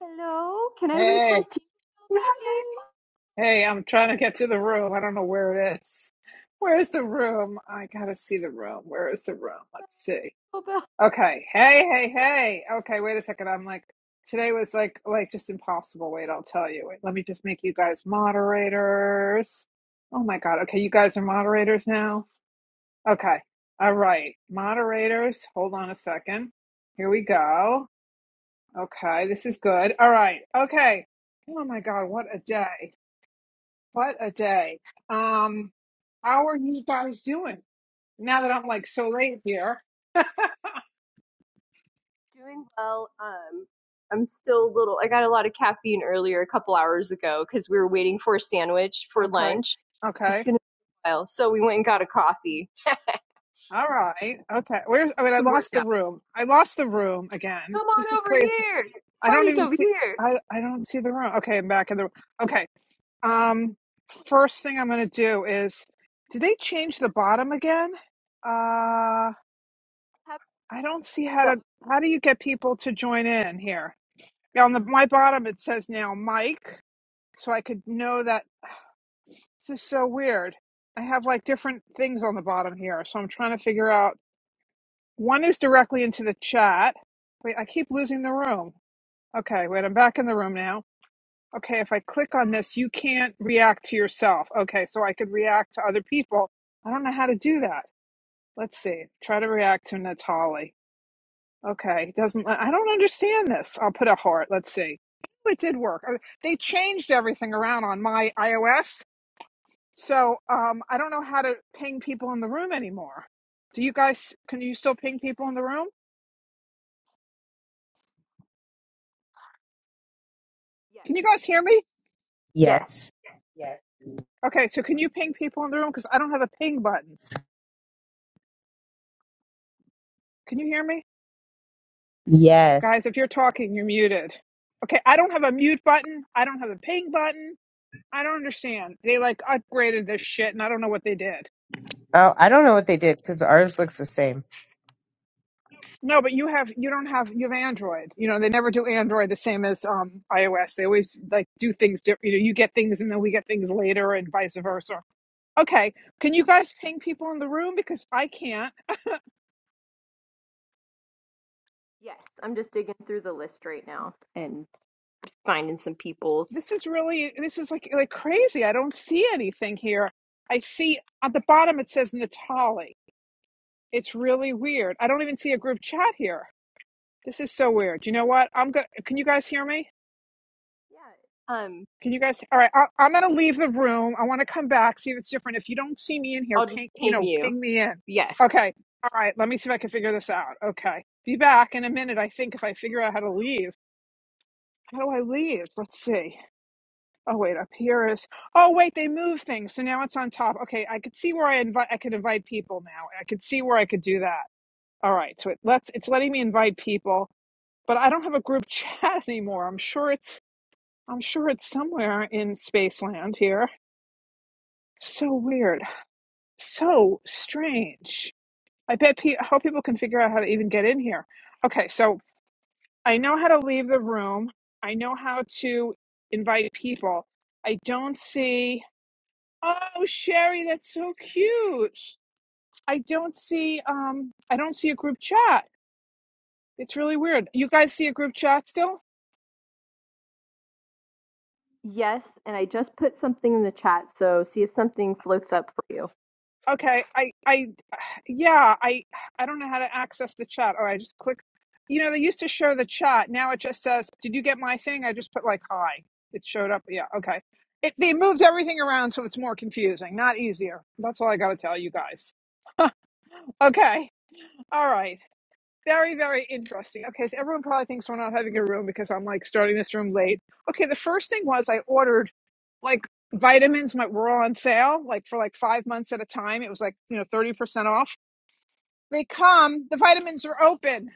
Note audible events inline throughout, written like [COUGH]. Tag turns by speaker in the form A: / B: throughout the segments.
A: Hello, can I
B: Hey,
A: request you?
B: hey, I'm trying to get to the room. I don't know where it is. Where's the room? I gotta see the room. Where is the room? Let's see.
A: Hope
B: Okay. Hey, hey, hey. Okay, wait a second. I'm like today was like like just impossible. Wait, I'll tell you. Wait, let me just make you guys moderators. Oh my God. Okay, you guys are moderators now? Okay. All right. Moderators, hold on a second. Here we go. Okay, this is good. All right. Okay. Oh my God, what a day. What a day. Um, how are you guys doing? Now that I'm like so late here.
A: [LAUGHS] doing well. Um, I'm still a little. I got a lot of caffeine earlier, a couple hours ago, because we were waiting for a sandwich for
B: Okay.
A: lunch. It's
B: Okay.
A: gonna be a while, so we went and got a coffee.
B: All right. Okay. Where I mean I
A: It
B: lost
A: worked
B: the
A: out.
B: room. I lost the room again.
A: Come
B: This
A: on
B: is
A: over
B: crazy.
A: here.
B: I don't
A: Party's
B: even
A: over
B: see
A: here.
B: I I don't see the room. Okay, I'm back in the room. Okay. Um first thing I'm gonna do is did they change the bottom again? Uh
A: Have
B: I don't see how
A: the
B: to how do you get people to join in here? Yeah, On the my bottom it says now Mike. so I could know that this is so weird. I have like different things on the bottom here, so I'm trying to figure out. One is directly into the chat. Wait, I keep losing the room. Okay, wait, I'm back in the room now. Okay, if I click on this, you can't react to yourself. Okay, so I could react to other people. I don't know how to do that. Let's see. Try to react to Natali. Okay, it doesn't. let- I don't understand this. I'll put a heart. Let's see. It did work. Uh, They changed everything around on my iOS So um, I don't know how to ping people in the room anymore. Do you guys? Can you still ping people in the room?
A: yes,
B: Can you guys hear me?
A: yes,
C: Yes.
A: Yes.
B: Okay, so can you ping people in the room? Because I don't have a ping button. Can you hear me, guys?
C: Yes.
B: If you're talking, you're muted. Okay, I don't have a mute button. I don't have a ping button. I don't understand. They like upgraded this shit, and I don't know what they did.
C: Oh, I don't know what they did because ours looks the same.
B: No, but you have you don't have you have Android. You know they never do Android the same as um iOS. They always like do things different. You know you get things and then we get things later, and vice versa Okay, can you guys ping people in the room because I can't.
A: yes. I'm just digging through the list right now and just finding some people's.
B: This is really this is like like crazy. I don't see anything here. I see at the bottom it says Natali. It's really weird. I don't even see a group chat here. This is so weird. You know what? I'm going Can you guys hear me?
A: Yeah. Um,
B: Can you guys? All right, I, I'm gonna leave the room. I want to come back see if it's different. If you don't see me in here,
A: I'll just
B: ping you
A: ping
B: know
A: you.
B: ping me in.
A: Yes.
B: Okay. All right. Let me see if I can figure this out. Okay. Be back in a minute. I think if I figure out how to leave. How do I leave? Let's see. Oh wait, up here is. Oh wait, they move things, so now it's on top. Okay, I could see where I invite. I could invite people now. I could see where I could do that. All right, so it lets. It's letting me invite people, but I don't have a group [LAUGHS] chat anymore. I'm sure it's. I'm sure it's somewhere in Spaceland here. So weird. So strange. I bet. Pe- I hope people can figure out how to even get in here. Okay, so I know how to leave the room. I know how to invite people. I don't see. Oh, Sherry, that's so cute. I don't see um I don't see a group chat. It's really weird. You guys see a group chat still?
A: Yes, and I just put something in the chat, so see if something floats up for you.
B: Okay. I I [SIGHS] yeah, I I don't know how to access the chat. Oh, I just click You know, they used to show the chat. Now it just says, "Did you get my thing?" I just put like hi. It showed up. Yeah, okay. It they moved everything around so it's more confusing, not easier. That's all I got to tell you guys. Okay. All right. Very, very interesting. Okay, so everyone probably thinks we're not having a room because I'm like starting this room late. Okay, the first thing was I ordered like vitamins my, were all on sale, like for like five months at a time. It was like, you know, 30% off. They come, the vitamins are open.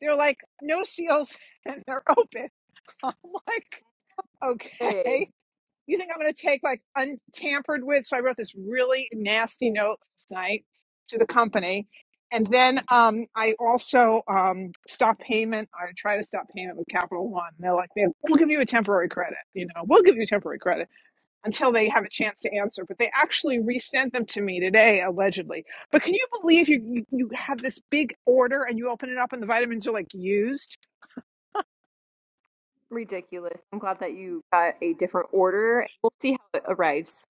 B: They're like no seals [LAUGHS] and they're open. [LAUGHS] I'm like, okay.
A: Hey,
B: You think I'm going to take like untampered with? So I wrote this really nasty note last night to the company. And then um, I also um, stopped payment. I try to stop payment with Capital One. They're like, we'll give you a temporary credit. You know, we'll give you temporary credit until they have a chance to answer. But they actually resent them to me today, allegedly. But can you believe you you have this big order and you open it up and the vitamins are like used?
A: ridiculous. I'm glad that you got a different order. We'll see how it arrives.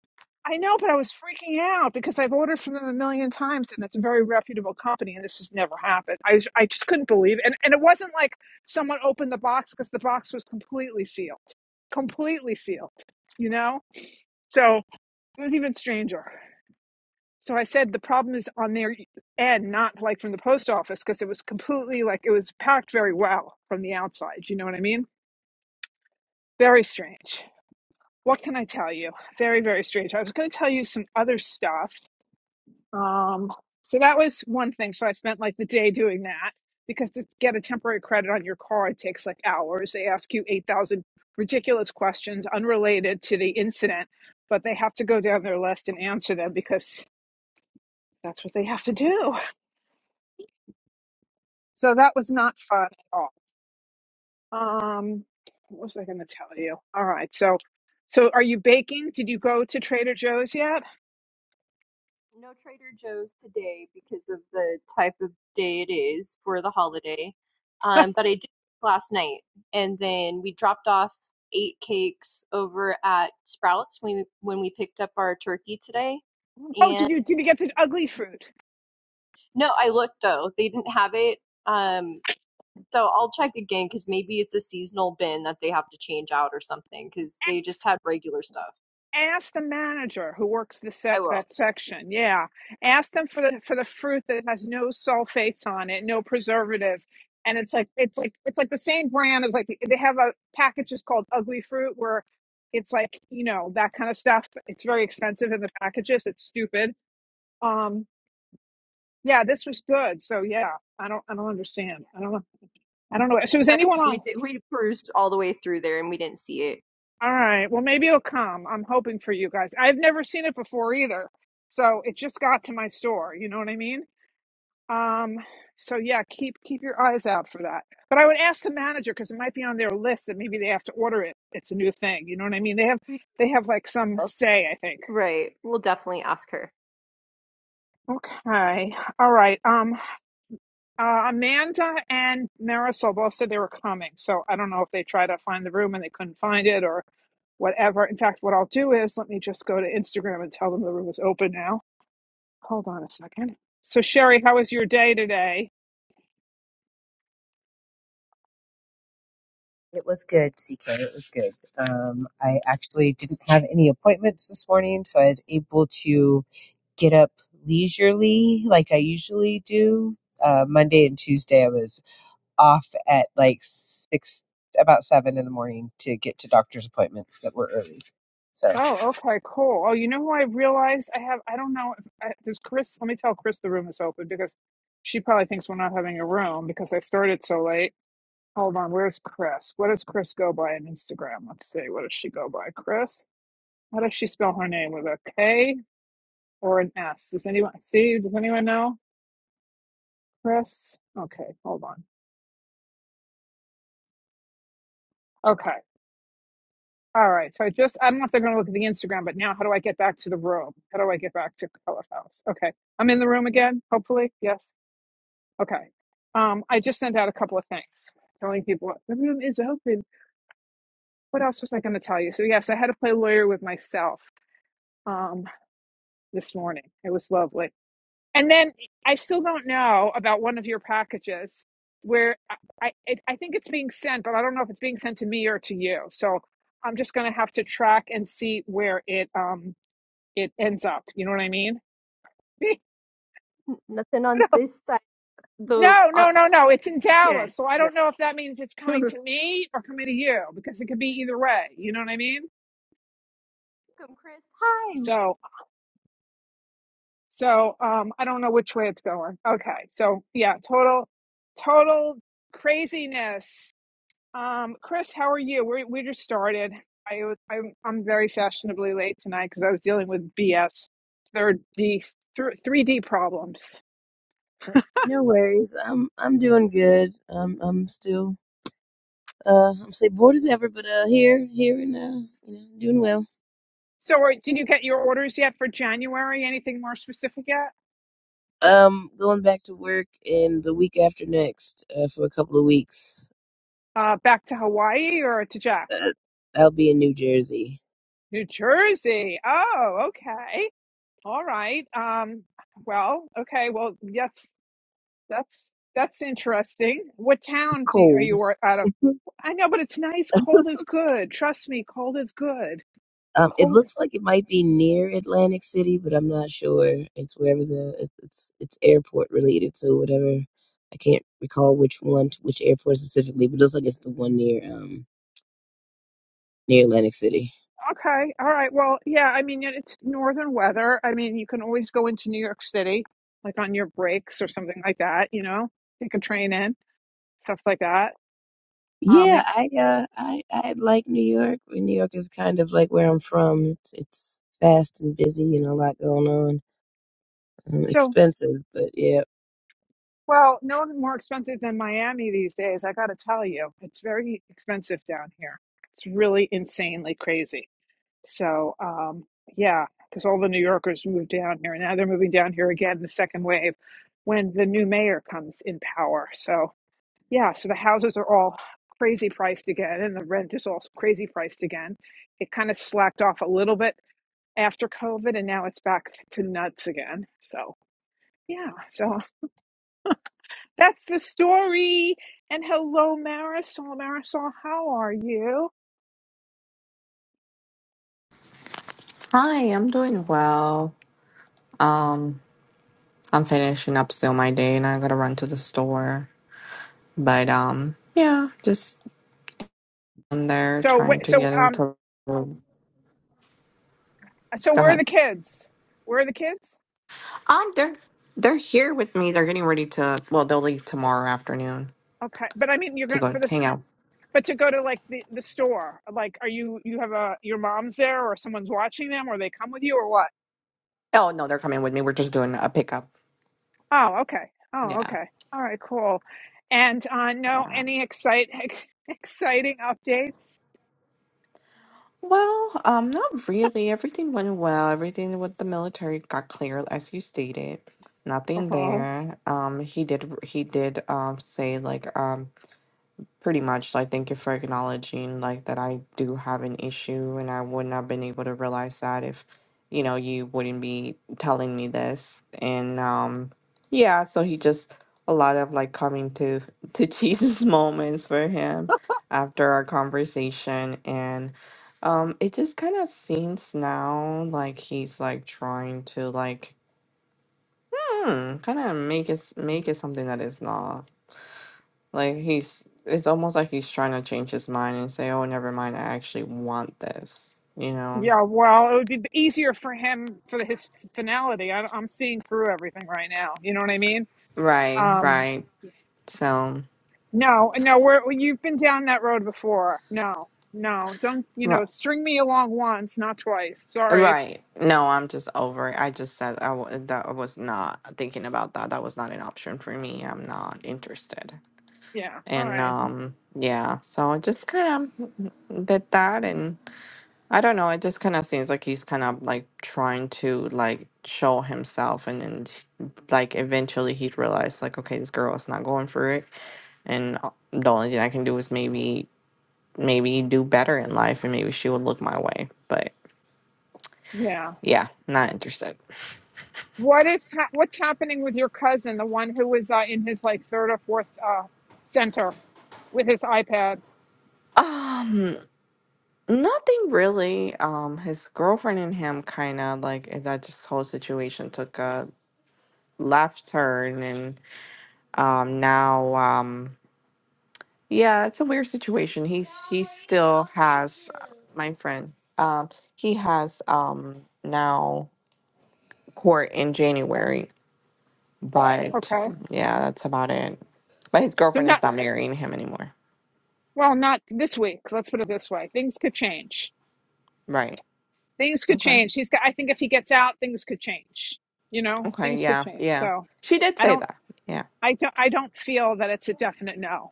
B: I know, but I was freaking out because I've ordered from them a million times, and it's a very reputable company, and this has never happened. I was, I just couldn't believe it, and and it wasn't like someone opened the box because the box was completely sealed, completely sealed, you know. So it was even stranger. So I said the problem is on their e, end, not like from the post office, because it was completely like it was packed very well from the outside. You know what I mean? Very strange. What can I tell you? Very, very strange. I was going to tell you some other stuff Um, so that was one thing. So I spent like the day doing that because to get a temporary credit on your car, takes like hours. They ask you 8,000 ridiculous questions unrelated to the incident, but they have to go down their list and answer them because that's what they have to do. So that was not fun at all. Um, what was I going to tell you? All right. So, so are you baking? Did you go to Trader Joe's yet?
A: No Trader Joe's today because of the type of day it is for the holiday. Um, but I did last night, and then we dropped off eight cakes over at Sprouts when we, when we picked up our turkey today.
B: Oh,
A: And
B: did you, did you get the ugly fruit?
A: no, I looked though. They didn't have it. Um So I'll check again because maybe it's a seasonal bin that they have to change out or something because they just had regular stuff.
B: ask the manager who works the se-
A: I will.
B: that section yeah ask them for the for the fruit that has no sulfates on it no preservatives and it's like it's like it's like the same brand as like they have a package just called ugly fruit where it's like you know that kind of stuff it's very expensive in the packages it's stupid um yeah this was good so yeah i don't i don't understand i don't know i don't know so is
A: But
B: anyone on
A: we did, we cruised all the way through there and we didn't see it.
B: All right. Well, maybe it'll come. I'm hoping for you guys. I've never seen it before either. So it just got to my store, you know what I mean? Um, so yeah, keep keep your eyes out for that. But I would ask the manager because it might be on their list that maybe they have to order it. It's a new thing, you know what I mean? They have
A: We
B: they have like some
A: will.
B: say, I think.
A: Right. We'll definitely ask her.
B: Okay. All right. Um. Uh, Amanda and Marisol both said they were coming, so I don't know if they tried to find the room and they couldn't find it or whatever. In fact, what I'll do is let me just go to Instagram and tell them the room is open now. Hold on a second. So, Sherry, how was your day today?
C: It was good, CK. It was good. Um, I actually didn't have any appointments this morning, so I was able to get up leisurely like I usually do. Uh, Monday and Tuesday, I was off at like six, about seven in the morning to get to doctor's appointments that were early. So.
B: Oh, okay, cool. Oh, you know who I realized I have? I don't know. If, I, does Chris? Let me tell Chris the room is open because she probably thinks we're not having a room because I started so late. Hold on, where's Chris? What does Chris go by on Instagram? Let's see. What does she go by? Chris? How does she spell her name? With a K or an S? Does anyone see? Does anyone know? Chris? Okay, hold on. Okay. All right. So I just, I don't know if they're going to look at the Instagram, but now how do I get back to the room? How do I get back to Color House? Okay. I'm in the room again, hopefully. Yes. Okay. Um, I just sent out a couple of things telling people the room is open. What else was I going to tell you? So, yes, I had to play lawyer with myself um, this morning. It was lovely And then I still don't know about one of your packages where I, I, I think it's being sent, but I don't know if it's being sent to me or to you. So I'm just going to have to track and see where it um it ends up. You know what I mean? [LAUGHS]
A: N- Nothing on
B: What else?
A: this side. The
B: No,
A: uh,
B: no, no, no. It's in
A: yeah
B: Dallas, so I
A: yeah.
B: don't know if that means it's
A: [LAUGHS]
B: coming
A: Welcome,
B: to me or coming to you because it could be either way. You know what I mean?
A: Chris. Hi.
B: So, so um, I don't know which way it's going. Okay, so yeah, total, total craziness. Um, Chris, how are you? We we just started. I was- I'm I'm very fashionably late tonight because I was dealing with BS, third D, three D problems.
D: Uh, No worries. I'm I'm doing good. I'm I'm still uh I'm still bored as ever, but uh here here and uh you know doing well.
B: So, are, did you get your orders yet for January? Anything more specific yet?
D: Um, going back to work in the week after next uh, for a couple of weeks.
B: Uh, back to Hawaii or to Jack's?
D: Uh, I'll be in New Jersey.
B: New Jersey. Oh, okay. All right. Um, well, okay. Well, that's that's that's interesting. What
D: It's
B: town do you, are
D: cold.
B: you wor- out of?
D: [LAUGHS]
B: I know, but it's nice. Cold is good. Trust me, cold is good.
D: Um, it
B: Cold.
D: looks like it might be near Atlantic City, but I'm not sure. It's wherever the it's it's, it's airport related, so whatever. I can't recall which one, which airport specifically, but it looks like it's the one near um near Atlantic City.
B: Okay. All right. Well, yeah, I mean, it- it's northern weather. I mean, you can always go into New York City, like on your breaks or something like that, you know, take a train in, stuff like that. Um,
D: Yeah,
B: and
D: I uh I I like New York. I mean, New York is kind of like where I'm from. It's it's fast and busy and a lot going on. Um,
B: so,
D: expensive, but yeah.
B: well, no more expensive than Miami these days. I got to tell you, it's very expensive down here. It's really insanely crazy. So, um, yeah, because all the New Yorkers moved down here and now they're moving down here again, the second wave, when the new mayor comes in power. So, Yeah, so the houses are all crazy priced again, and the rent is also crazy priced again. It kind of slacked off a little bit after COVID, and now it's back to nuts again. So, yeah, so [LAUGHS] that's the story. And hello, Marisol. Marisol, how are you?
E: Hi, I'm doing well. Um, I'm finishing up still my day and I gotta run to the store. But um, yeah, just on there
B: So,
E: trying
B: wait,
E: to
B: so,
E: get
B: um,
E: into go
B: so where are
E: ahead.
B: the kids? Where are the kids?
E: Um they're they're here with me. They're getting ready to well, they'll leave tomorrow afternoon
B: Okay, but I mean, you're
E: to
B: gonna
E: go
B: for this,
E: hang out.
B: but to go to like the the store, like, are you you have a your mom's there, or someone's watching them, or they come with you, or what?
E: Oh no, they're coming with me. We're just doing a pickup.
B: Oh, okay. Oh,
E: Yeah.
B: okay. All right, cool. And uh, no, any excite [LAUGHS] exciting updates?
E: Well, um, not really. Everything went well. Everything with the military got cleared, as you stated. Nothing
B: Uh-huh.
E: there. Um, he did he did um say like um Pretty much, like, thank you for acknowledging, like, that I do have an issue, and I wouldn't have been able to realize that if, you know, you wouldn't be telling me this. And um, yeah, so he just a lot of like coming to to [LAUGHS] Jesus moments for him after our conversation, and um, it just kind of seems now like he's like trying to like hmm, kind of make it s- make it something that is not. Like he's it's almost like he's trying to change his mind and say, "Oh, never mind, I actually want this." You know?
B: Yeah, well, it would be easier for him for his finality. I, I'm seeing through everything right now. You know what I mean?
E: Right,
B: Um,
E: right. So,
B: no, no, we're you've been down that road before. No, no, don't you
E: ri-
B: know? String me along once, not twice. Sorry.
E: right. No, I'm just over it. I just said I w- that I was not thinking about that. That was not an option for me. I'm not interested.
B: Yeah. All
E: And
B: right.
E: um yeah, so I just kind of did that and. I don't know. It just kind of seems like he's kind of like trying to like show himself, and then he- like eventually he'd realize like, okay, this girl is not going for it, and uh, the only thing I can do is maybe maybe do better in life, and maybe she will look my way. But
B: Yeah.
E: yeah, not interested.
B: What is ha- what's happening with your cousin, the one who was uh, in his like third or fourth uh, center with his iPad?
E: Nothing really. Um, his girlfriend and him kind of like eh, that. Just whole situation took a left turn, and um now um. Yeah, it's a weird situation. He's he still has uh, my friend. Um, he has um now court in January, but
B: Okay,
E: um, yeah, that's about it. But his
B: so
E: girlfriend is
B: not
E: not marrying him anymore.
B: well, not this week. Let's put it this way: things could change.
E: Right.
B: Things could
E: Okay.
B: change. He's got. I think if he gets out, things could change. You know,
E: Okay.
B: things could
E: Yeah.
B: change.
E: Yeah.
B: So
E: She did
B: I
E: say
B: don't.
E: that. Yeah.
B: I don't. I don't feel that it's a definite no.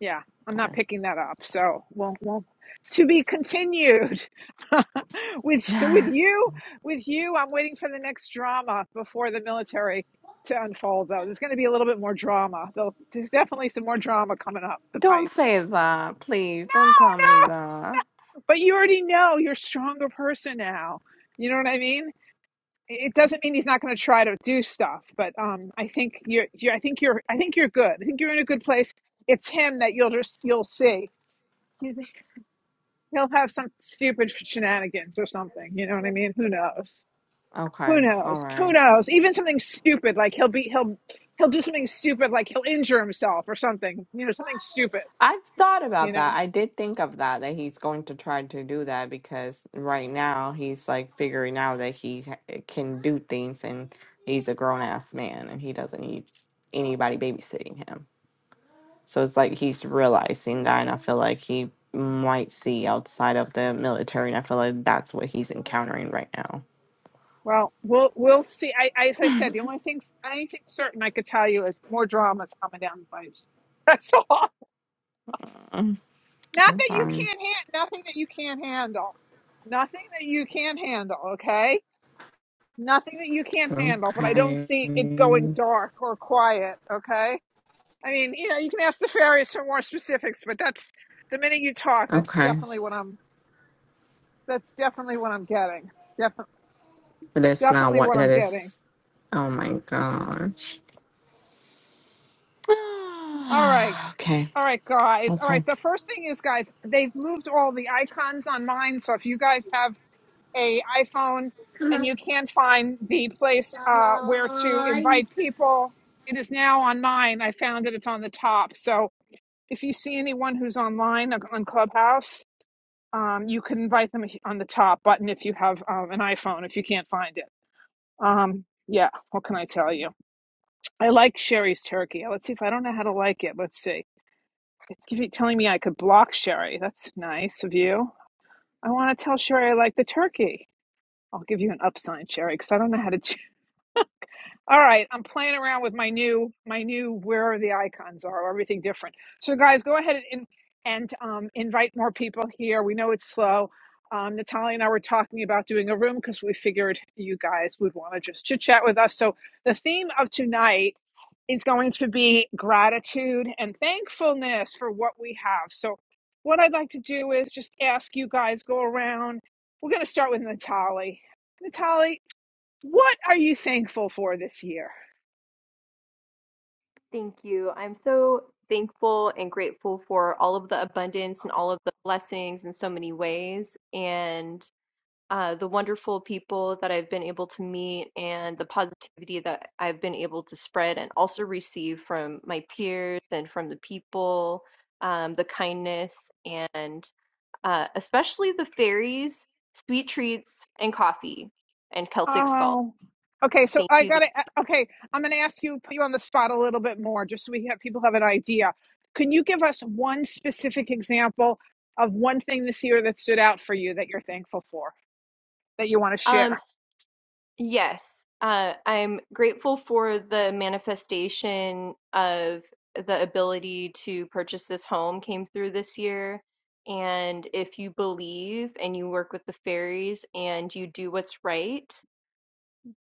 B: Yeah, I'm
E: Okay.
B: not picking that up. So, well, well, to be continued [LAUGHS] with with
E: [SIGHS]
B: you, with you. I'm waiting for the next drama before the military to unfold. Though there's going to be a little bit more drama. Though there's definitely some more drama coming up the
E: Don't
B: pipes.
E: say that, please. Don't tell me
B: No,
E: that.
B: But you already know you're a stronger person now. You know what I mean? It doesn't mean he's not going to try to do stuff, but um, I think you're, you're, I think you're, I think you're good. I think you're in a good place. It's him that you'll just, you'll see. He's. He'll have some stupid shenanigans or something. You know what I mean? Who knows?
E: Okay.
B: Who
E: All
B: knows?
E: right.
B: Who knows? Even something stupid like he'll be he'll he'll do something stupid like he'll injure himself or something. You know, something stupid.
E: I've thought
B: You
E: about that.
B: know.
E: I did think of that, that he's going to try to do that because right now he's like figuring out that he ha- eh, can do things and he's a grown ass man and he doesn't need anybody babysitting him. So it's like he's realizing that, and I feel like he might see outside of the military, and I feel like that's what he's encountering right now.
B: Well, we'll we'll see. I, I as I said, the only thing anything certain I could tell you is more dramas coming down the pipes. [LAUGHS] That's all.
E: Mm,
B: Not that you
E: Okay.
B: can't handle. Nothing that you can't handle. Nothing that you can't handle. Okay nothing that you can't handle, but I don't
E: Okay.
B: see it going dark or quiet. Okay. I mean, you know, you can ask the fairies for more specifics, but that's the minute you talk, that's
E: Okay.
B: definitely what I'm that's definitely what I'm getting. Definitely
E: But that's not
B: definitely
E: what
B: what I'm
E: that
B: getting.
E: is. Oh my gosh.
B: All right.
E: [SIGHS] okay.
B: All right, guys. All right.
E: Okay.
B: The first thing is, guys, they've moved all the icons on mine. So if you guys have a iPhone and you can't find the place uh, where to invite people, it is now on mine. I found it. It's on the top. So if you see anyone who's online uh, on Clubhouse, Um, you can invite them on the top button if you have um, an iPhone, if you can't find it. Um, yeah, what can I tell you? I like Sherry's turkey. Uh, Let's see if I don't know how to like it. Let's see. It's giving, telling me I could block Sherry. That's nice of you. I want to tell Sherry I like the turkey. I'll give you an up sign, Sherry, because I don't know how to [LAUGHS] do All right, I'm playing around with my new my new where are the icons are everything different. So guys, go ahead and and um, invite more people here. We know it's slow. Um, Natalia and I were talking about doing a room because we figured you guys would want to just chit chat with us. So the theme of tonight is going to be gratitude and thankfulness for what we have. So what I'd like to do is just ask you guys go around. We're going to start with Natalie. Natalie, what are you thankful for this year?
A: Thank you. I'm so thankful and grateful for all of the abundance and all of the blessings in so many ways. And uh, the wonderful people that I've been able to meet and the positivity that I've been able to spread and also receive from my peers and from the people, um, the kindness, and uh, especially the fairies, sweet treats, and coffee and Celtic salt.
B: Oh, okay. So
A: Thank
B: I
A: you.
B: got to, okay. I'm going to ask you, put you on the spot a little bit more just so we have people have an idea. Can you give us one specific example of one thing this year that stood out for you that you're thankful for, that you want to
A: Um,
B: share?
A: Yes, uh, I'm grateful for the manifestation of the ability to purchase this home came through this year. And if you believe and you work with the fairies and you do what's right,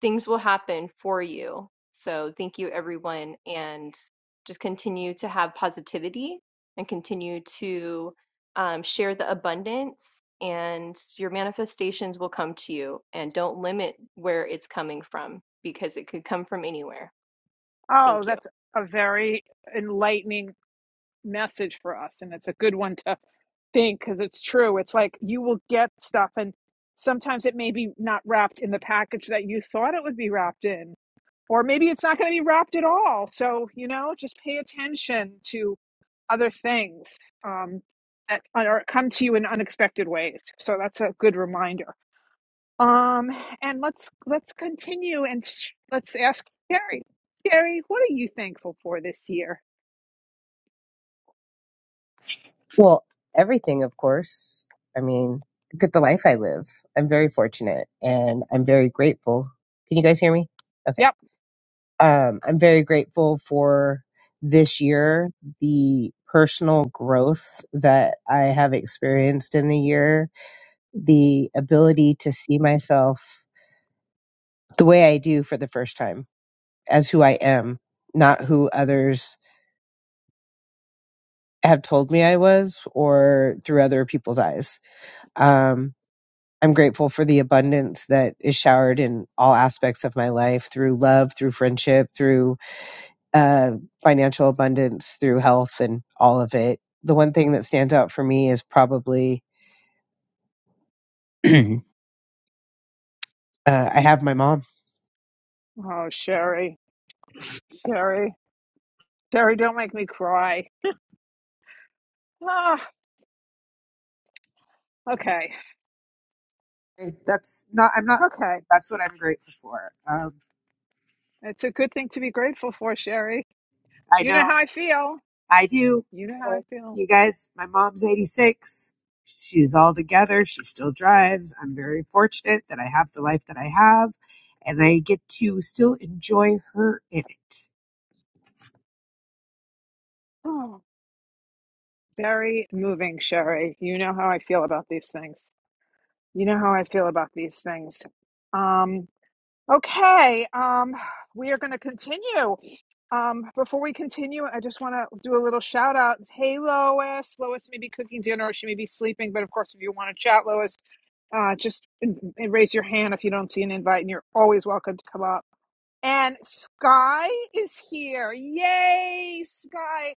A: things will happen for you. So thank you, everyone, and just continue to have positivity and continue to um, share the abundance, and your manifestations will come to you. And don't limit where it's coming from because it could come from anywhere.
B: Oh,
A: Thank you.
B: that's a very enlightening message for us. And it's a good one to think because it's true. It's like you will get stuff, and sometimes it may be not wrapped in the package that you thought it would be wrapped in. or maybe it's not going to be wrapped at all. So, you know, just pay attention to other things um, that are come to you in unexpected ways. So that's a good reminder. Um, and let's let's continue and let's ask Sherry. Sherry, what are you thankful for this year?
C: Well, everything, of course. I mean, look at the life I live. I'm very fortunate and I'm very grateful. Can you guys hear me? Okay.
B: Yep.
C: Um, I'm very grateful for this year, the personal growth that I have experienced in the year, the ability to see myself the way I do for the first time as who I am, not who others have told me I was or through other people's eyes. Um, I'm grateful for the abundance that is showered in all aspects of my life through love, through friendship, through uh, financial abundance, through health, and all of it. The one thing that stands out for me is probably [CLEARS THROAT] uh, I have my mom.
B: Oh, Sherry, Sherry, Sherry, don't make me cry. Ah, okay,
C: Hey, That's not
B: okay.
C: that's grateful for. Um,
B: It's a good thing to be grateful for, Sherry.
C: I
B: You know how
C: know
B: I feel.
C: I do.
B: You know how I feel.
C: You guys, my mom's 86. She's all together. She still drives. I'm very fortunate that I have the life that I have. And
B: [SIGHS] Oh. Very moving, Sherry. You know how I feel about these things. You know how I feel about these things. Um, okay, um, we are going to continue. Um, before we continue, I just want to do a little shout out. Hey, Lois. Lois may be cooking dinner or she may be sleeping, but of course, if you want to chat, Lois, uh, just in- in- raise your hand if you don't see an invite, and you're always welcome to come up. And Sky is here. Yay, Sky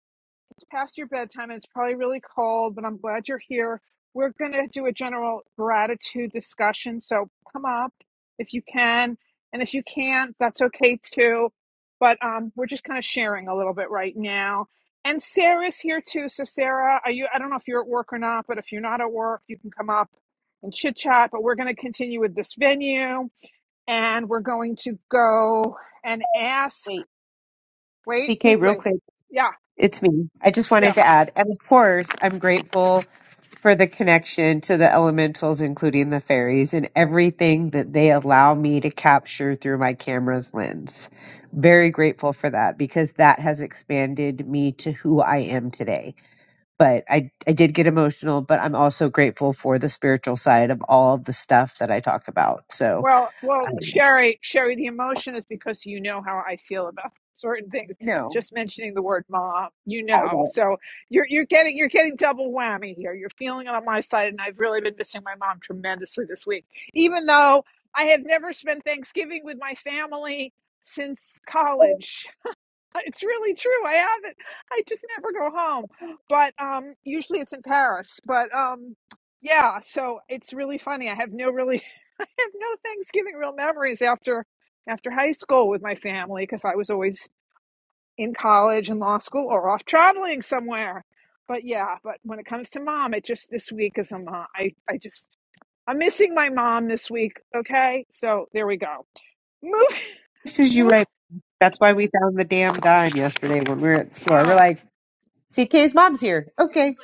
B: past your bedtime and it's probably really cold, but I'm glad you're here. We're going to do a general gratitude discussion. So come up if you can. And if you can't, that's okay too. But um, we're just kind of sharing a little bit right now. And Sarah's here too. So Sarah, are you I don't know if you're at work or not, but if you're not at work, you can come up and chit chat. But we're going to continue with this venue and we're going to go and ask
C: Wait,
B: wait, who's
C: CK, real
B: wait?
C: quick.
B: Yeah.
C: It's me. I just
B: yeah.
C: wanted to add, and of course, I'm grateful for the connection to the elementals, including the fairies, and everything that they allow me to capture through my camera's lens. Very grateful for that because that has expanded me to who I am today. But I, I did get emotional, but I'm also grateful for the spiritual side of all of the stuff that I talk about. So,
B: Well, well,
C: um,
B: Sherry, Sherry, the emotion is because you know how I feel about [LAUGHS] certain things.
C: no,
B: Just mentioning the word mom, you
C: I
B: know.
C: don't.
B: So you're you're getting you're getting double whammy here. You're feeling it on my side, and I've really been missing my mom tremendously this week. Even though I have never spent Thanksgiving with my family since college. [LAUGHS] It's really true. I haven't. I just never go home. But um usually it's in Paris. But um yeah, so it's really funny. I have no really I have no Thanksgiving real memories after after high school with my family because I was always in college and law school or off traveling somewhere. But yeah, but when it comes to mom, it just this week is a mom. I I just I'm missing my mom this week. Okay, so there we go. Move,
C: This is you
B: move.
C: right. That's why we found the damn dime yesterday when we were at the store. We're
B: Oh, all
C: like, CK's mom's here. Okay.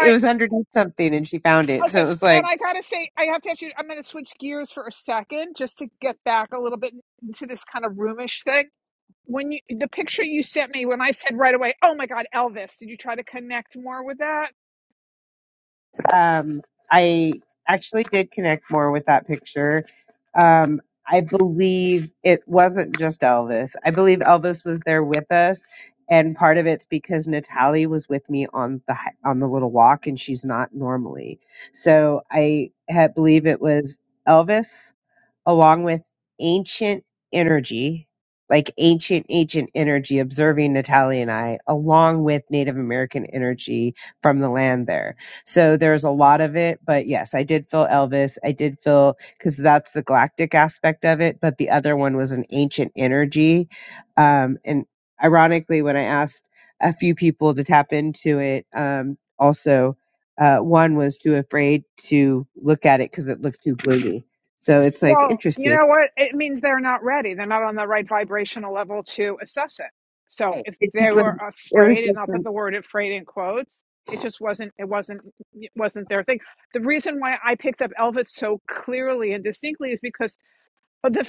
C: It was underneath something and she found it. So it
B: Okay,
C: was like,
B: and I gotta say, I have to ask you. I'm gonna switch gears for a second just to get back a little bit into this kind of roomish thing when you the picture you sent me when I said right away, "Oh my God, Elvis!" Did you try to connect more with that?
C: Um, I actually did connect more with that picture. Um, I believe it wasn't just Elvis. I believe Elvis was there with us, and part of it's because Natalie was with me on the hi- on the little walk, and she's not normally. So I had, believe it was Elvis, along with ancient energy, like ancient ancient energy, observing Natalie and I, along with Native American energy from the land there so there's a lot of it, but yes, I did feel Elvis. I did feel because that's the galactic aspect of it, but the other one was an ancient energy. Um, and ironically, when I asked a few people to tap into it, um, also, uh, one was too afraid to look at it because it looked too gloomy. So it's like
B: Well, you
C: interesting.
B: know what? It means they're not ready. They're not on the right vibrational level to assess it. So
C: Hey,
B: if
C: It
B: they
C: just was,
B: were
C: it was
B: afraid, and I'll
C: just,
B: put the
C: a-
B: word "afraid" in quotes, it just wasn't. It wasn't. It wasn't their thing. The reason why I picked up Elvis so clearly and distinctly is because But the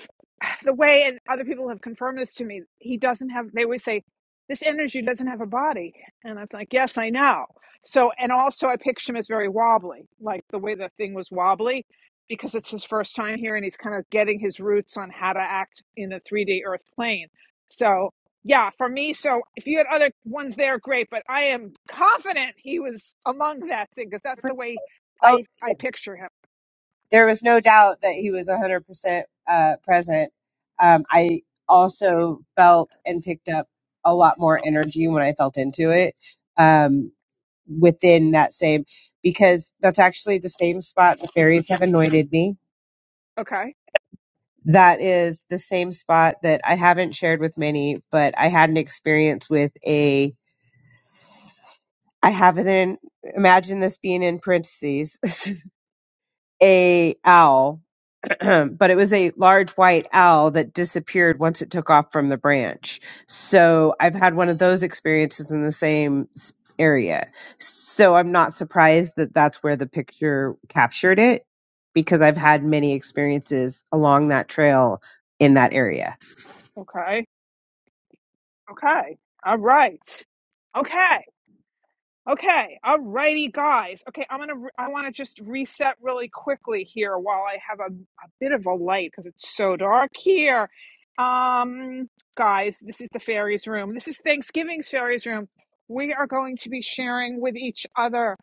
B: [SIGHS] the way and other people have confirmed this to me, he doesn't have. They always say this energy doesn't have a body, and I was like, yes, I know. So and also I picture him as very wobbly, like the way the thing was wobbly, because it's his first time here and he's kind of getting his roots on how to act in the 3D Earth plane. So yeah, for me. So if you had other ones there, great. But I am confident he was among that thing because that's the way
C: oh,
B: I I
C: yes.
B: picture him.
C: there was no doubt that he was 100% uh, present. Um, I also felt and picked up a lot more energy when I felt into it um, within that same, because that's actually the same spot the fairies have anointed me.
B: Okay.
C: That is the same spot that I haven't shared with many, but I had an experience with a, I haven't, imagine this being in parentheses, [LAUGHS] a owl [CLEARS THROAT] but it was a large white owl that disappeared once it took off from the branch. So I've had one of those experiences in the same s- area. So I'm not surprised that that's where the picture captured it because I've had many experiences along that trail in that area.
B: Okay. Okay. All right. Okay. Okay. All righty, guys. Okay, I'm gonna. I want to just reset really quickly here while I have a, a bit of a light because it's so dark here. Um, guys, this is the fairies room. This is Thanksgiving's fairies room. We are going to be sharing with each other.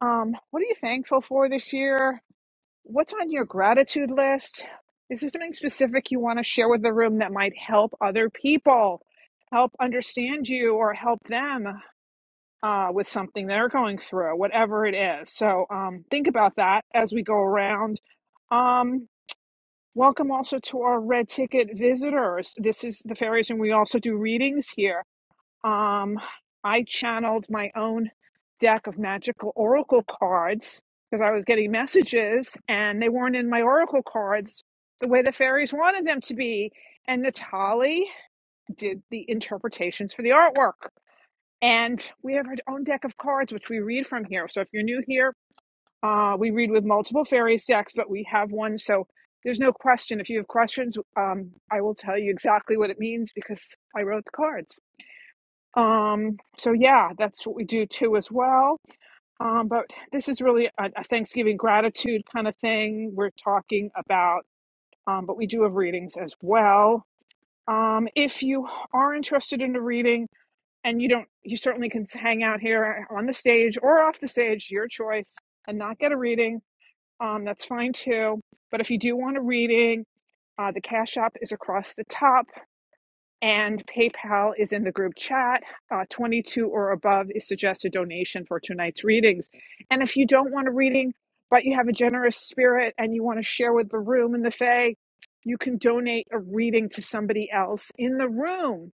B: Um, what are you thankful for this year? What's on your gratitude list? Is there something specific you want to share with the room that might help other people, help understand you, or help them uh, with something they're going through, whatever it is? So um, think about that as we go around. Um, welcome also to our red ticket visitors. This is the fairies, and we also do readings here. Um, I channeled my own deck of magical oracle cards because I was getting messages and they weren't in my oracle cards the way the fairies wanted them to be. And Natali did the interpretations for the artwork. And we have our own deck of cards, which we read from here. So if you're new here, uh, we read with multiple fairies decks, but we have one. So there's no question. If you have questions, um, I will tell you exactly what it means because I wrote the cards. Um, so yeah, that's what we do too as well. Um, but this is really a, a Thanksgiving gratitude kind of thing we're talking about. Um, but we do have readings as well. Um, if you are interested in a reading and you don't, you certainly can hang out here on the stage or off the stage, your choice, and not get a reading. Um, that's fine too. But if you do want a reading, uh, the Cash App is across the top and PayPal is in the group chat. Uh, 22 or above is suggested donation for tonight's readings. And if you don't want a reading, but you have a generous spirit and you want to share with the room and the Fae, you can donate a reading to somebody else in the room.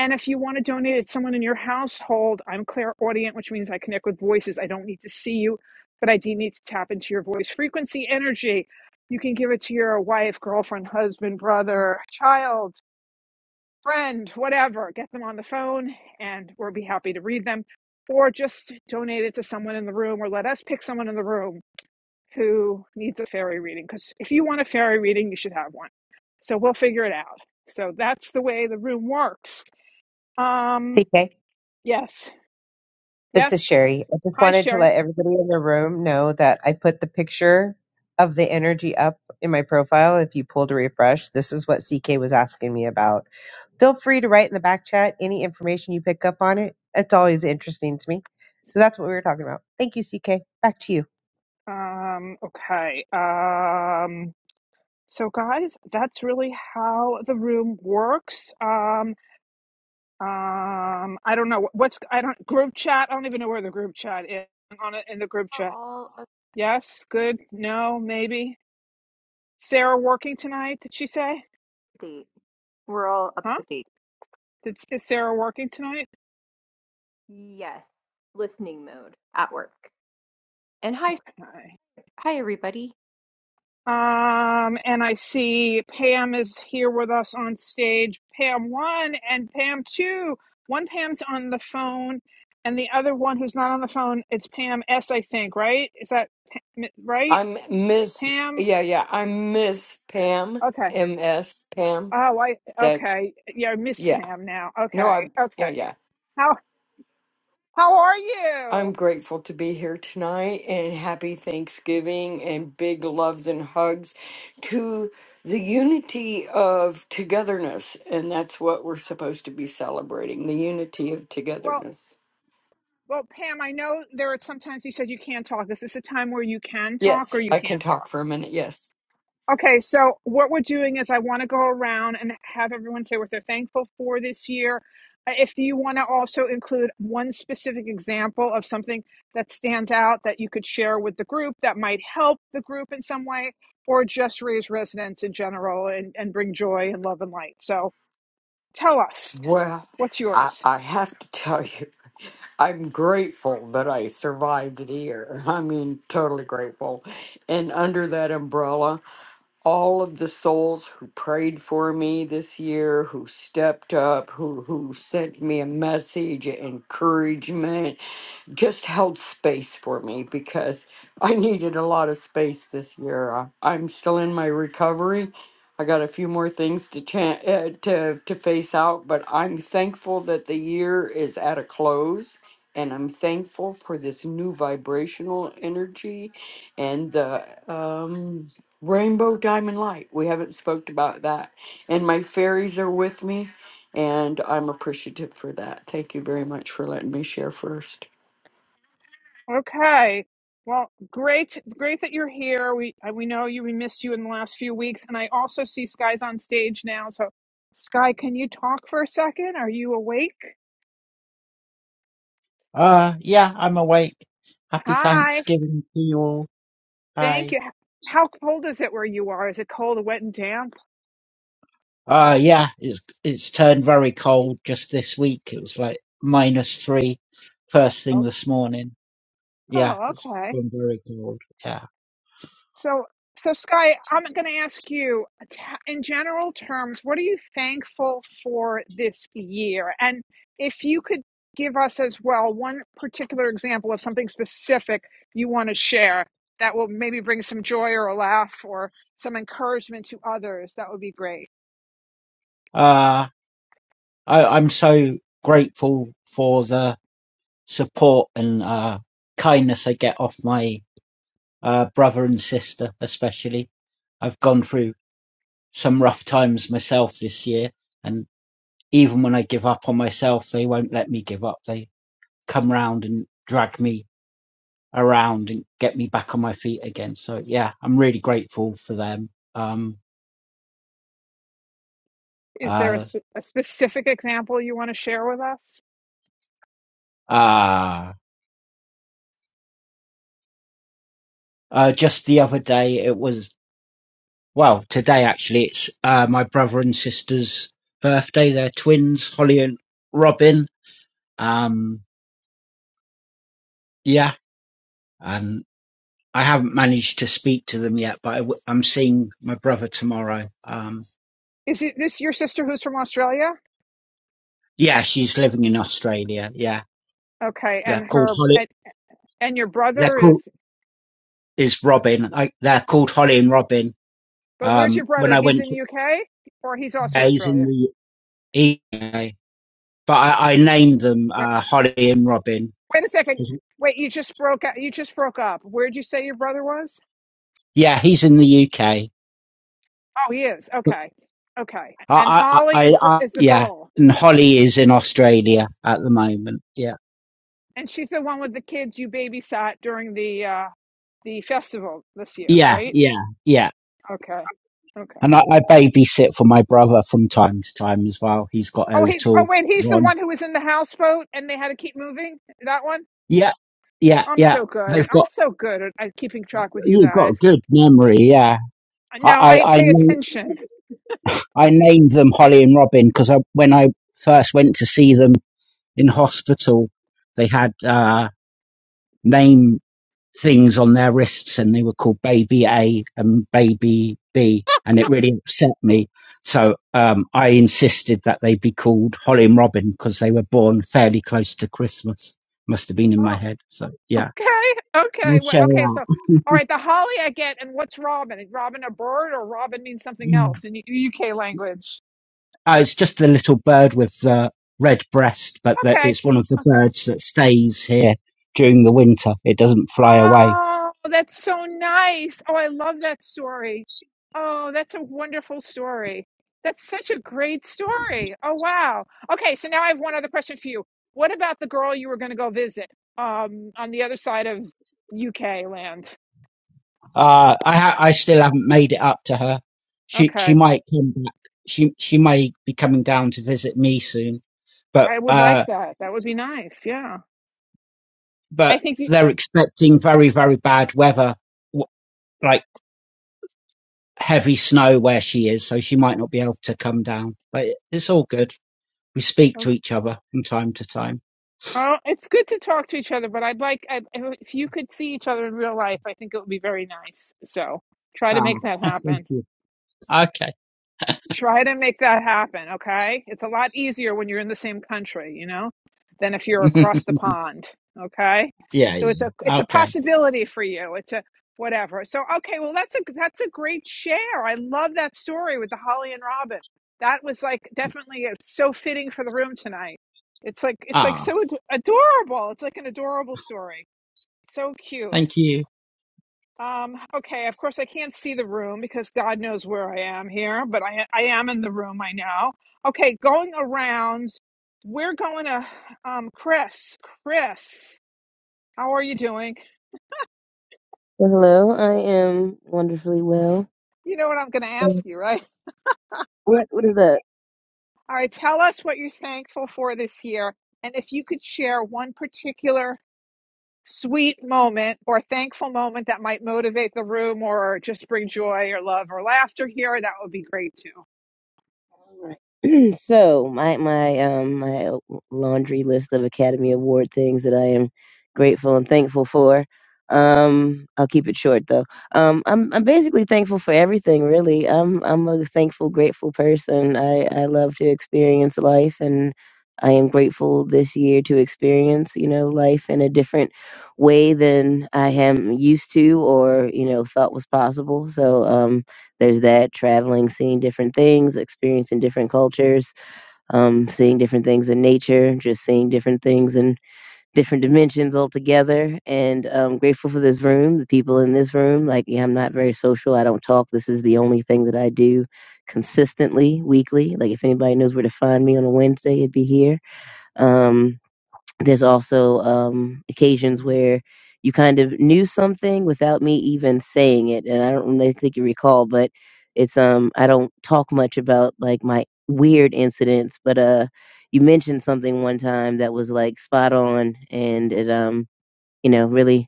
B: And if you want to donate it to someone in your household, I'm clairaudient, which means I connect with voices. I don't need to see you, but I do need to tap into your voice frequency energy. You can give it to your wife, girlfriend, husband, brother, child, friend, whatever, get them on the phone and we'll be happy to read them. Or just donate it to someone in the room or let us pick someone in the room who needs a fairy reading. Because if you want a fairy reading, you should have one. So we'll figure it out. So that's the way the room works. Um,
C: CK.
B: yes.
C: This is
B: Yes.
C: Sherry. I just
B: Hi,
C: wanted to
B: Sherry.
C: let everybody in the room know that I put the picture of the energy up in my profile. If you pull to refresh, this is what CK was asking me about. Feel free to write in the back chat any information you pick up on it. It's always interesting to me. So that's what we were talking about. Thank you, CK. Back to you.
B: Um, okay. Um, so guys, that's really how the room works. Um, Um, I don't know what's I don't group chat. I don't even know where the group chat is on it in the group
A: We're
B: chat.
A: all up
B: Yes, good. No, maybe. Sarah working tonight? Did she say?
A: to date. We're all up
B: Huh?
A: to date.
B: Did, is Sarah working tonight?
A: Yes, listening mode at work. And hi,
B: Okay.
A: hi everybody.
B: Um, and I see Pam is here with us on stage. Pam one and Pam two. One Pam's on the phone, and the other one who's not on the phone. It's Pam S. I think. Right? Is that Pa- right?
F: I'm Miss,
B: Pam.
F: yeah, yeah. I'm Miss Pam,
B: Okay.
F: MS Pam.
B: Oh, I
F: That's,
B: okay. Yeah, Miss
F: yeah.
B: Pam now.
F: No, I,
B: Okay,
F: yeah,
B: okay.
F: yeah.
B: How how are
F: I'm
B: you?
F: grateful to be here tonight and happy Thanksgiving and big loves and hugs to the unity of togetherness. And that's what we're supposed to be celebrating the unity of
B: Well,
F: togetherness.
B: well, Pam, I know there are sometimes you said you can't talk. Is this a time where you can talk or
F: Yes,
B: you
F: I can
B: can't talk?
F: talk for a minute. Yes.
B: Okay, so what we're doing is I want to go around and have everyone say what they're thankful for this year. Uh, If you want to also include one specific example of something that stands out that you could share with the group that might help the group in some way, or just raise resonance in general and, and bring joy and love and light. So tell us,
F: Well,
B: what's
F: I,
B: yours?
F: I have to [LAUGHS] tell you. I'm grateful that I survived the year. [LAUGHS] I mean, totally grateful. And under that umbrella, all of the souls who prayed for me this year, who stepped up, who who sent me a message of encouragement, just held space for me because [LAUGHS] I needed a lot of space this year. Uh, I'm still in my recovery. I got a few more things to chan- uh, to to face out, but I'm thankful that the year is at a close, and I'm thankful for this new vibrational energy, and the um, rainbow diamond light. We haven't spoke about that, and my fairies are with me, and I'm appreciative for that. Thank you very much for letting me share first.
B: Okay. Well, great, great that you're here. We I- we know you. We missed you in the last few weeks, and I also see Sky's on stage now. So, Sky, can you talk for a second? Are you awake?
G: Uh, yeah, I'm awake. Happy
B: Hi.
G: Thanksgiving to you all.
B: Thank
G: Hi.
B: you. How cold is it where you are? Is it cold, wet, and damp?
G: Uh, yeah, it's, it's turned very cold just this week. It was like minus three first thing
B: Oh,
G: this morning. Yeah,
B: oh,
G: it's
B: okay.
G: gone very cold. Yeah.
B: So, so Sky, I'm going to ask you, t- in general terms, what are you thankful for this year? And if you could give us as well one particular example of something specific you want to share that will maybe bring some joy or a laugh or some encouragement to others, that would be great.
G: Uh, I, I'm so grateful for the support and, uh, kindness I get off my, uh, brother and sister, especially. I've gone through some rough times myself this year and. even when I give up on myself, they won't let me give up. They come round and drag me around and get me back on my feet again. So yeah, I'm really grateful for them. Um,
B: Is there a,
G: uh,
B: sp- a specific example you want to share with us?
G: uh, uh, just the other day, it was, well, today actually, it's, uh, my brother and sister's birthday. They're twins, Holly and Robin. Um, yeah, and I haven't managed to speak to them yet, but I w- I'm seeing my brother tomorrow. Um,
B: Is it this your sister who's from Australia?
G: Yeah, she's living in Australia. Yeah,
B: Okay, and
G: they're called
B: her
G: Holly.
B: and, and your
G: They're
B: brother is
G: called is Robin. I, they're called Holly and Robin.
B: But where's
G: Um,
B: your
G: when
B: brother?
G: I
B: He's
G: went to
B: in UK or he's also
G: days in
B: Australia?
G: the evening, but I, I named them
B: Wait,
G: uh, Holly and Robin.
B: wait a second. Wait, you just broke up. You just broke up. Where'd you say your brother was?
G: Yeah, he's in the UK.
B: Oh, he is.
G: But
B: Okay. Okay. And
G: I, I,
B: Holly
G: I,
B: is the,
G: I,
B: is the
G: yeah,
B: girl.
G: and Holly is in Australia at the moment. Yeah,
B: And she's the one with the kids you babysat during the uh the festival this year,
G: yeah,
B: right?
G: yeah, yeah.
B: Okay. Okay.
G: And I, I babysit for my brother from time to time as well. He's got a
B: Oh, he oh
G: little
B: wait, he's the
G: one.
B: one who was in the houseboat and they had to keep moving. That one?
G: Yeah, yeah,
B: I'm
G: yeah.
B: so good.
G: They've got
B: I'm so good at, at keeping track with you
G: You got a
B: guys.
G: good memory, yeah. I
B: No,
G: I
B: I
G: I,
B: pay
G: kn-
B: attention.
G: I named them Holly and Robin because I, when I first went to see them in hospital, they had uh, name things on their wrists, and they were called Baby A and Baby B, and it really upset me. So um, I insisted that they be called Holly and Robin because they were born fairly close to Christmas. Must have been in
B: Oh.
G: my head. So yeah,
B: Okay,
G: we'll
B: okay, well,
G: share
B: okay. So,
G: that.
B: all right, the holly I get, and what's robin? Is robin a bird, or robin means something
G: [LAUGHS]
B: else in UK language?
G: Oh, it's just the little bird with the red breast, but the,
B: Okay,
G: it's one of the
B: okay.
G: birds that stays here during the winter. It doesn't fly away.
B: Oh, that's so nice. Oh, I love that story. Oh, that's a wonderful story. That's such a great story. Oh, wow. Okay, so now I have one other question for you. What about the girl you were going to go visit um, on the other side of UK land?
G: Uh, I ha- I still haven't made it up to her. She she
B: Okay,
G: might come back. She she may be coming down to visit me soon. But
B: I would
G: uh,
B: like that. That would be nice. Yeah. I
G: but
B: think you.
G: they're expecting very very bad weather, w- like heavy snow where she is, so she might not be able to come down. But it, it's all good. We speak to each other from time to time.
B: Uh, it's good to talk to each other, but I'd like I, if you could see each other in real life. I think it would be very nice. So try
G: Ah,
B: to make that
G: [LAUGHS]
B: happen.
G: thank you. Okay.
B: Try to make that happen, okay? It's a lot easier when you're in the same country, you know, than if
G: [LAUGHS]
B: you're
G: yeah,
B: across the pond, okay? So it's a
G: yeah.
B: it's a
G: Okay.
B: possibility for you. It's a whatever. So okay, well that's a that's a great share. I love that story with the Holly and Robin. That was like definitely it's so fitting for the room tonight. It's like it's like
G: Ah,
B: so ad- adorable. It's like an adorable story. So cute.
G: thank you.
B: Um, okay, of course I can't see the room because God knows where I am here, but I I am in the room, I know. Okay, going around, we're going to um Chris. Chris, how are you doing?
D: Hello, I am wonderfully well.
B: You know what I'm going to
D: Um,
B: ask you, right?
D: What what is up?
B: All right, tell us what you're thankful for this year and if you could share one particular sweet moment or thankful moment that might motivate the room or just bring joy or love or laughter here, that would be great too.
D: All right. [CLEARS THROAT] so my my um my laundry list of Academy Award things that I am grateful and thankful for. Um, I'll keep it short though. Um, I'm I'm basically thankful for everything really. I'm I'm a thankful, grateful person. I I love to experience life and. I am grateful this year to experience, you know, life in a different way than I am used to or, you know, thought was possible. So, um, there's that traveling, seeing different things, experiencing different cultures, um, seeing different things in nature, just seeing different things in different dimensions altogether. And um, grateful for this room, the people in this room. Like, yeah, I'm not very social. I don't talk. This is the only thing that I do consistently, weekly. Like, if anybody knows where to find me on a Wednesday, it'd be here. Um, there's also um, occasions where you kind of knew something without me even saying it, and I don't really think you recall, but it's um I don't talk much about like my weird incidents, but uh you mentioned something one time that was like spot on, and it um you know really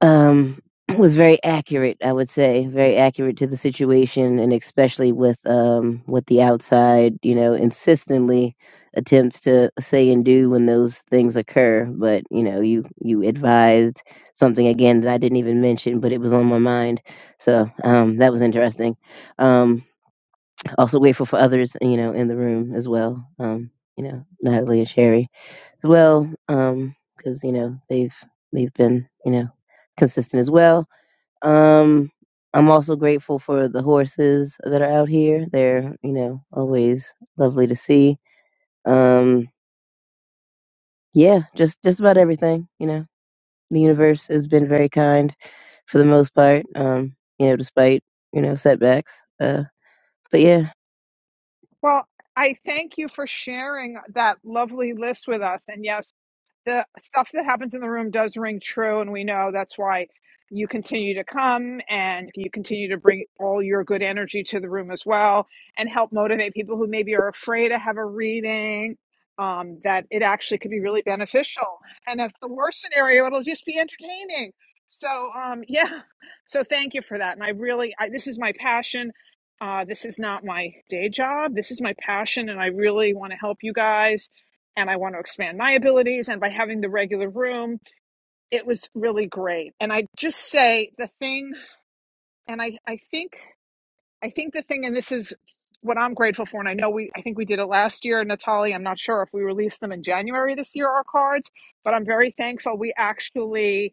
D: um, [CLEARS THROAT] was very accurate, I would say, very accurate to the situation, and especially with um, what the outside, you know, insistently attempts to say and do when those things occur. But you know, you you advised something again that I didn't even mention, but it was on my mind, so um, that was interesting. Um, also grateful for others, you know, in the room as well. Um, you know, Natalie and Sherry as well, um, because you know they've they've been you know consistent as well. Um, I'm also grateful for the horses that are out here. They're you know always lovely to see. Um, yeah, just just about everything. You know, the universe has been very kind for the most part. Um, you know, despite you know setbacks. Uh, but yeah.
B: Well, I thank you for sharing that lovely list with us. And yes, the stuff that happens in the room does ring true and we know that's why you continue to come and you continue to bring all your good energy to the room as well and help motivate people who maybe are afraid to have a reading um, that it actually could be really beneficial and if the worst scenario it'll just be entertaining so um, [LAUGHS] yeah so thank you for that and i really I, this is my passion uh, this is not my day job this is my passion and i really want to help you guys and I want to expand my abilities. And by having the regular room, it was really great. And I just say the thing, and I, I think, I think the thing, and this is what I'm grateful for. And I know we, I think we did it last year, Natalie. I'm not sure if we released them in January this year, our cards, but I'm very thankful we actually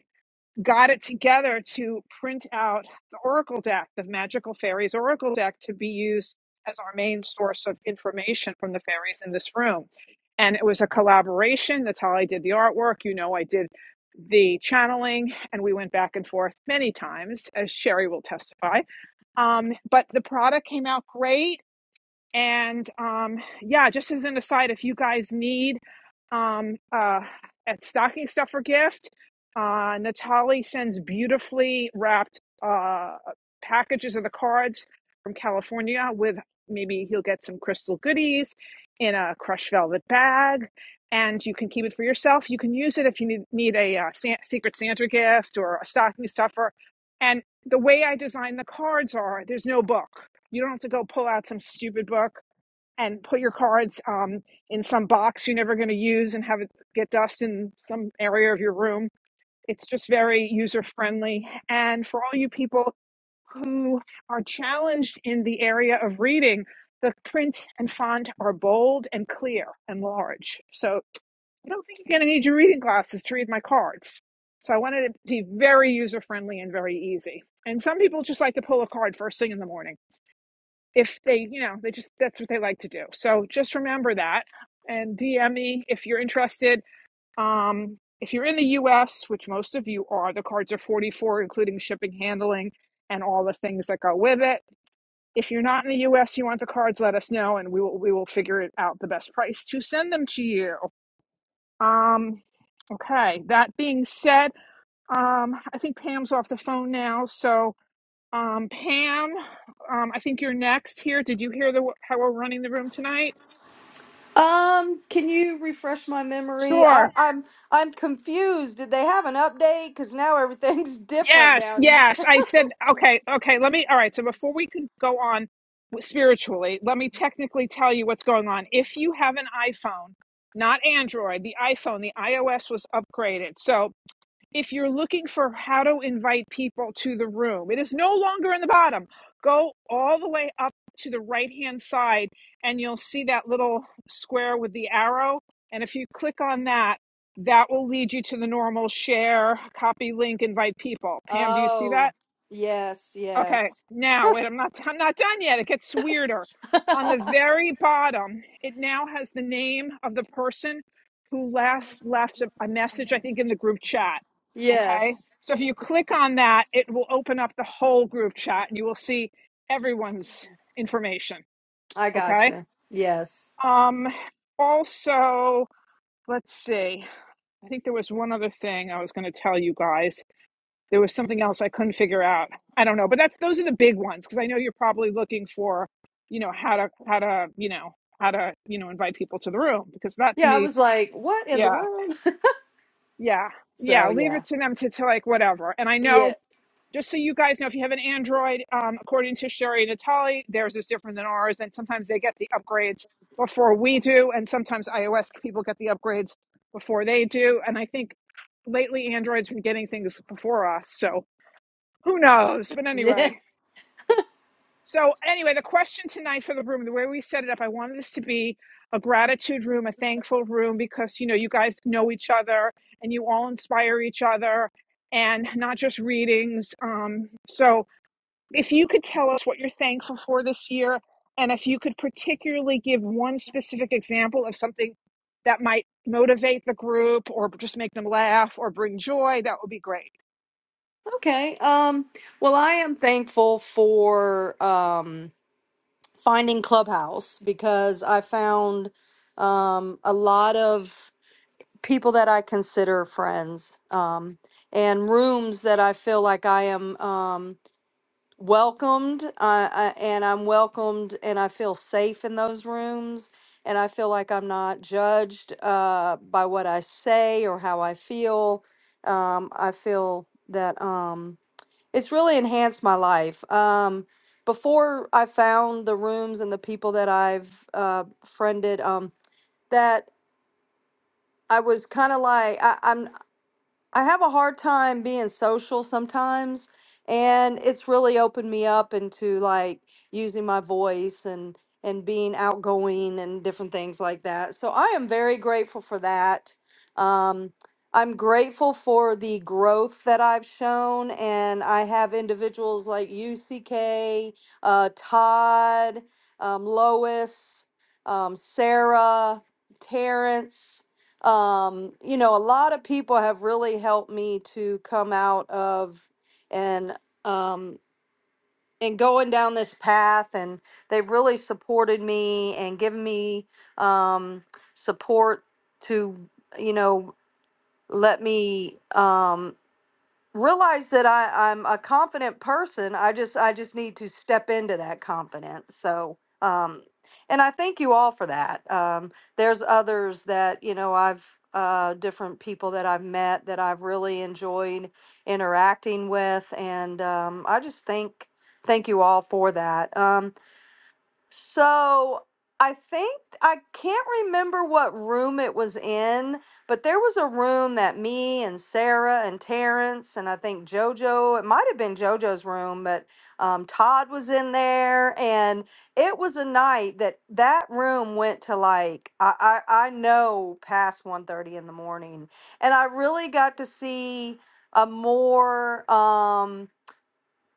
B: got it together to print out the Oracle deck, the Magical Fairies Oracle deck, to be used as our main source of information from the fairies in this room. And it was a collaboration. Natalie did the artwork. You know, I did the channeling, and we went back and forth many times, as Sherry will testify. Um, but the product came out great and um, yeah, just as an aside, if you guys need um, uh, at stocking stuffer gift, uh, Natalie sends beautifully wrapped uh, packages of the cards from California with maybe he'll get some crystal goodies in a crushed velvet bag. And you can keep it for yourself. You can use it if you need, need a uh, San- secret Santa gift or a stocking stuffer. And the way I design the cards are there's no book you don't have to go pull out some stupid book and put your cards um, in some box you're never going to use and have it get dust in some area of your room. It's just very user friendly. And for all you people who are challenged in the area of reading, the print and font are bold and clear and large. So I don't think you're going to need your reading glasses to read my cards. So I wanted it to be very user friendly and very easy. And some people just like to pull a card first thing in the morning if they, you know, they just that's what they like to do. So just remember that and DM me if you're interested. Um, if you're in the U.S., which most of you are, the cards are 44, including shipping, handling, and all the things that go with it. If you're not in the U.S., you want the cards, let us know, and we will we will figure it out the best price to send them to you. Um, okay. That being said, um, I think Pam's off the phone now, so. Um, Pam, um, I think you're next here. Did you hear the how we're running the room tonight?
H: Um, can you refresh my memory? I,
B: Sure.
H: I'm I'm confused. Did they have an update? Because now everything's [LAUGHS] different
B: Yes,
H: down.
B: yes. I said okay, okay. Let me. All right. So before we can go on spiritually, let me technically tell you what's going on. If you have an iPhone, not Android, the iPhone, the iOS was upgraded. So if you're looking for how to invite people to the room, it is no longer in the bottom. Go all the way up to the right hand side, and you'll see that little square with the arrow. And if you click on that, that will lead you to the normal share, copy link, invite people. Pam, do you see that?
H: Oh, yes,
B: Okay,
H: yes,
B: now wait, I'm not I'm not done yet. It gets weirder.
H: [LAUGHS]
B: On the very bottom, it now has the name of the person who last left a, a message, I think, in the group chat. Okay,
H: yes.
B: so if you click on that, it will open up the whole group chat, and you will see everyone's information.
H: I
B: Okay.
H: gotcha. Yes.
B: Um. Also, let's see. I think there was one other thing I was going to tell you guys. There was something else I couldn't figure out. I don't know, but that's those are the big ones because I know you're probably looking for, you know, how to how to you know how to you know invite people to the room because that to
H: Yeah, I
B: me,
H: was like, what in the
B: yeah,
H: world? [LAUGHS]
B: yeah,
H: So
B: yeah, leave
H: yeah,
B: it to them to to like whatever. And I know
H: yeah,
B: just so you guys know, if you have an Android, um, according to Sherry and Natali, theirs is different than ours, and sometimes they get the upgrades before we do, and sometimes iOS people get the upgrades before they do. And I think lately Android's been getting things before us, so who knows? But
H: [LAUGHS] yeah.
B: anyway, so anyway, the question tonight for the room, the way we set it up, I wanted this to be a gratitude room, a thankful room, because you know you guys know each other and you all inspire each other, and not just readings. Um, so if you could tell us what you're thankful for this year, and if you could particularly give one specific example of something that might motivate the group or just make them laugh or bring joy, that would be great.
H: Okay. Um. Well, I am thankful for um finding Clubhouse because I found um a lot of people that I consider friends, um, and rooms that I feel like I am um, welcomed, uh, I, and I'm welcomed, and I feel safe in those rooms, and I feel like I'm not judged uh, by what I say or how I feel. Um, I feel that um, it's really enhanced my life. Um, before I found the rooms and the people that I've uh, friended, um, that I was kind of like I, am I have a hard time being social sometimes, and it's really opened me up into like using my voice and and being outgoing and different things like that. So I am very grateful for that. Um, I'm grateful for the growth that I've shown, and I have individuals like UCK, uh, Todd, um, Lois, um, Sarah, Terrence um, you know, a lot of people have really helped me to come out of and um, and going down this path, and they've really supported me and given me um, support to you know let me um, realize that I, I'm a confident person. I just I just need to step into that confidence. So um and I thank you all for that. Um there's others that, you know, I've uh different people that I've met that I've really enjoyed interacting with and um I just thank thank you all for that. Um so I think I can't remember what room it was in, but there was a room that me and Sarah and Terrence and I think JoJo, it might have been JoJo's room, but um, Todd was in there. And it was a night that that room went to like, I, I, I know past one thirty in the morning. And I really got to see a more, um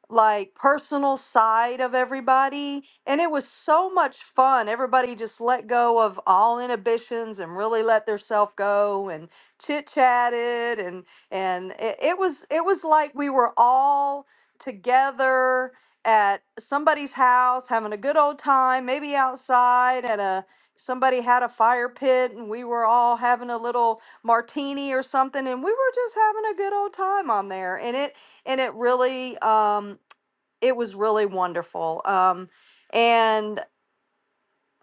H: like personal side of everybody and it was so much fun everybody just let go of all inhibitions and really let their self go and chit chatted and and it, it was it was like we were all together at somebody's house having a good old time maybe outside at a somebody had a fire pit and we were all having a little martini or something and we were just having a good old time on there and it and it really um, it was really wonderful. Um, and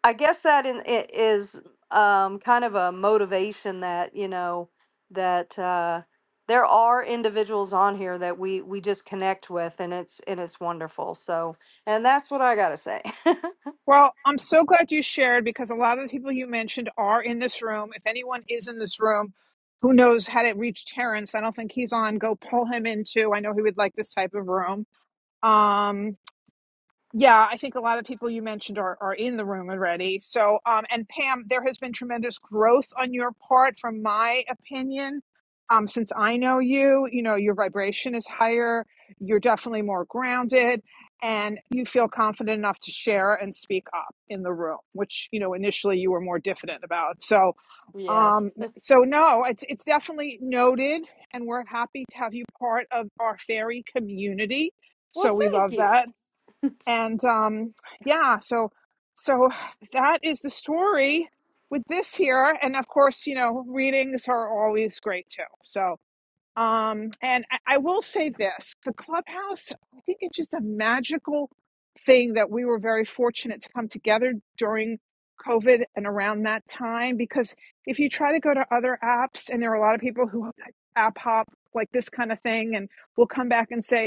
H: I guess that in, i- is um, kind of a motivation that you know that uh, there are individuals on here that we we just connect with, and it's and it's wonderful. So, and that's what I gotta say.
B: Well, I'm so glad you shared because a lot of the people you mentioned are in this room. If anyone is in this room, who knows how to reach Terrence? I don't think he's on. Go pull him into. I know he would like this type of room. Um, yeah, I think a lot of people you mentioned are, are in the room already. So, um, and Pam, there has been tremendous growth on your part, from my opinion. Um, since I know you, you know, your vibration is higher, you're definitely more grounded, and you feel confident enough to share and speak up in the room, which, you know, initially you were more diffident about. So,
H: [LAUGHS]
B: um,
H: yes. [LAUGHS]
B: so no, it's, it's definitely noted, and we're happy to have you part of our fairy community.
H: Well,
B: So we
H: thank
B: love
H: you.
B: that and um yeah so so that is the story with this here and of course you know readings are always great too so um and i, I will say this the clubhouse i think it's just a magical thing that we were very fortunate to come together during covid and around that time because if you try to go to other apps and there are a lot of people who like, app hop like this kind of thing and will come back and say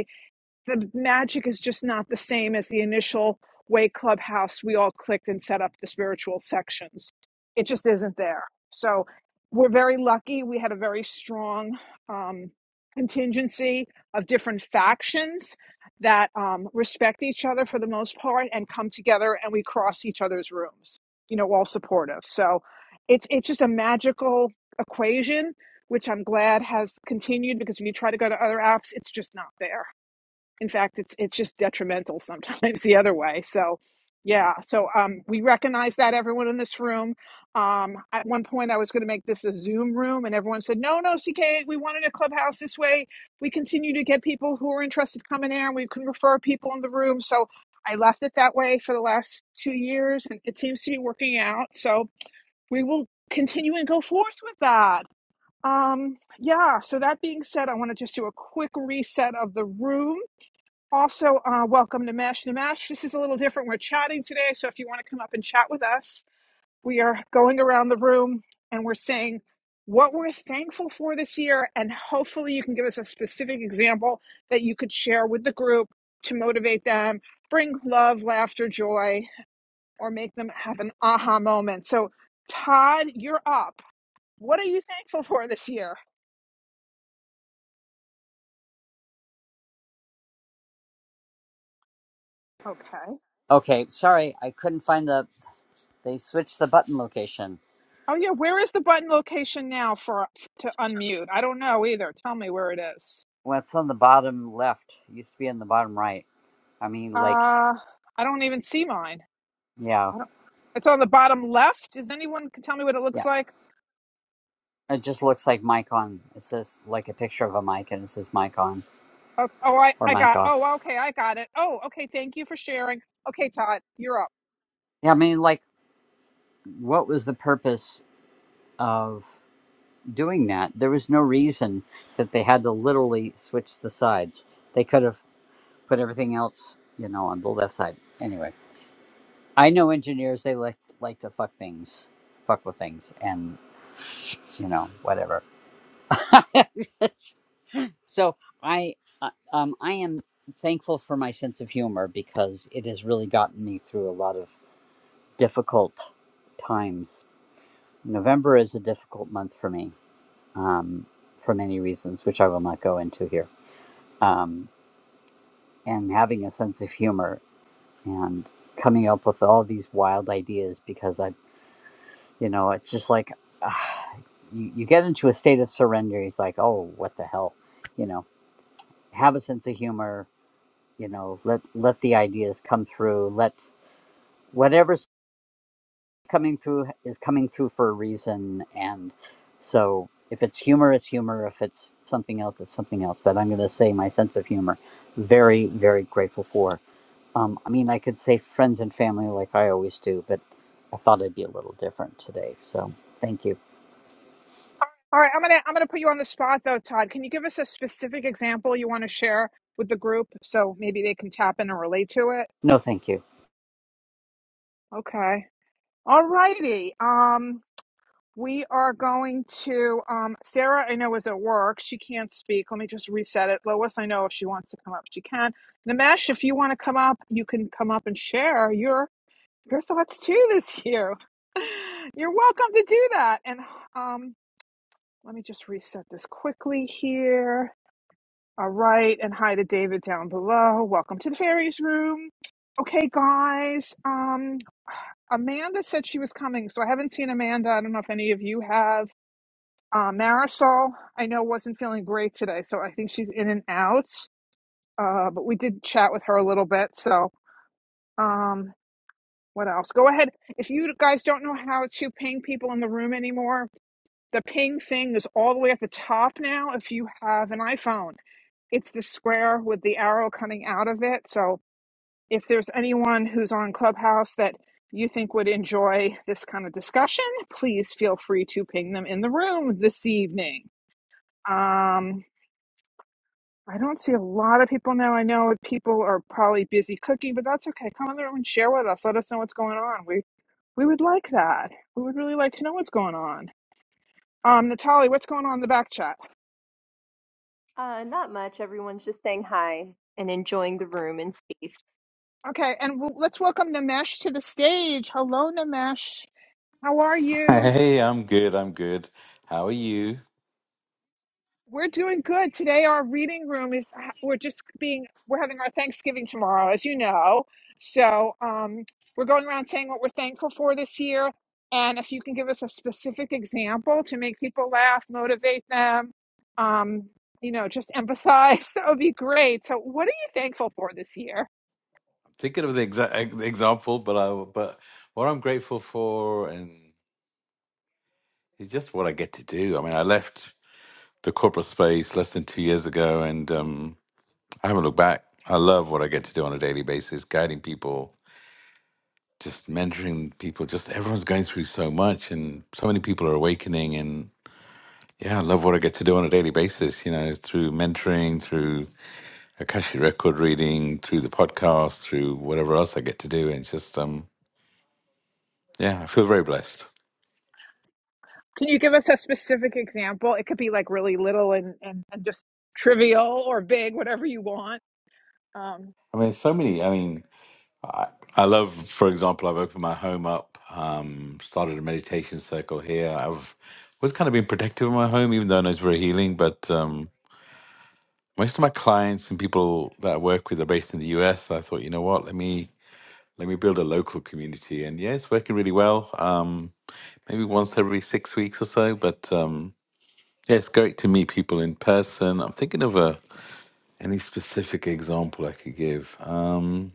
B: the magic is just not the same as the initial way clubhouse we all clicked and set up the spiritual sections it just isn't there so we're very lucky we had a very strong um, contingency of different factions that um, respect each other for the most part and come together and we cross each other's rooms you know all supportive so it's it's just a magical equation which i'm glad has continued because when you try to go to other apps it's just not there in fact it's it's just detrimental sometimes [LAUGHS] the other way so yeah so um we recognize that everyone in this room um at one point i was going to make this a zoom room and everyone said no no ck we wanted a clubhouse this way we continue to get people who are interested coming in and we can refer people in the room so i left it that way for the last two years and it seems to be working out so we will continue and go forth with that um yeah so that being said i want to just do a quick reset of the room also, uh, welcome to Mash to Mash. This is a little different. We're chatting today, so if you want to come up and chat with us, we are going around the room and we're saying what we're thankful for this year, and hopefully, you can give us a specific example that you could share with the group to motivate them, bring love, laughter, joy, or make them have an aha moment. So, Todd, you're up. What are you thankful for this year? Okay.
I: Okay, sorry, I couldn't find the. They switched the button location.
B: Oh yeah, where is the button location now for to unmute? I don't know either. Tell me where it is.
I: Well, it's on the bottom left. It used to be in the bottom right. I mean, like,
B: Uh, I don't even see mine.
I: yeah,
B: I don't. It's on the bottom left. Does anyone can tell me what it looks
I: yeah.
B: like?
I: It just looks like mic on. It says like a picture of a mic, and it says mic on
B: Oh, oh, I,
I: or
B: I
I: mic
B: got.
I: off.
B: Oh, okay, I got it. Oh, okay. Thank you for sharing. Okay, Todd, you're up.
I: Yeah, I mean, like, what was the purpose of doing that? There was no reason that they had to literally switch the sides. They could have put everything else, you know, on the left side. Anyway, I know engineers. They like like to fuck things fuck with things, and you know, whatever. [LAUGHS] so I, uh, um, I am thankful for my sense of humor because it has really gotten me through a lot of difficult times. November is a difficult month for me, um, for many reasons, which I will not go into here. Um, and having a sense of humor and coming up with all these wild ideas because I, you know, it's just like. ah, you, you get into a state of surrender. It's like, oh, what the hell, you know have a sense of humor you know let let the ideas come through let whatever's coming through is coming through for a reason and so if it's humor it's humor if it's something else it's something else but i'm going to say my sense of humor very very grateful for um, i mean i could say friends and family like i always do but i thought i'd be a little different today so thank you
B: All right, I'm gonna I'm gonna put you on the spot though, Todd. Can you give us a specific example you want to share with the group so maybe they can tap in and relate to it?
I: no thank you
B: Okay. All righty. Um, We are going to um, Sarah. I know is at work. She can't speak. Let me just reset it. Lois, I know if she wants to come up, she can. Namesh, if you want to come up, you can come up and share your your thoughts too this year. [LAUGHS] You're welcome to do that. And um, let me just reset this quickly here. All right, and hi to David down below. Welcome to the fairies room. Okay, guys. Um, Amanda said she was coming, so I haven't seen Amanda. I don't know if any of you have. Uh, Marisol, I know, wasn't feeling great today, so I think she's in and out. Uh, but we did chat with her a little bit. So, um, what else? Go ahead. If you guys don't know how to ping people in the room anymore, the ping thing is all the way at the top now. If you have an iPhone, it's the square with the arrow coming out of it. So, if there's anyone who's on Clubhouse that you think would enjoy this kind of discussion, please feel free to ping them in the room this evening. Um, I don't see a lot of people now. I know people are probably busy cooking, but that's okay. Come in the room and share with us. Let us know what's going on. We we would like that. We would really like to know what's going on. Um, Natalie, what's going on in the back chat?
A: Uh, not much. Everyone's just saying hi and enjoying the room and space.
B: Okay, and w- let's welcome Namesh to the stage. Hello, Namesh. How are you?
J: Hey, I'm good. I'm good. How are you?
B: We're doing good. Today, our reading room is, we're just being, we're having our Thanksgiving tomorrow, as you know. So um, we're going around saying what we're thankful for this year. And if you can give us a specific example to make people laugh, motivate them, um, you know, just emphasize, [LAUGHS] that would be great. So, what are you thankful for this year?
J: I'm thinking of the exact example, but I but what I'm grateful for and it's just what I get to do. I mean, I left the corporate space less than two years ago, and um, I haven't looked back. I love what I get to do on a daily basis, guiding people, just mentoring people. Just everyone's going through so much, and so many people are awakening. And yeah, I love what I get to do on a daily basis. You know, through mentoring, through Akashi record reading, through the podcast, through whatever else I get to do. And it's just, um, yeah, I feel very blessed.
B: Can you give us a specific example? It could be like really little and, and, and just trivial or big, whatever you want. Um,
J: I mean, so many. I mean, I, I love, for example, I've opened my home up, um, started a meditation circle here. I've always kind of been protective of my home, even though I know it's very healing. But um, most of my clients and people that I work with are based in the US. So I thought, you know what, let me let me build a local community. And yeah, it's working really well. Um, maybe once every six weeks or so, but. Um, Yeah, it's great to meet people in person. I'm thinking of a any specific example I could give. Um,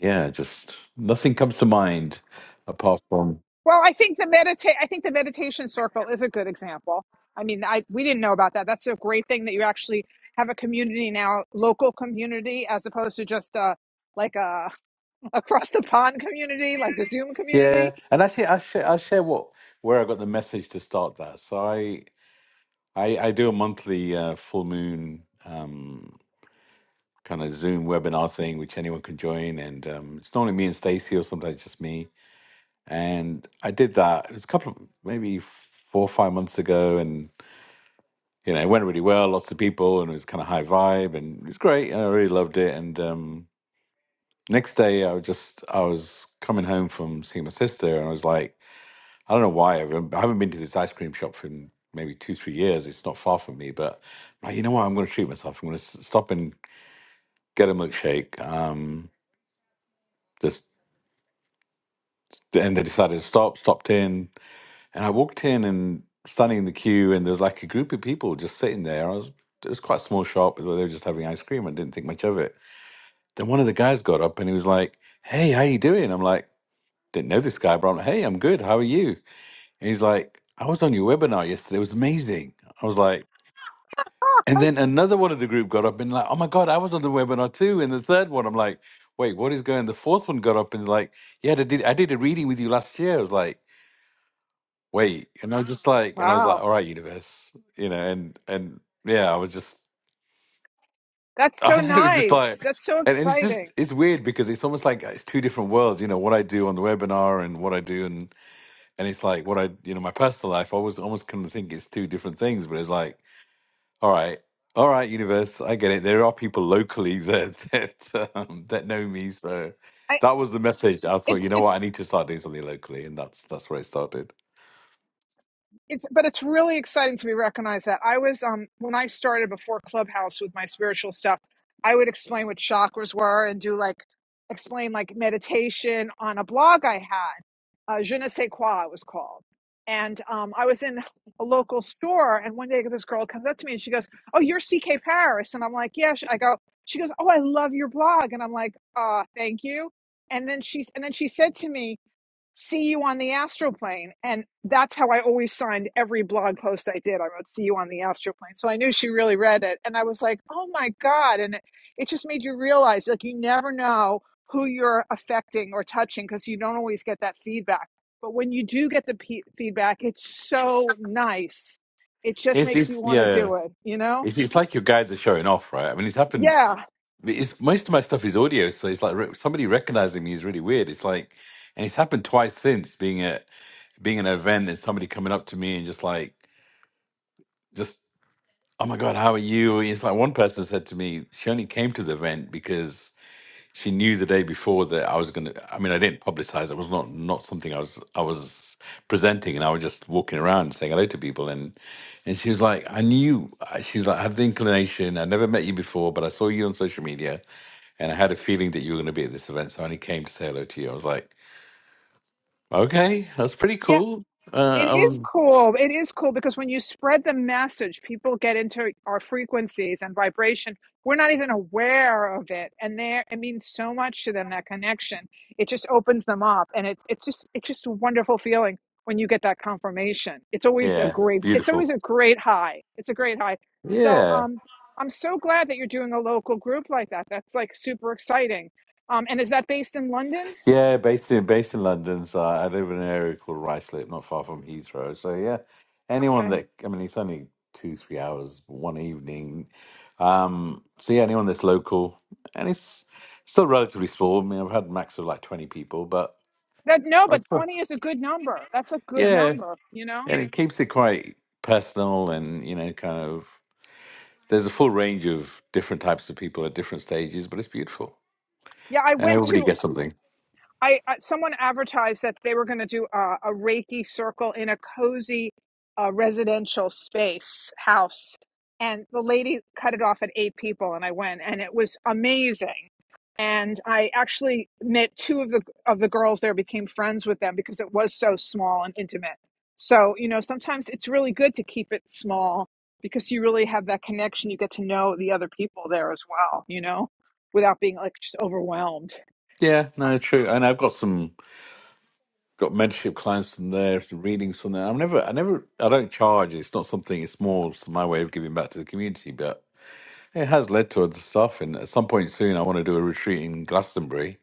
J: yeah, just nothing comes to mind apart from
B: well, I think the medita- I think the meditation circle is a good example. I mean, I we didn't know about that. That's a great thing that you actually have a community now, local community, as opposed to just uh like a [LAUGHS] across the pond community, like a Zoom
J: yeah.
B: community.
J: And actually, I share I share what where I got the message to start that. So I I, I do a monthly uh, full moon um, kind of Zoom webinar thing, which anyone can join, and um, it's normally me and Stacey, or sometimes just me. And I did that. It was a couple of maybe four or five months ago, and. you know, it went really well. Lots of people, and it was kind of high vibe, and it was great. And I really loved it. And um, next day, I was just I was coming home from seeing my sister, and I was like, I don't know why I haven't, I haven't been to this ice cream shop for maybe two three years. It's not far from me, but I'm like, you know what? I'm going to treat myself. I'm going to stop and get a milkshake. Um, just and they decided to stop. Stopped in, and I walked in and standing in the queue, and there was like a group of people just sitting there. I was it was quite a small shop. but They were just having ice cream. I didn't think much of it. Then one of the guys got up and he was like, "Hey, how you doing?" I'm like, "Didn't know this guy, but I'm like, hey, I'm good. How are you?" And he's like, "I was on your webinar yesterday. It was amazing." I was like,
B: Ah,
J: and
B: I-
J: then another one of the group got up and like, "Oh my god, I was on the webinar too." And the third one, I'm like, "Wait, what is going?" The fourth one got up and like, "Yeah, I did. I did a reading with you last year." I was like, "Wait," and I was just like, and I was like,
B: wow,
J: "All right, universe," you know, and and yeah, I was just. [LAUGHS]
B: that's so
J: I know, it's just
B: nice.
J: like,
B: That's so
J: and, and it's just
B: exciting.
J: it's weird because it's almost like uh, it's two different worlds. You know what I do on the webinar and what I do, and and it's like what I you know my personal life. I always almost kind of think it's two different things, but it's like all right, all right, universe, I get it. There are people locally that [LAUGHS] that um, that know me, so
B: I
J: that was the message. I thought,
B: it's
J: you know what, I
B: it's
J: need to start doing something locally, and that's that's where it started.
B: It's but it's really exciting to be recognized that I was um when I started before Clubhouse with my spiritual stuff, I would explain what chakras were and do like explain like meditation on a blog I had, uh, Je ne sais quoi it was called. And um, I was in a local store, and one day this girl comes up to me and she goes, "Oh, you're CK Paris," and I'm like, "Yeah." She- I go, she goes, "Oh, I love your blog," and I'm like, "Uh, thank you." And then she's and then she said to me see you on the astral plane and that's how i always signed every blog post i did i wrote see you on the astral plane so i knew she really read it and i was like oh my god and it, it just made you realize like you never know who you're affecting or touching because you don't always get that feedback but when you do get the pe feedback it's so nice it just
J: It's,
B: makes you
J: it's
B: want to
J: yeah,
B: do it you know
J: it's it's like your guides are showing off, right? I mean, it's happened.
B: Yeah.
J: It's, most of my stuff is audio, so it's like re- somebody recognizing me is really weird. It's like, and it's happened twice since being at being at an event and somebody coming up to me and just like, just oh my god, how are you? It's like one person said to me, she only came to the event because she knew the day before that I was gonna. I mean, I didn't publicize. It was not not something I was I was presenting, and I was just walking around saying hello to people. And and she was like, I knew. She's like, I had the inclination. I never met you before, but I saw you on social media and I had a feeling that you were going to be at this event, so I only came to say hello to you. I was like, okay, that's pretty
B: yeah
J: cool.
B: It
J: Uh, I
B: is
J: was,
B: cool. It is cool because when you spread the message, people get into our frequencies and vibration. We're not even aware of it, and there it means so much to them. That connection, it just opens them up, and it's it's just it's just a wonderful feeling when you get that confirmation. It's always a
J: yeah,
B: great it's always
J: beautiful.
B: a great high. It's a great high. So
J: Yeah,
B: um, I'm so glad that you're doing a local group like that. That's like super exciting. Um, and is that based in London?
J: yeah, based in based in London, so I live in an area called Ruislip, not far from Heathrow. So yeah, anyone that I mean, it's only two three hours one evening. Um, so yeah, anyone that's local, and it's still relatively small. I mean, I've had max of like twenty people, but
B: That no, but 20 is a good number. That's a good
J: yeah,
B: number, you know?
J: and it keeps it quite personal and you know, kind of. there's a full range of different types of people at different stages, but it's beautiful,
B: Yeah, I
J: and
B: went
J: everybody
B: to
J: gets something.
B: I uh, someone advertised that they were going to do a, a Reiki circle in a cozy uh, residential space house, and the lady cut it off at eight people, and I went, and it was amazing. And I actually met two of the of the girls there, became friends with them because it was so small and intimate. So you know, sometimes it's really good to keep it small because you really have that connection. You get to know the other people there as well, you know, without being like just overwhelmed.
J: Yeah, no, true. And I've got some got mentorship clients in there, some readings from there. I'm never, I never, I don't charge. It's not something. It's more my way of giving back to the community, but it has led to other stuff. And at some point soon, I want to do a retreat in Glastonbury,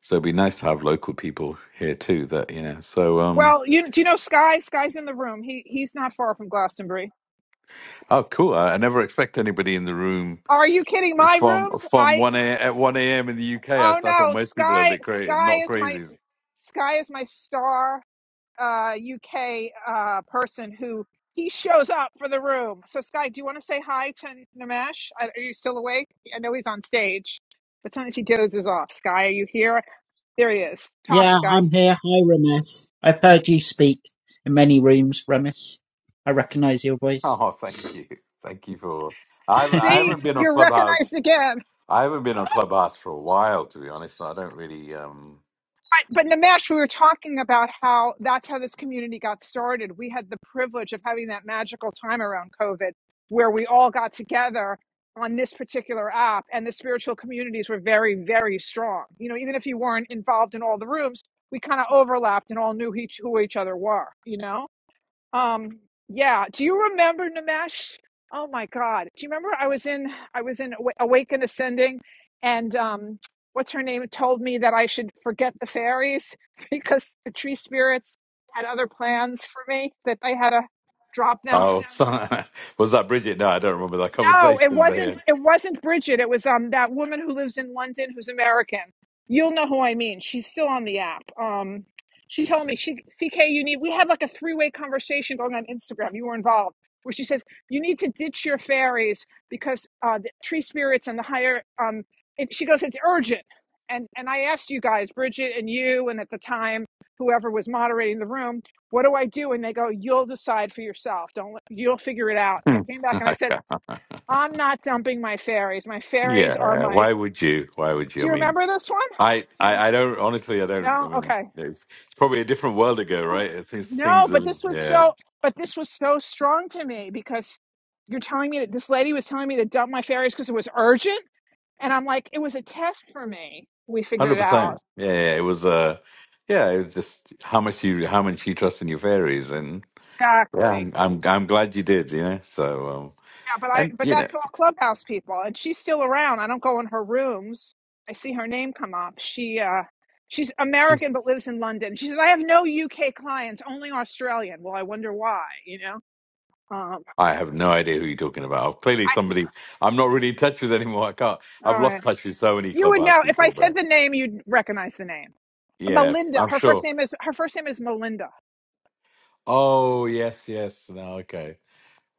J: so it'd be nice to have local people here too. That you know, so um,
B: Well, you do you know Sky? Sky's in the room. He he's not far from Glastonbury.
J: oh, cool. I, I never expect anybody in the room
B: Are you kidding? My
J: from
B: rooms?
J: from
B: I
J: one a at one a.m. in the UK. I,
B: oh
J: th- I thought
B: no,
J: most people are a
B: Sky
J: bit crazy,
B: Sky
J: not
B: is my
J: crazies. [LAUGHS]
B: Sky is my star uh UK uh person who he shows up for the room. So Sky, do you want to say hi to Nimesh? I- Are you still awake? I know he's on stage, but sometimes he dozes off. Sky, are you here? There he is. Talk,
G: Yeah,
B: Sky.
G: I'm here. Hi, Ramesh. I've heard you speak in many rooms, Ramesh. I recognise your voice.
J: Oh, thank you, thank you for. I haven't- I
B: See,
J: haven't been on
B: you're
J: Clubhouse.
B: recognized again.
J: I haven't been on Clubhouse for a while, to be honest. I don't really. um
B: Right, but Namesh, we were talking about how that's how this community got started. We had the privilege of having that magical time around COVID where we all got together on this particular app and the spiritual communities were very, very strong. You know, even if you weren't involved in all the rooms, we kind of overlapped and all knew each, who each other were, you know? Um, yeah. Do you remember Nimesh? Oh my God. Do you remember I was in I was in Awa- Awake and Ascending, and um, what's her name told me that I should forget the fairies [LAUGHS] because the tree spirits had other plans for me that I had to drop them
J: Oh, so- [LAUGHS] was that Bridget? No, I don't remember that
B: no, it
J: conversation. But
B: wasn't.
J: yeah.
B: It wasn't Bridget. It was um that woman who lives in London who's American. You'll know who I mean. She's still on the app. Um, she told me she CK. You need. We had like a three way conversation going on Instagram. You were involved, where she says you need to ditch your fairies because uh, the tree spirits and the higher um. It, she goes, it's urgent. And and I asked you guys, Bridget and you, and at the time whoever was moderating the room, what do I do? And they go, you'll decide for yourself. Don't let- you'll figure it out.
J: [LAUGHS]
B: And I
J: Hmm.
B: came back and I
J: I
B: said
J: can't.
B: I'm not dumping my fairies. My fairies are
J: Yeah,
B: my.
J: why
B: Do
J: would you? Why would you? I
B: you
J: mean,
B: remember this one?
J: I,
B: Do you?
J: I, I don't honestly. I don't. I
B: No.
J: mean,
B: Okay.
J: it's it's probably a different world ago,
B: Ugh.
J: right? Things,
B: No,
J: things
B: but
J: are.
B: this was
J: Yeah.
B: so. But this was so strong to me because you're telling me that this lady was telling me to dump my fairies because it was urgent, and I'm like, it was a test for me. We
J: Hundred
B: figured it
J: percent.
B: out
J: Yeah, yeah. yeah. It was uh yeah, it was just how much you how much you trust in your fairies and yeah,
B: exactly.
J: I'm I'm, I'm glad you did, you know. So um
B: Yeah, but I
J: and
B: but
J: you know,
B: that's all clubhouse people, and she's still around. I don't go in her rooms. I see her name come up. She uh she's American but lives in London. She says I have no UK clients, only Australian. Well, I wonder why. You know. Um.
J: I have no idea who you're talking about. I'm clearly
B: I s-
J: somebody I'm not really in touch with anymore. I can't I've
B: all
J: lost
B: right.
J: touch with so many
B: You would
J: clubhouse
B: know if I
J: people but
B: said the name, you'd recognize the name.
J: Yeah,
B: Melinda.
J: I'm
B: Her first
J: sure.
B: name is her first name is Melinda.
J: Oh yes, yes. No, okay.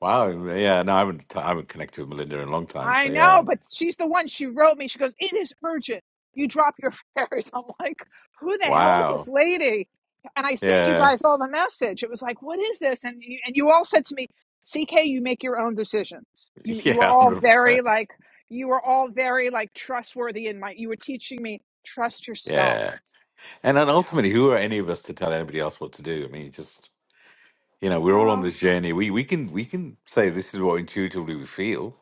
J: Wow. Yeah, no, I haven't I haven't connected with Melinda in a long time, so
B: I know,
J: yeah.
B: but she's the one. She wrote me. She goes, "It is urgent. You drop your [LAUGHS] fares." I'm like, "Who the hell is this
J: Wow.
B: lady?" And I sent you
J: Yeah.
B: guys all the message. It was like, "What is this?" And you, and you all said to me, "CK, you make your own decisions.
J: [LAUGHS]
B: You you are
J: Yeah,
B: all
J: hundred
B: very
J: percent.
B: like you were all very like trustworthy in my. You were teaching me trust yourself."
J: Yeah. And then
B: Yeah.
J: ultimately, who are any of us to tell anybody else what to do? I mean, it just you know, we're all on
B: Well.
J: this journey. We we can we can say this is what intuitively we feel,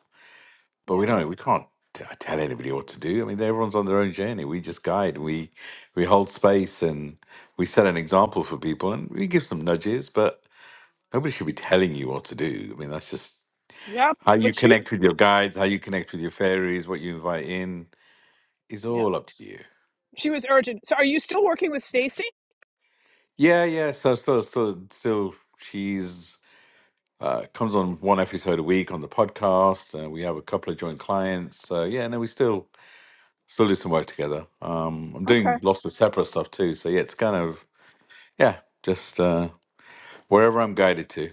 J: but we
B: Yeah.
J: don't. We can't t- tell anybody what to do. I mean, everyone's on their own journey. We just guide. We we hold space and we set an example for people, and we give some nudges. But nobody should be telling you what to do. I mean, that's just
B: Yep.
J: how you
B: But she.
J: connect with your guides, how you connect with your fairies, what you invite in is
B: Yeah.
J: all up to you.
B: She was urgent. So, are you still working with Stacy?
J: Yeah, yeah. So still, still, still, she's Uh, comes on one episode a week on the podcast. Uh, we have a couple of joint clients. So yeah, no, we still still do some work together. Um, I'm
B: Okay.
J: doing lots of separate stuff too. So yeah, it's kind of yeah, just uh, wherever I'm guided to.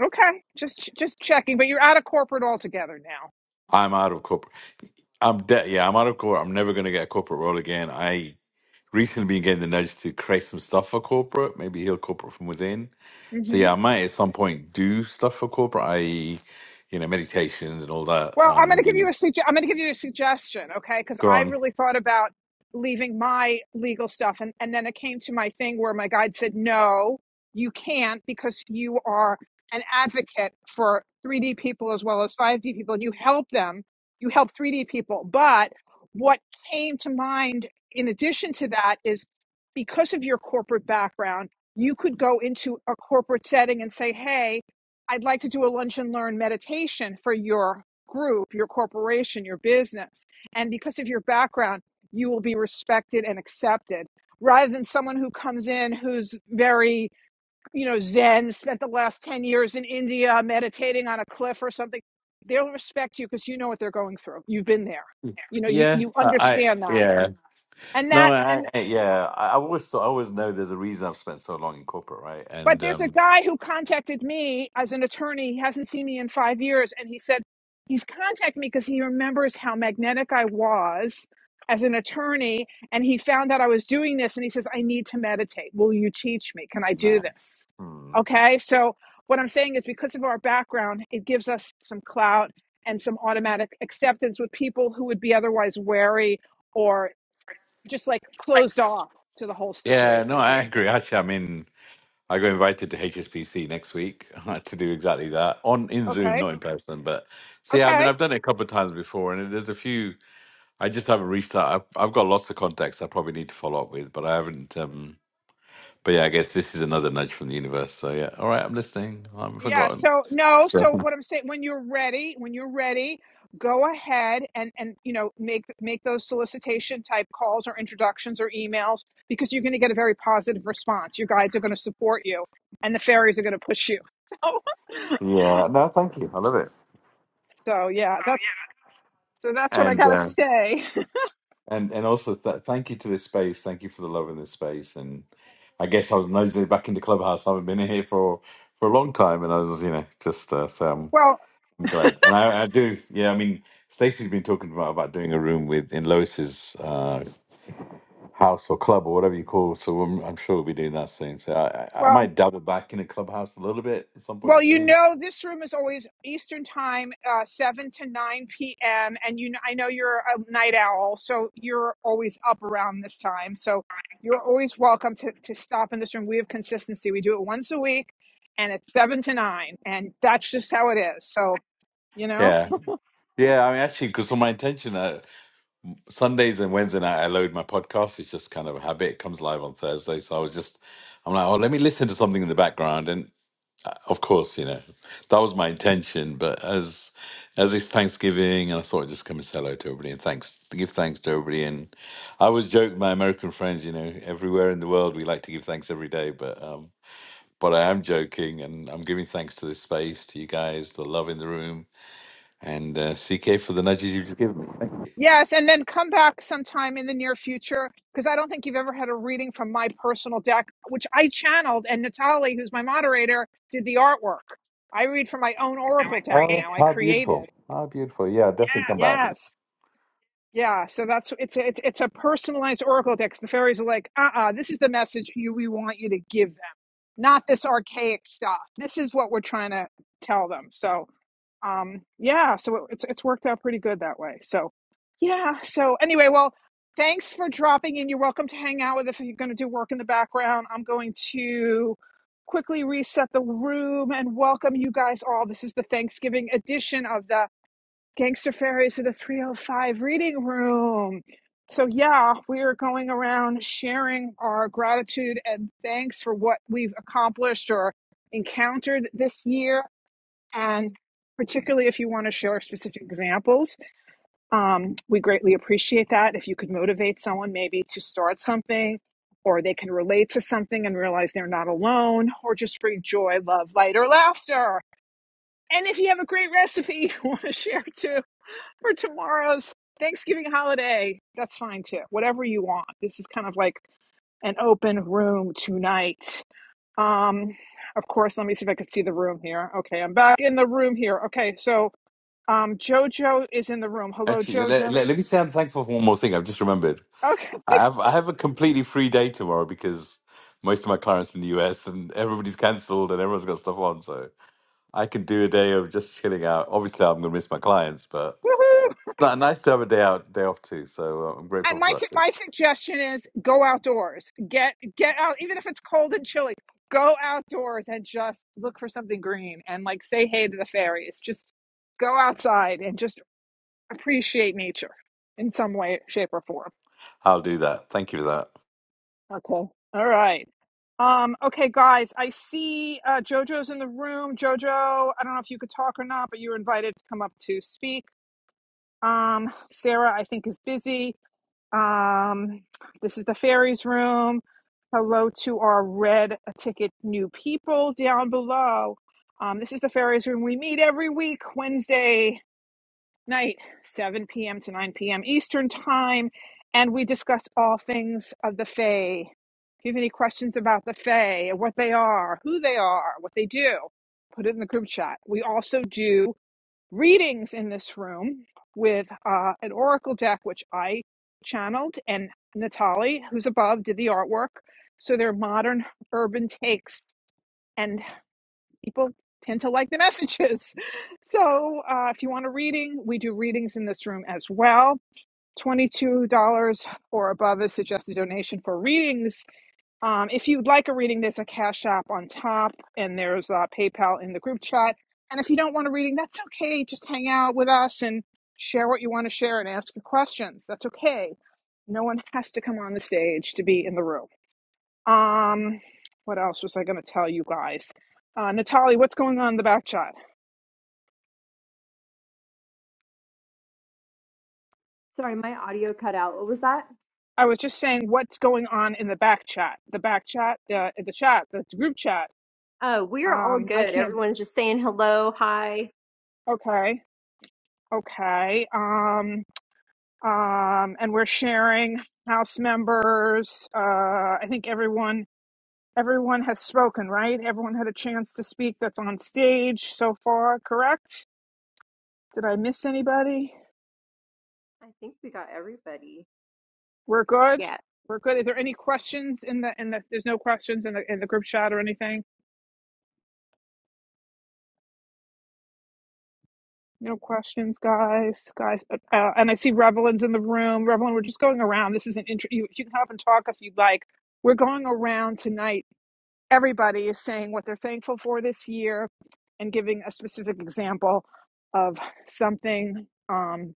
B: Okay, just just checking. But you're out of corporate altogether now.
J: I'm out of corporate. I'm de- yeah, I'm out of corporate. I'm never going to get a corporate role again. I recently been getting the nudge to create some stuff for corporate. Maybe heal corporate from within. So
B: hmm
J: yeah, I might at some point do stuff for corporate, i.e., you know, meditations and all that.
B: Well,
J: Uh,
B: I'm going to give
J: maybe
B: you a suge- I'm going to give you a suggestion, okay? Because
J: go
B: I
J: on.
B: really thought about leaving my legal stuff, and and then it came to my thing where my guide said, "No, you can't because you are an advocate for 3D people as well as 5D people, and you help them. You help 3D people." But what came to mind in addition to that is because of your corporate background, you could go into a corporate setting and say, "Hey, I'd like to do a lunch and learn meditation for your group, your corporation, your business. And because of your background, you will be respected and accepted rather than someone who comes in who's very, you know, Zen, spent the last 10 years in India meditating on a cliff or something. They'll respect you because you know what they're going through. You've been there. You know, you,
J: Yeah,
B: you
J: I, I
B: understand that.
J: yeah
B: And
J: no,
B: that, and
J: I, I yeah. I, I always thought, I always know there's a reason I've spent so long in corporate, right?
B: But
J: And
B: there's a
J: um,
B: guy who contacted me as an attorney. He hasn't seen me in five years. And he said, he's contacted me because he remembers how magnetic I was as an attorney. And he found out I was doing this. And he says, I need to meditate. Will you teach me? Can I do
J: nah,
B: this?
J: hmm.
B: Okay. So what I'm saying is because of our background, it gives us some clout and some automatic acceptance with people who would be otherwise wary or just like closed off to the whole
J: yeah, no,
B: situation.
J: I agree. Actually, I mean, I got invited to HSBC next week [LAUGHS] to do exactly that on in Zoom,
B: Okay.
J: not in person. But see, I
B: Okay.
J: mean, I've done it a couple of times before, and there's a few I just haven't reached out. I've, I've got lots of contacts I probably need to follow up with, but I haven't. um but yeah, I guess this is another nudge from the universe. So yeah, all right, I'm listening. I haven't
B: Yeah,
J: forgotten.
B: so no, so what I'm saying, when you're ready, when you're ready, go ahead and and you know, make make those solicitation type calls or introductions or emails because you're going to get a very positive response. Your guides are going to support you and the fairies are going to push you. [LAUGHS] So,
J: Yeah, no, thank you. I love it.
B: so yeah, that's so that's what I
J: And
B: got to
J: uh,
B: say. [LAUGHS]
J: and and also th- thank you to this space. Thank you for the love in this space. And I guess I was nosing back into Clubhouse. I haven't been here for for a long time, and I was, you know, just uh, so I'm
B: Well,
J: I'm glad, and I, I do. Yeah, I mean, Stacey's been talking about about doing a room with in Lois's uh, house or club or whatever you call. it, So I'm, I'm sure we'll be doing that soon. So I, I I
B: well,
J: might double back in a clubhouse a little bit at some point
B: Well, you
J: soon.
B: know, this room is always Eastern time, uh, 7 to 9 p.m. And you, kn- I know you're a night owl, so you're always up around this time. So you're always welcome to, to stop in this room. We have consistency. We do it once a week and it's 7 to 9. And that's just how it is. So, you know.
J: Yeah, yeah. I mean, actually, because on my intention uh, Sundays and Wednesday night I load my podcast. It's just kind of a habit. It comes live on Thursday, so I was just I'm like, oh, let me listen to something in the background, and. of course, you know, that was my intention. But as as it's Thanksgiving, and I thought I'd just come and say hello to everybody and thanks give thanks to everybody. And I always joke with my American friends, you know, everywhere in the world we like to give thanks every day, but um, but I am joking, and I'm giving thanks to this space, to you guys, the love in the room, and uh, CK for the nudges you've just given me. Thank you.
B: Yes, and then come back sometime in the near future because I don't think you've ever had a reading from my personal deck, which I channeled, and Natalie, who's my moderator, did the artwork. I read from my own oracle deck
J: Oh,
B: now. I
J: how beautiful!
B: created.
J: How beautiful! Yeah, definitely come back.
B: Yes, yeah. So that's it's a, it's it's a personalized oracle deck. 'cause The fairies are like, uh, uh this is the message you we want you to give them, not this archaic stuff. This is what we're trying to tell them. So um yeah so it, it's it's worked out pretty good that way so yeah so anyway well thanks for dropping in you're welcome to hang out with us if you're going to do work in the background i'm going to quickly reset the room and welcome you guys all this is the thanksgiving edition of the gangster fairies of the 305 reading room so yeah we are going around sharing our gratitude and thanks for what we've accomplished or encountered this year and particularly if you want to share specific examples, um, we greatly appreciate that. If you could motivate someone maybe to start something, or they can relate to something and realize they're not alone, or just bring joy, love, light, or laughter. And if you have a great recipe [LAUGHS] you want to share too for tomorrow's Thanksgiving holiday, that's fine too. Whatever you want. This is kind of like an open room tonight. Um, of course, let me see if I can see the room here. Okay, I'm back in the room here. Okay, so um, Jojo is in the room. Hello,
J: Actually, let,
B: Jojo.
J: let, let me say I'm thankful for one more thing. I've just remembered.
B: Okay.
J: I have I have a completely free day tomorrow because most of my clients in the US and everybody's cancelled and everyone's got stuff on, so I could do a day of just chilling out. Obviously, I'm going to miss my clients, but
B: [LAUGHS] Woohoo!
J: it's not nice to have a day out, day off too. So uh, I'm grateful
B: And my
J: for that
B: su-
J: too.
B: my suggestion is go outdoors. Get get out, even if it's cold and chilly. Go outdoors and just look for something green and like say hey to the fairies. Just go outside and just appreciate nature in some way, shape, or form.
J: I'll do that. Thank you for that.
B: Okay. All right. Um, okay, guys, I see uh, JoJo's in the room. JoJo, I don't know if you could talk or not, but you were invited to come up to speak. Um, Sarah, I think, is busy. Um, this is the fairies room. Hello to our red ticket new people down below. Um, this is the fairies room. We meet every week, Wednesday night, 7 p.m. to 9 p.m. Eastern Time, and we discuss all things of the Fae. If you have any questions about the Fae, what they are, who they are, what they do, put it in the group chat. We also do readings in this room with uh, an oracle deck, which I channeled, and Natali, who's above, did the artwork. So they're modern urban takes, and people tend to like the [LAUGHS] messages. So uh, if you want a reading, we do readings in this room as well. $22 or above is suggested donation for readings um, if you'd like a reading, there's a Cash App on top, and there's uh, PayPal in the group chat. And if you don't want a reading, that's okay. Just hang out with us and share what you want to share and ask your questions. That's okay. No one has to come on the stage to be in the room. Um, what else was I going to tell you guys? Uh, Natalie, what's going on in the back chat?
A: Sorry, my audio cut out. What was that?
B: I was just saying what's going on in the back chat, the back chat, the the chat, the group chat.
A: Oh, we're all
B: Um, I
A: good.
B: can't.
A: Everyone's just saying hello, hi.
B: Okay, okay. Um, um, and we're sharing house members. Uh, I think everyone everyone has spoken, right? Everyone had a chance to speak that's on stage so far, correct? Did I miss anybody?
A: I think we got everybody.
B: We're good.
A: Yeah.
B: We're good. Is there any questions in the in the? There's no questions in the in the group chat or anything. No questions, guys. Guys, uh, uh, and I see Revelin's in the room. Revelin, we're just going around. This is an intro. You, you can hop and talk if you'd like. We're going around tonight everybody is saying what they're thankful for this year and giving a specific example of something um,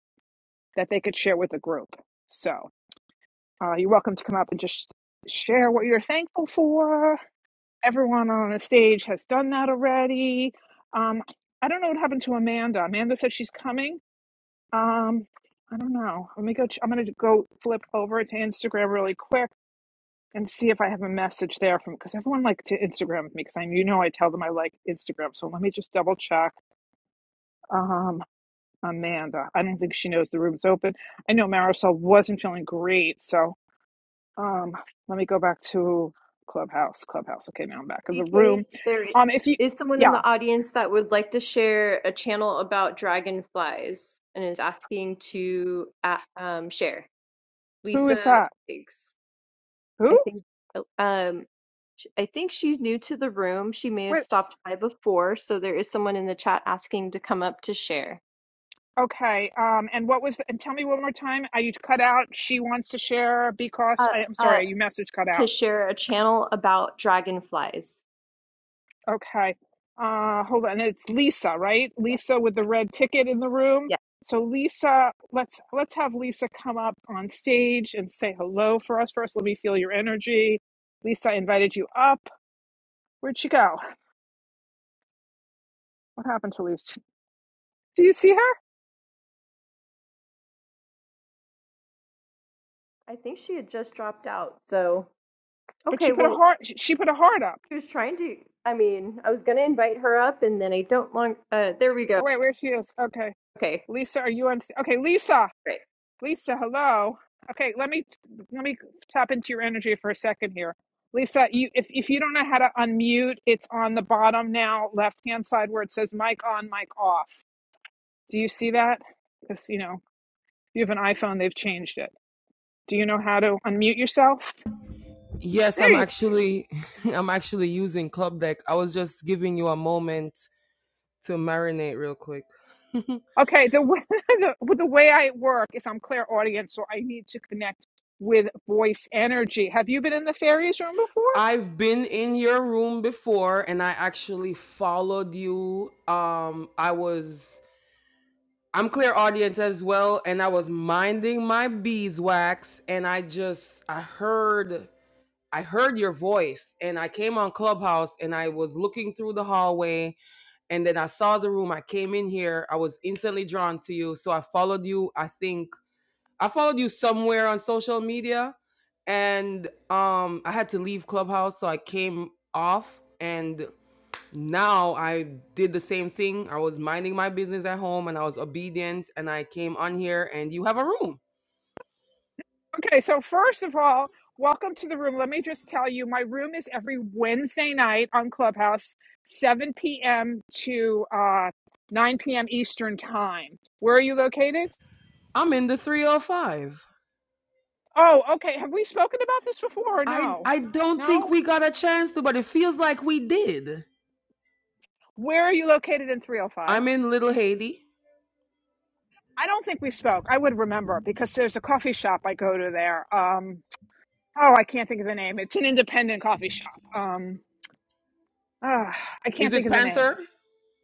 B: that they could share with the group. So uh, you're welcome to come up and just share what you're thankful for. Everyone on the stage has done that already. Um, I don't know what happened to Amanda. Amanda said she's coming. Um, I don't know. Let me go. ch- I'm going to go flip over to Instagram really quick and see if I have a message there from because everyone liked to Instagram me because I you know I tell them I like Instagram. So let me just double check. Um, Amanda, I don't think she knows the room's open. I know Marisol wasn't feeling great, so um, let me go back to Clubhouse. Clubhouse. Okay, now I'm back in the room.
A: CK, there i-
B: Um, if you,
A: is someone in
B: yeah,
A: the audience that would like to share a channel about dragonflies and is asking to uh, um, share.
B: who is
A: Lisa,
B: that?
A: thanks. I
B: Who?
A: think oh, um, sh- I think she's new to the room. She may have
B: Wait.
A: stopped by before, so there is someone in the chat asking to come up to share.
B: Okay. Um, and what was? The, and tell me one more time. Are you cut out? She wants to share
A: Uh.
B: because I, I'm
A: Uh.
B: sorry. You message cut out.
A: to share a channel about dragonflies.
B: Okay. Uh, hold on. It's Lisa, right?
A: Yes.
B: Lisa with the red ticket in the room.
A: Yes.
B: So Lisa, let's let's have Lisa come up on stage and say hello for us first. Let me feel your energy. Lisa I invited you up. Where'd she go? What happened to Lisa? Do you see her?
A: I think she had just dropped out. So,
B: But she
A: okay,
B: put a
A: well,
B: heart. She put a heart up.
A: she was trying to. I mean, I was going to invite her up and then I don't want. Uh, there we go.
B: Oh wait, where she is? Okay,
A: Okay,
B: Lisa, are you on? Okay, Lisa.
A: great.
B: Lisa, hello. Okay, let me let me tap into your energy for a second here. Lisa, you if, if you don't know how to unmute, it's on the bottom now, left hand side where it says mic on, mic off. Do you see that? Because you know, if you have an iPhone, they've changed it. Do you know how to unmute yourself?
K: Yes,
B: There
K: I'm
B: you go.
K: actually [LAUGHS] I'm actually using Club Deck. I was just giving you a moment to marinate real quick. [LAUGHS]
B: Okay, the way, [LAUGHS] the, w- the way I work is I'm clear audience, so I need to connect with voice energy. Have you been in the fairies room before?
K: I've been in your room before and I actually followed you. Um I was I'm clear audience as well and I was minding my beeswax and I just I heard I heard your voice and I came on Clubhouse and I was looking through the hallway and then I saw the room. I came in here. I was instantly drawn to you, so I followed you. I think I followed you somewhere on social media, and um, I had to leave Clubhouse, so I came off. And now I did the same thing. I was minding my business at home, and I was obedient. And I came on here, and you have a room.
B: Okay, so first of all, welcome to the room. Let me just tell you, my room is every Wednesday night on Clubhouse, 7 p.m. to uh, 9 p.m. Eastern Time. Where are you located?
K: I'm in the 305.
B: Oh, okay. Have we spoken about this before or
K: I
B: no?
K: I don't think
B: No?
K: we got a chance to, but it feels like we did.
B: Where are you located in 305?
K: I'm in Little Haiti.
B: I don't think we spoke. I would remember because there's a coffee shop I go to there. Um, oh, I can't think of the name. It's an independent coffee shop. Um, ah, I
K: Is
B: can't think
K: it
B: of the name.
K: Panther?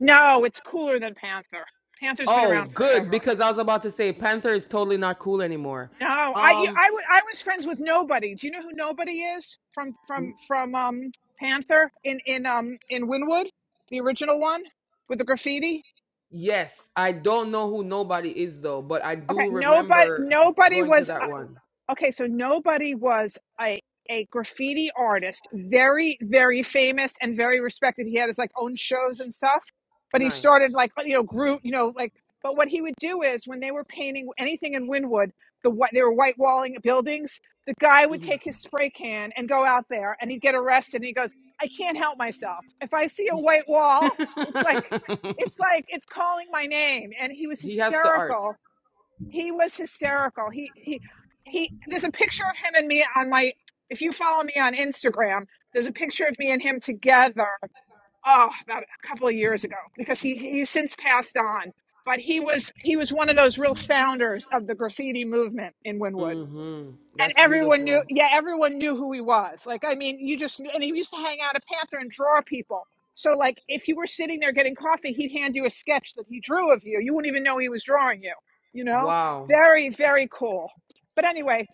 B: No, it's cooler than Panther. Panther's been around
K: Oh, good
B: forever.
K: because I was about to say Panther is totally not cool anymore.
B: No, I you-
K: Um
B: I wa- I was friends with nobody. Do you know who nobody is from from from um Panther in in um in Winwood, the original one with the graffiti?
K: yes, I don't know who nobody is though, but I
B: Okay,
K: do
B: nobody
K: remember
B: nobody
K: going to
B: was
K: that
B: uh,
K: one.
B: okay, so nobody was a a graffiti artist, very very famous and very respected. He had his like own shows and stuff, but he
K: Nice.
B: started like you know group, you know like. But what he would do is when they were painting anything in Wynwood, the whi- they were white walling buildings. The guy would
K: hmm
B: take his spray can and go out there, and he'd get arrested. And he goes, "I can't help myself. If I see a white
K: [LAUGHS]
B: wall, it's like." It's like it's calling my name, and he was
K: he has the art.
B: hysterical he was hysterical. He he he. There's a picture of him and me on my. If you follow me on Instagram, there's a picture of me and him together. Oh, about a couple of years ago, because he he's since passed on. But he was he was one of those real founders of the graffiti movement in Wynwood
K: Mhm.
B: and
K: That's
B: everyone knew
K: beautiful.
B: yeah everyone knew who he was like i mean you just knew and he used to hang out at panther and draw people so like if you were sitting there getting coffee he'd hand you a sketch that he drew of you you wouldn't even know he was drawing you you know
K: Wow.
B: very very cool but anyway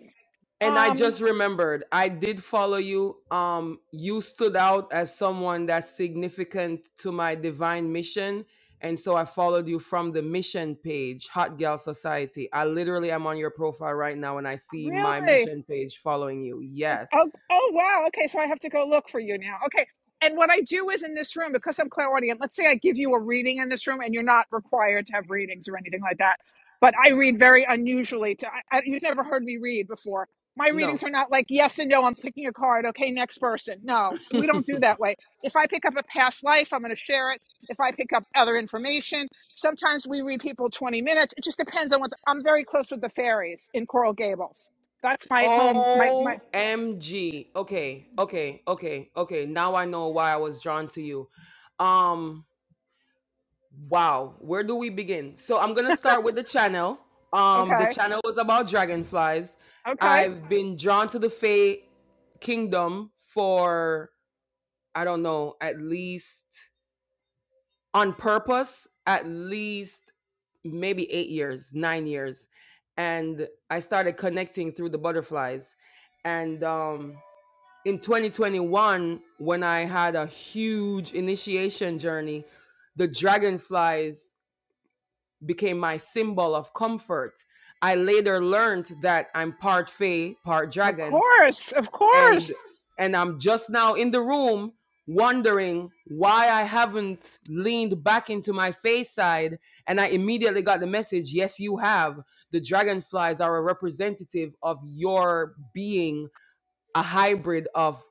K: And I
B: um
K: just remembered, I did follow you. Um, you stood out as someone that's significant to my divine mission. And so I followed you from the mission page, Hot Gal Society. I literally am on your profile right now and I see my
B: really
K: mission page following you. Yes.
B: Oh, oh wow. Okay, so I have to go look for you now. Okay. And what I do is in this room, because I'm clairaudient, let's say I give you a reading in this room and you're not required to have readings or anything like that. But I read very unusually to I, I, you've never heard me read before. My
K: No.
B: readings are not like yes and no, I'm picking a card, okay, next person. No, we don't do
K: [LAUGHS]
B: that way. If I pick up a past life, I'm gonna share it. If I pick up other information, sometimes we read people 20 minutes. It just depends on what the, I'm very close with the fairies in Coral Gables. That's my home, my my
K: OMG. Okay. Okay. Okay. Okay. Now I know why I was drawn to you. Um, Wow, where do we begin? So I'm gonna start with the channel. Um, the
B: Okay.
K: channel was about dragonflies.
B: Okay.
K: I've been drawn to the Fae Kingdom for I don't know, at least on purpose, at least maybe eight years, nine years, and I started connecting through the butterflies. And um, in 2021, when I had a huge initiation journey, the dragonflies became my symbol of comfort. I later learned that I'm part fae, part
B: Of
K: dragon,
B: course. Of
K: and
B: course.
K: and I'm just now in the room wondering why I haven't leaned back into my fae side and I immediately got the message, yes you have. The dragonflies are a representative of your being a hybrid of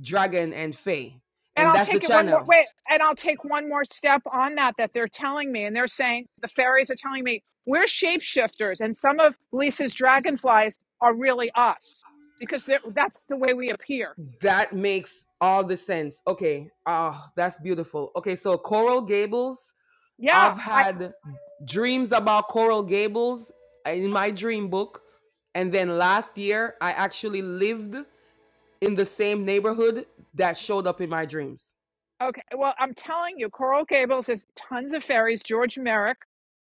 K: dragon and fae.
B: And
K: And
B: I'll
K: that's the
B: take it one more
K: channel.
B: wait, and I'll take one more step on that that they're telling me. And they're saying the fairies are telling me we're shapeshifters and some of Lisa's dragonflies are really us because they're- that's the way we appear.
K: That makes all the sense. Okay. Ah, that's beautiful. Okay, so Coral Gables, I've
B: Yeah, I
K: had dreams about Coral Gables in my dream book. And then last year, I actually lived in the same neighborhood that showed up in my dreams.
B: Okay, well, I'm telling you, Coral Gables is tons of ferries. George Merrick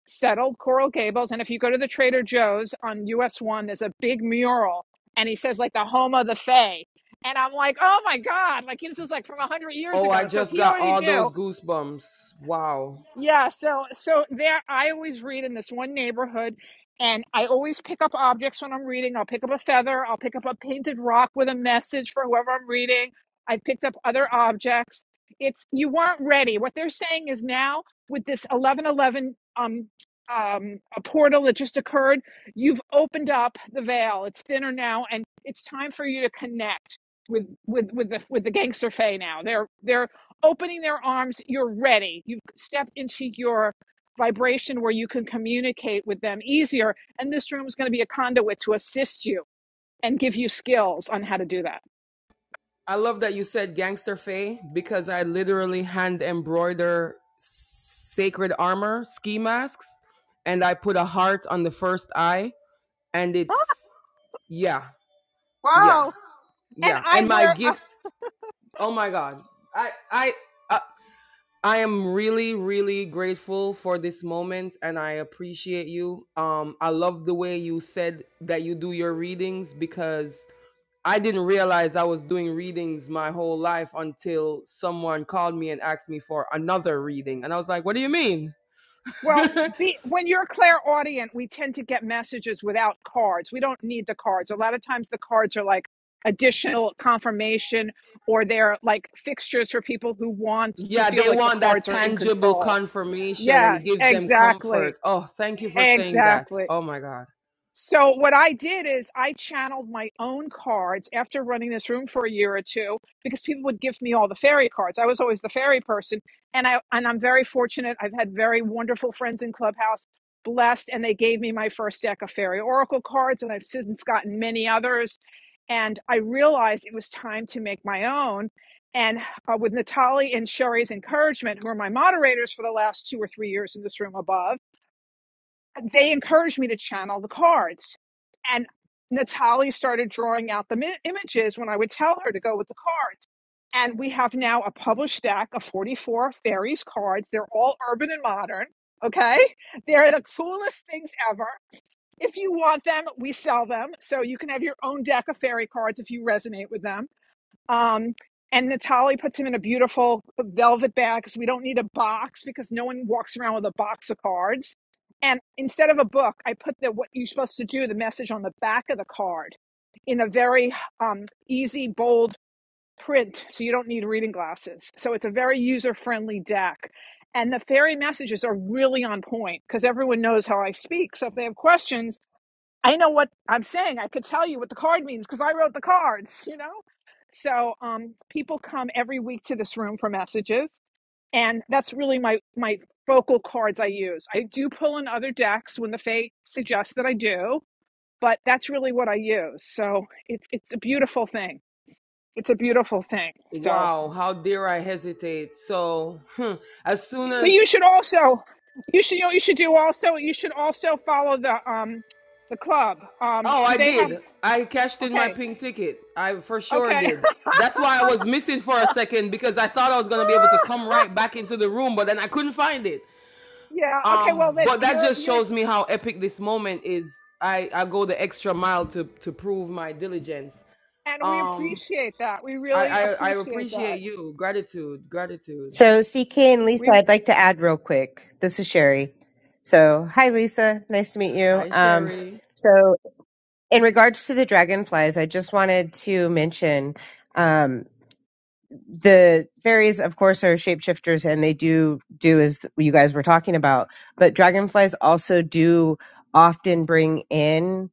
B: settled Coral Gables, and if you go to the Trader Joe's on US One, there's a big mural, and he says like the home of the Fae, and I'm like, oh my god, like this is like from a hundred years
K: Oh, I
B: ago. So
K: just
B: he
K: got
B: already
K: all
B: knew,
K: those goosebumps. Wow.
B: yeah, so so there I always read in this one neighborhood and I always pick up objects when I'm reading. I'll pick up a feather, I'll pick up a painted rock with a message for whoever I'm reading. I picked up other objects. It's you weren't ready. What they're saying is now with this 1111 um um a portal that just occurred, you've opened up the veil. It's thinner now and it's time for you to connect with with with the with the gangster fae now. They're they're opening their arms, you're ready. You've stepped into your vibration where you can communicate with them easier. And this room is going to be a conduit to assist you and give you skills on how to do that.
K: I love that you said gangster Faye because I literally hand embroider sacred armor ski masks and I put a heart on the first eye and
B: Huh?
K: it's yeah, yeah,
B: Wow. And
K: yeah.
B: I
K: And my
B: were, uh,
K: gift, oh my god. I I I I am really really grateful for this moment and I appreciate you. Um I love the way you said that you do your readings because I didn't realize I was doing readings my whole life until someone called me and asked me for another reading. And I was like, what do you mean?
B: well,
K: [LAUGHS]
B: be, when you're clairaudient, we tend to get messages without cards. We don't need the cards. A lot of times the cards are like additional confirmation or they're like fixtures for people who want to
K: yeah,
B: feel
K: they
B: like the
K: want that
B: cards are in
K: tangible
B: control.
K: confirmation and it
B: Yes,
K: gives them
B: exactly.
K: comfort. Oh, thank you for saying that.
B: Exactly.
K: Oh my God.
B: So what I did is I channeled my own cards after running this room for a year or two because people would give me all the fairy cards. I was always the fairy person and I and I'm very fortunate. I've had very wonderful friends in Clubhouse, blessed, and they gave me my first deck of fairy oracle cards and I've since gotten many others and I realized it was time to make my own and uh, with Natalie and Sherry's encouragement, who are my moderators for the last two or three years in this room above, they encouraged me to channel the cards. And Natalie started drawing out the mi- images when I would tell her to go with the cards. And we have now a published deck of 44 fairies cards. They're all urban and modern. Okay. They're the coolest things ever. If you want them, we sell them. So you can have your own deck of fairy cards if you resonate with them um, and Natali puts him in a beautiful velvet bag because we don't need a box because no one walks around with a box of cards. And instead of a book, I put the what you're supposed to do, the message on the back of the card in a very um, easy, bold print. So you don't need reading glasses. So it's a very user friendly deck. And the fairy messages are really on point because everyone knows how I speak. So if they have questions, I know what I'm saying. I could tell you what the card means because I wrote the cards, you know? So um, people come every week to this room for messages, and that's really my my focal cards I use. I do pull in other decks when the fate suggests that I do, but that's really what I use. So it's it's a beautiful thing. It's a beautiful thing. So
K: Wow, how dare I hesitate? So, [LAUGHS] as soon
B: so
K: as.
B: you should also you should you know what you should do also you should also follow the um the club. Um,
K: Oh,
B: do
K: I
B: they have
K: did. I cashed in my
B: okay
K: pink ticket. I for sure
B: okay.
K: did. That's why I was missing for a second because I thought I was going to be
B: [LAUGHS]
K: able to come right back into the room, but then I couldn't find it.
B: Yeah. Okay.
K: um
B: Well, then
K: but that
B: you're
K: just
B: you're,
K: shows me how epic this moment is i i go the extra mile to to prove my diligence
B: and we
K: um
B: appreciate that. We
K: i
B: really
K: i, I
B: appreciate
K: appreciate
B: that.
K: you gratitude gratitude
C: So, CK and Lisa,
B: We
C: I'd like to add real quick. This is Sherry. So, hi, Lisa. Nice to meet you.
K: hi
C: Um,
K: sherry
C: so, in regards to the dragonflies, I just wanted to mention. Um, the fairies of course are shapeshifters and they do do as you guys were talking about but dragonflies also do often bring in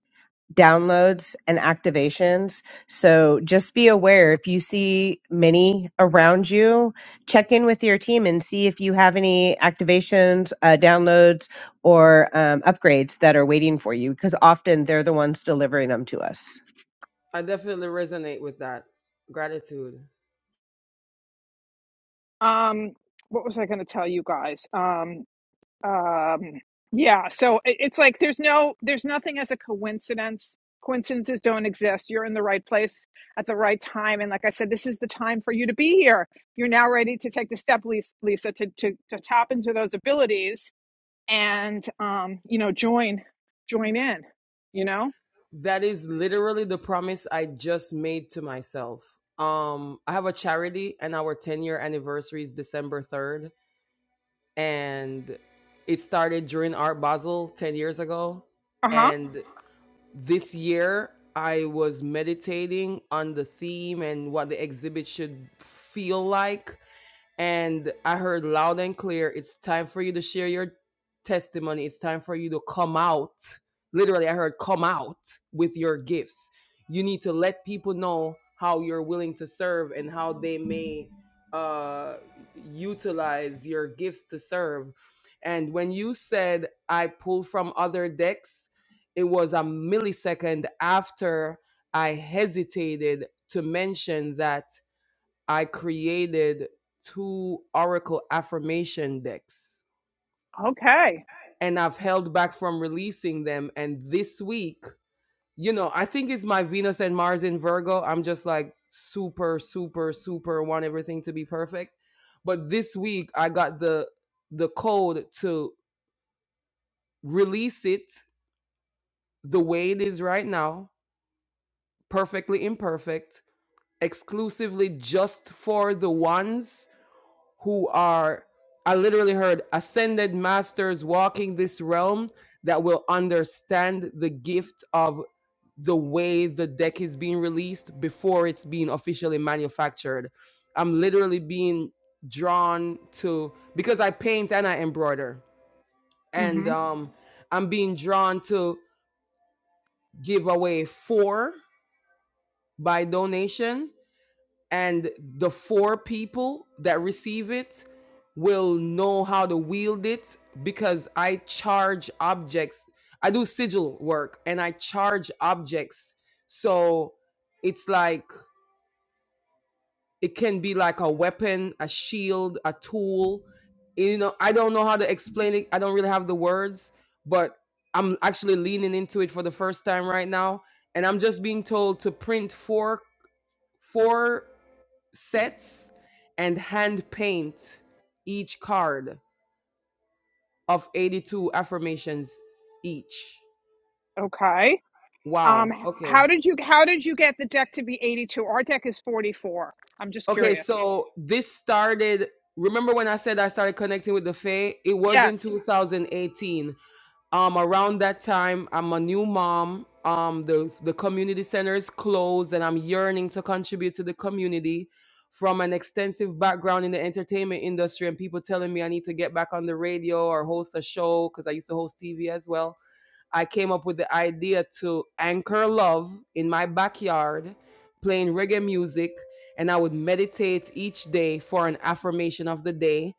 C: downloads and activations so just be aware if you see many around you check in with your team and see if you have any activations uh, downloads or um, upgrades that are waiting for you because often they're the ones delivering them to us
K: i definitely resonate with that gratitude
B: um, what was I going to tell you guys? Um, um, yeah. So it, it's like there's no there's nothing as a coincidence. Coincidences don't exist. You're in the right place at the right time, and like I said, this is the time for you to be here. You're now ready to take the step, Lis- Lisa, to to to tap into those abilities and um, you know, join join in. You know.
K: that is literally the promise i just made to myself um i have a charity and our 10 year anniversary is december 3rd and it started during art basel 10 years ago
B: Uh-huh.
K: and this year I was meditating on the theme and what the exhibit should feel like. And I heard loud and clear, it's time for you to share your testimony. It's time for you to come out. Literally, I heard come out with your gifts. You need to let people know how you're willing to serve and how they may uh, utilize your gifts to serve. And when you said, I pull from other decks, it was a millisecond after I hesitated to mention that I created two Oracle affirmation decks
B: Okay.
K: and I've held back from releasing them. And this week, you know, I think it's my Venus and Mars in Virgo. I'm just like super, super, super want everything to be perfect. But this week I got the the code to release it the way it is right now, perfectly imperfect, exclusively just for the ones who are I literally heard ascended masters walking this realm that will understand the gift of the way the deck is being released before it's being officially manufactured. I'm literally being drawn to because I paint and I embroider and
B: Mm-hmm.
K: um I'm being drawn to give away 4 by donation and the four people that receive it will know how to wield it because I charge objects. I do sigil work and I charge objects. So it's like it can be like a weapon, a shield, a tool. You know, I don't know how to explain it. I don't really have the words, but I'm actually leaning into it for the first time right now. And I'm just being told to print four four sets and hand paint each card of 82 affirmations each.
B: Okay. Um,
K: Wow.
B: h-
K: Okay.
B: how did you how did you get the deck to be 82? Our deck is 44. I'm just
K: Okay.
B: curious.
K: So this started. Remember when I said I started connecting with the Fae? It was in
B: Yes.
K: 2018. um around that time i'm a new mom um the the community center is closed and i'm yearning to contribute to the community from an extensive background in the entertainment industry and people telling me i need to get back on the radio or host a show because i used to host tv as well I came up with the idea to anchor love in my backyard, playing reggae music, and I would meditate each day for an affirmation of the day.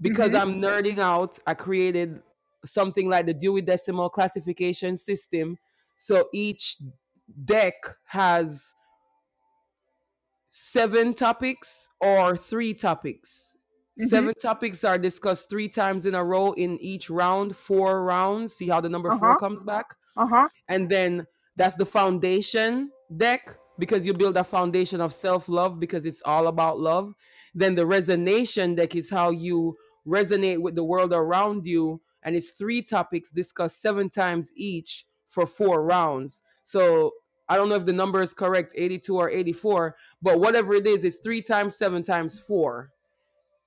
K: Because
B: Mm-hmm.
K: I'm nerding out, I created something like the Dewey Decimal Classification System. So each deck has seven topics or three topics.
B: Mm-hmm.
K: Seven topics are discussed three times in a row in each round, four rounds. See how the number four
B: Uh-huh.
K: comes back
B: Uh-huh.
K: and then that's the foundation deck because you build a foundation of self-love because it's all about love then the resonation deck is how you resonate with the world around you and it's three topics discussed seven times each for four rounds so i don't know if the number is correct 82 or 84 but whatever it is it's three times seven times four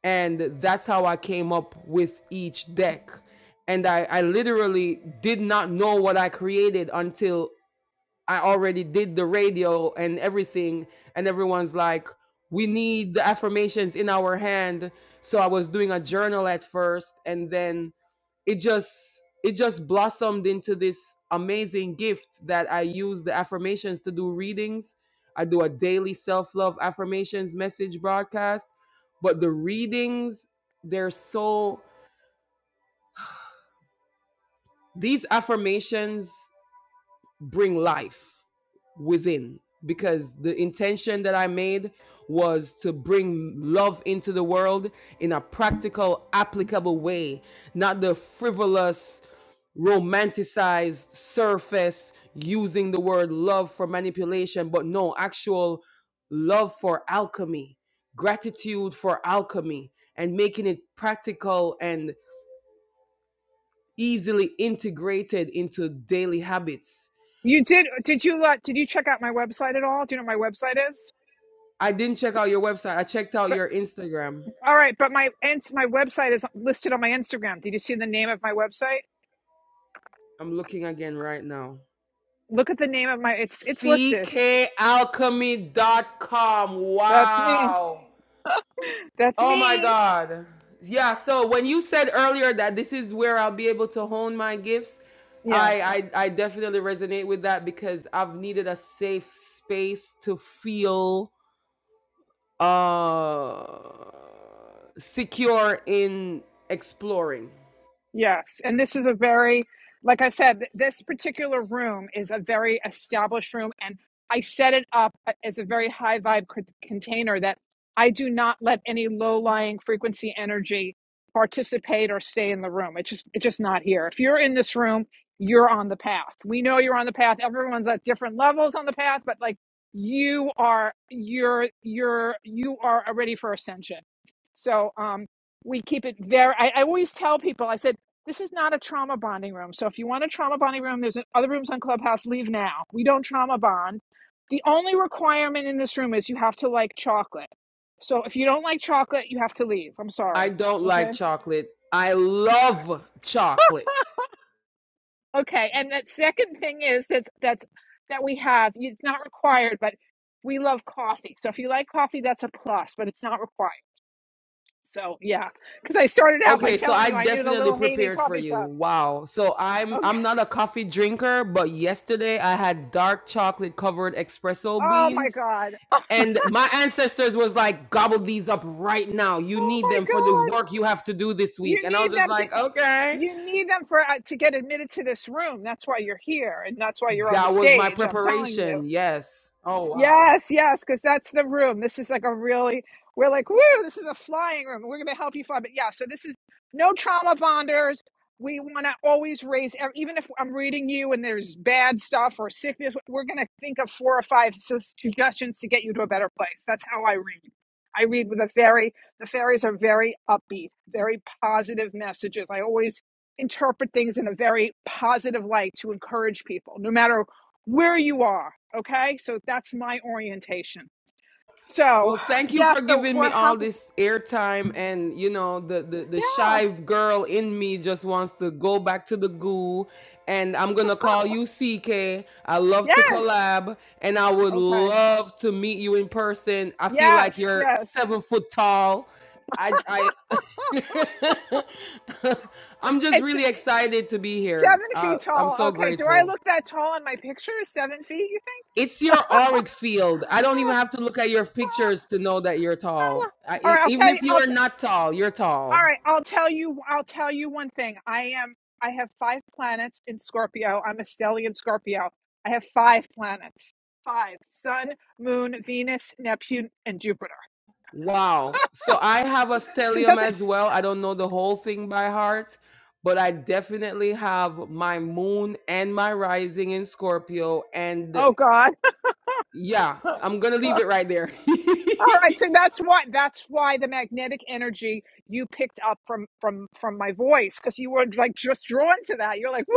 K: and that's how I came up with each deck. And I, I literally did not know what I created until I already did the radio and everything. And everyone's like, we need the affirmations in our hand. So I was doing a journal at first, and then it just it just blossomed into this amazing gift that I use the affirmations to do readings. I do a daily self-love affirmations message broadcast, but the readings they're so these affirmations bring life within because the intention that I made was to bring love into the world in a practical, applicable way, not the frivolous, romanticized surface using the word love for manipulation, but no, actual love for alchemy, gratitude for alchemy, and making it practical and easily integrated into daily habits
B: You did did you let did you check out my website at all? Do you know what my website is?
K: I didn't check out your website. I checked out
B: But
K: your Instagram.
B: all right, but my ins my website is listed on my Instagram. Did you see the name of my website?
K: I'm looking again right now.
B: Look at the name of my it's it's listed.
K: ckalchemy.com.
B: That's me.
K: Wow.
B: That's
K: Oh my
B: me.
K: God. Yeah, so when you said earlier that this is where I'll be able to hone my gifts, I
B: Yes.
K: I, I definitely resonate with that because I've needed a safe space to feel uh secure in exploring.
B: Yes, and this is a very, like I said, th- this particular room is a very established room, and I set it up a- as a very high vibe c- container that I do not let any low lying frequency energy participate or stay in the room. It's just it's just not here. If you're in this room, you're on the path. We know you're on the path. Everyone's at different levels on the path, but like you are, you're you're you are ready for ascension. So um, we keep it very. I, I always tell people. I said this is not a trauma bonding room. So if you want a trauma bonding room, there's other rooms on Clubhouse. Leave now. We don't trauma bond. The only requirement in this room is you have to like chocolate. So if you don't like chocolate, you have to leave. I'm
K: I
B: sorry.
K: don't like
B: Okay.
K: chocolate. I love chocolate.
B: Okay. And that second thing is that's that's that we have. It's not required, but we love coffee. So if you like coffee, that's a plus, but it's not required. So yeah, because I started out by
K: Okay, so
B: telling
K: I
B: you I knew the
K: definitely
B: little Haiti
K: prepared for
B: coffee
K: you.
B: shop.
K: Wow. So I'm
B: Okay.
K: I'm not a coffee drinker, but yesterday I had dark chocolate covered espresso
B: Oh my
K: beans
B: God.
K: and my ancestors was like gobble these up right now. You
B: Oh
K: need
B: my
K: them for the
B: God.
K: work you have to do this week.
B: You
K: And I was
B: need
K: just
B: them to.
K: like, "Okay."
B: You need them for uh, to get admitted to this room. That's why you're here, and that's why you're on the
K: That was my
B: stage. I'm telling you.
K: preparation. Yes. Oh, wow.
B: Yes, yes, because that's the room. This is like a really, we're like, woo, this is a flying room. We're going to help you fly. But yeah, so this is no trauma bonders. We want to always raise, ev- even if I'm reading you and there's bad stuff or sickness, we're going to think of four or five sus- suggestions to get you to a better place. That's how I read. I read with a fairy. The fairies are very upbeat, very positive messages. I always interpret things in a very positive light to encourage people, no matter where you are. Okay. So that's my orientation. So,
K: Well, thank you
B: yeah.
K: for
B: So
K: giving
B: we're
K: me all
B: happy.
K: this airtime, and you know the, the the
B: Yeah.
K: shy girl in me just wants to go back to the goo, and I'm gonna call you CK. I love to
B: Yes.
K: collab, and I would
B: Okay.
K: love to meet you in person. I feel like
B: Yes.
K: you're
B: Yes.
K: seven foot tall. I I [LAUGHS] I'm just
B: It's
K: really excited to be here.
B: seven
K: Uh,
B: feet
K: I'm
B: tall.
K: so
B: Okay. Do I
K: grateful.
B: look that tall in my picture? Seven feet, you think?
K: It's your auric field. I don't even
B: Oh,
K: have to look at your
B: oh.
K: pictures to know that you're
B: oh.
K: tall. I,
B: All
K: e-
B: right. I'll
K: even
B: tell you.
K: if you
B: I'll,
K: are
B: t-
K: not tall, you're tall.
B: all right. I'll tell you. I'll tell you one thing. I am, I have five planets in Scorpio. I'm a stellium Scorpio. I have five planets. Five. Sun, Moon, Venus, Neptune, and Jupiter.
K: Wow. So I have a
B: So it
K: stellium
B: doesn't
K: as well. I don't know the whole thing by heart, but I definitely have my moon and my rising in Scorpio. And
B: Oh God.
K: yeah,
B: [LAUGHS] All
K: I'm going to leave it right there.
B: right, so that's why that's why the magnetic energy you picked up from from from my voice because you were like just drawn to that. You're like, woo,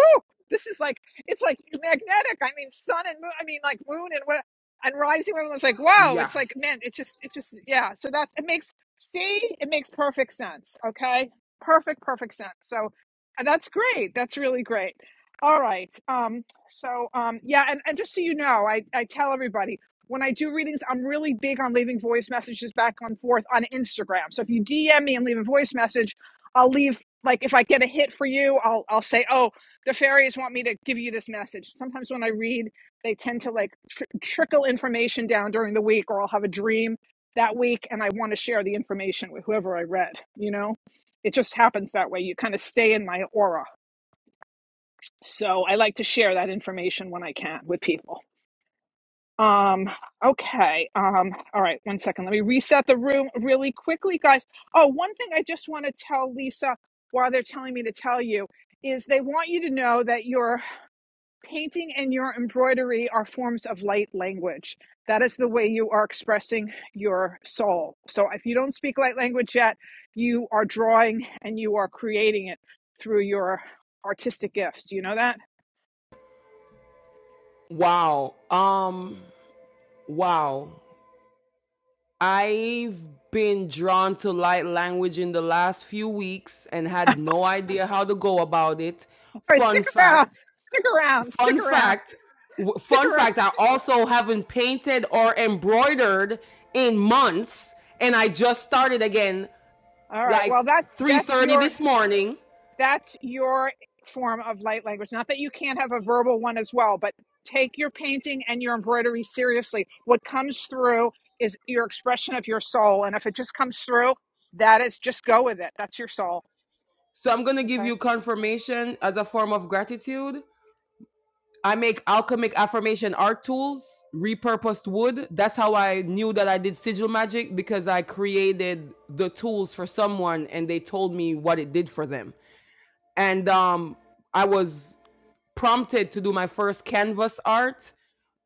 B: this is like it's like magnetic. I mean, sun and moon. I mean, like moon and what and rising. Everyone's like,
K: [LAUGHS]
B: wow.
K: yeah.
B: It's like man, it's just it's just yeah. So that's it makes see it makes perfect sense. Okay, perfect perfect sense. So and that's great. That's really great. All right. Um. So um. Yeah. And and just so you know, I I tell everybody when I do readings, I'm really big on leaving voice messages back and forth on Instagram. So if you DM me and leave a voice message, I'll leave like if I get a hit for you, I'll I'll say, "Oh, the fairies want me to give you this message." Sometimes when I read, they tend to like tr- trickle information down during the week or I'll have a dream that week and I want to share the information with whoever I read, you know? It just happens that way. You kind of stay in my aura. So I like to share that information when I can with people. Um, okay. Um, all right, one second. Let me reset the room really quickly, guys. Oh, one thing I just want to tell Lisa while they're telling me to tell you is they want you to know that your painting and your embroidery are forms of light language. That is the way you are expressing your soul. So if you don't speak light language yet, you are drawing and you are creating it through your artistic gifts. Do you know that?
K: Wow. Um, wow. I've been drawn to light language in the last few weeks and had no idea how to go about it.
B: All right, stick
K: Fun
B: around.
K: fact,
B: Stick around. Stick
K: fun
B: around.
K: fact, w-
B: Stick
K: fun
B: around
K: fact, I also haven't painted or embroidered in months and I just started again
B: All right. Well,
K: like
B: that's that's
K: 3:30
B: your
K: this morning.
B: that's your form of light language. Not that you can't have a verbal one as well, but take your painting and your embroidery seriously. What comes through is your expression of your soul, and if it just comes through, that is just go with it. That's your soul.
K: So I'm going to give
B: Okay.
K: you confirmation as a form of gratitude. I make alchemic affirmation art tools, repurposed wood. That's how I knew that I did sigil magic because I created the tools for someone and they told me what it did for them. And um, I was prompted to do my first canvas art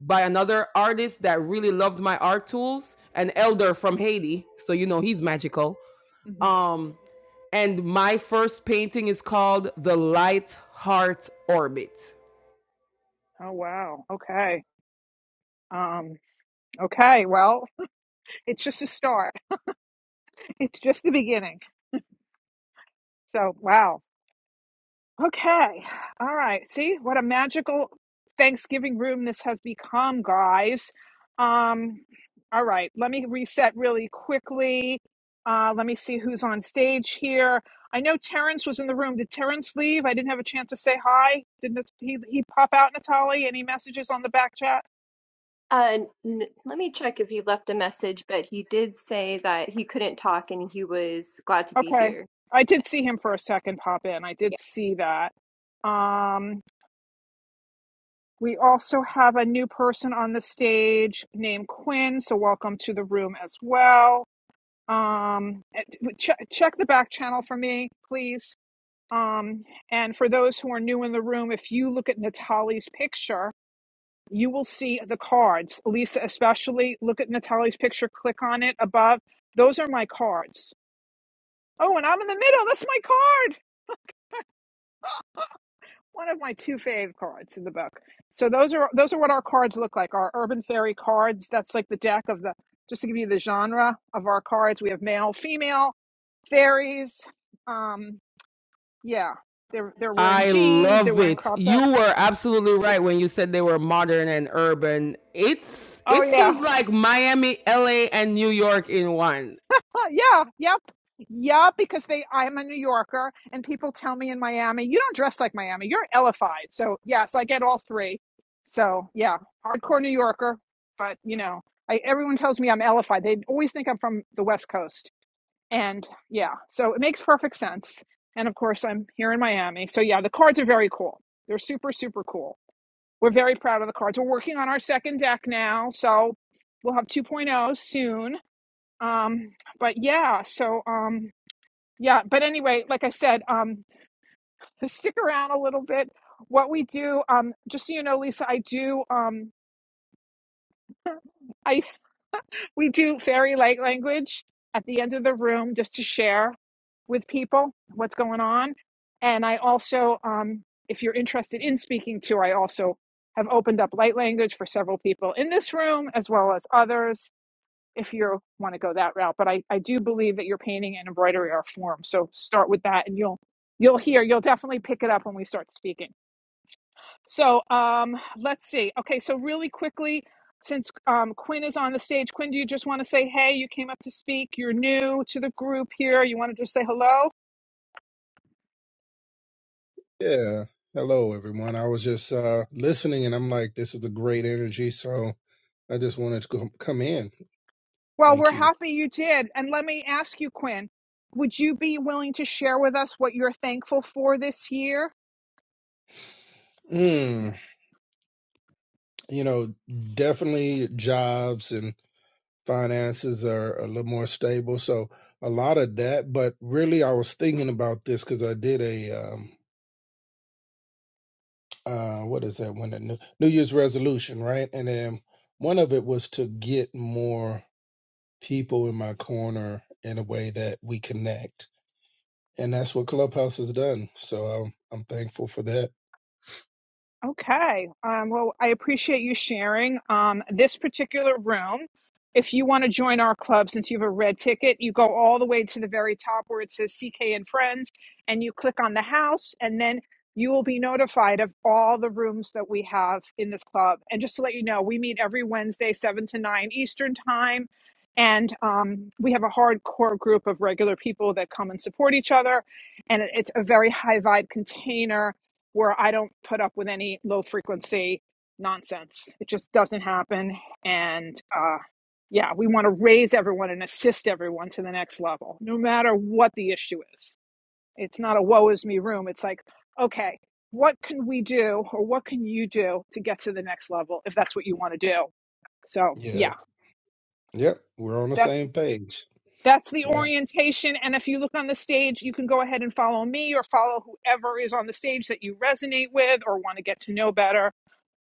K: by another artist that really loved my art tools, an elder from Haiti. So, you know, he's magical.
B: hmm
K: Um, and my first painting is called The Light Heart Orbit
B: Oh wow. Okay. Um. Okay. Well, [LAUGHS] it's just a start. It's just the beginning. So wow. Okay. All right. See what a magical Thanksgiving room this has become, guys. Um, all right. Let me reset really quickly. Uh, let me see who's on stage here. I know Terrence was in the room. Did Terrence leave? I didn't have a chance to say hi. Didn't it- he, he pop out, Natalie? Any messages on the back chat?
A: Uh, n- let me check if he left a message, but he did say that he couldn't talk and he was glad to be
B: Okay.
A: here.
B: I did see him for a second pop in. I did
A: Yeah.
B: see that. Um, We also have a new person on the stage named Quinn, so welcome to the room as well. Um, ch- check the back channel for me, please. Um, and for those who are new in the room, if you look at Natalie's picture, you will see the cards. Lisa, especially, look at Natalie's picture, click on it above. Those are my cards. Oh, and I'm in the middle. That's my card. one of my two fave cards in the book. So those are those are what our cards look like. Our urban fairy cards. That's like the deck of the just to give you the genre of our cards. We have male, female, fairies. Um, yeah, they're they're wearing
K: I
B: jeans. They're
K: love
B: wearing
K: it.
B: cropped up.
K: You were absolutely right when you said they were modern and urban. It's
B: Oh
K: it
B: yeah,
K: feels like Miami, LA, and New York in one.
B: Huh, yeah, yep. Yeah, because they I'm a New Yorker and people tell me in Miami, you don't dress like Miami. You're ellified. So yes, I get all three. So yeah, hardcore New Yorker, but you know, I everyone tells me I'm ellified. They always think I'm from the West Coast. And yeah, so it makes perfect sense. And of course I'm here in Miami. So yeah, the cards are very cool. They're super, super cool. We're very proud of the cards. We're working on our second deck now, so we'll have 2.0 soon um but yeah so um yeah but anyway like i said um stick around a little bit what we do um just so you know lisa i do um i [LAUGHS] we do fairy light language at the end of the room just to share with people what's going on and i also um if you're interested in speaking to i also have opened up light language for several people in this room as well as others if you want to go that route. But I, I do believe that your painting and embroidery are forms. So start with that and you'll you'll hear, you'll definitely pick it up when we start speaking. So um let's see. Okay, so really quickly, since um, Quinn is on the stage, Quinn, do you just want to say, hey, you came up to speak, you're new to the group here, you want to just say hello?
L: Yeah. Hello, everyone. I was just uh, listening and I'm like, this is a great energy. So I just wanted to co- come in.
B: Well,
L: Thank
B: we're
L: you.
B: happy you did. And let me ask you, Quinn, would you be willing to share with us what you're thankful for this year?
L: Mm, you know, definitely jobs and finances are a little more stable. So a lot of that. But really, I was thinking about this because I did a, um, uh, what is that one? That New, New Year's resolution, right? And then one of it was to get more people in my corner in a way that we connect and that's what Clubhouse has done. So um, I'm thankful for that.
B: Okay. Um, well, I appreciate you sharing um, this particular room. If you want to join our club, since you have a red ticket, you go all the way to the very top where it says CK and Friends, and you click on the house, and then you will be notified of all the rooms that we have in this club. And just to let you know, we meet every Wednesday, 7 to 9 Eastern Time. And um, we have a hardcore group of regular people that come and support each other. And it- it's a very high vibe container where I don't put up with any low frequency nonsense. It just doesn't happen. And uh, yeah, we want to raise everyone and assist everyone to the next level, no matter what the issue is. It's not a woe is me room. It's like, okay, what can we do or what can you do to get to the next level if that's what you want to do? So
L: Yeah.
B: yeah,
L: Yep. We're on the
B: that's
L: same page.
B: that's the
L: Yeah.
B: orientation. And if you look on the stage, you can go ahead and follow me or follow whoever is on the stage that you resonate with or want to get to know better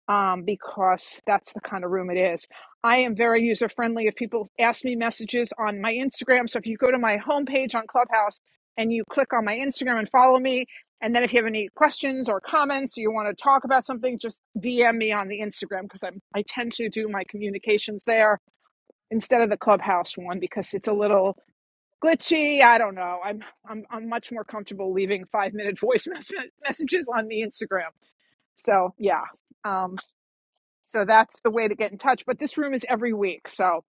B: um, because that's the kind of room it is. I am very user friendly. If people ask me messages on my Instagram, so if you go to my homepage on Clubhouse and you click on my Instagram and follow me, and then if you have any questions or comments, or you want to talk about something, just DM me on the Instagram because I'm I tend to do my communications there instead of the Clubhouse one because it's a little glitchy. I don't know. I'm I'm I'm much more comfortable leaving five minute [LAUGHS] voice mes- messages on the Instagram. So yeah. Um, so that's the way to get in touch. But this room is every week. So,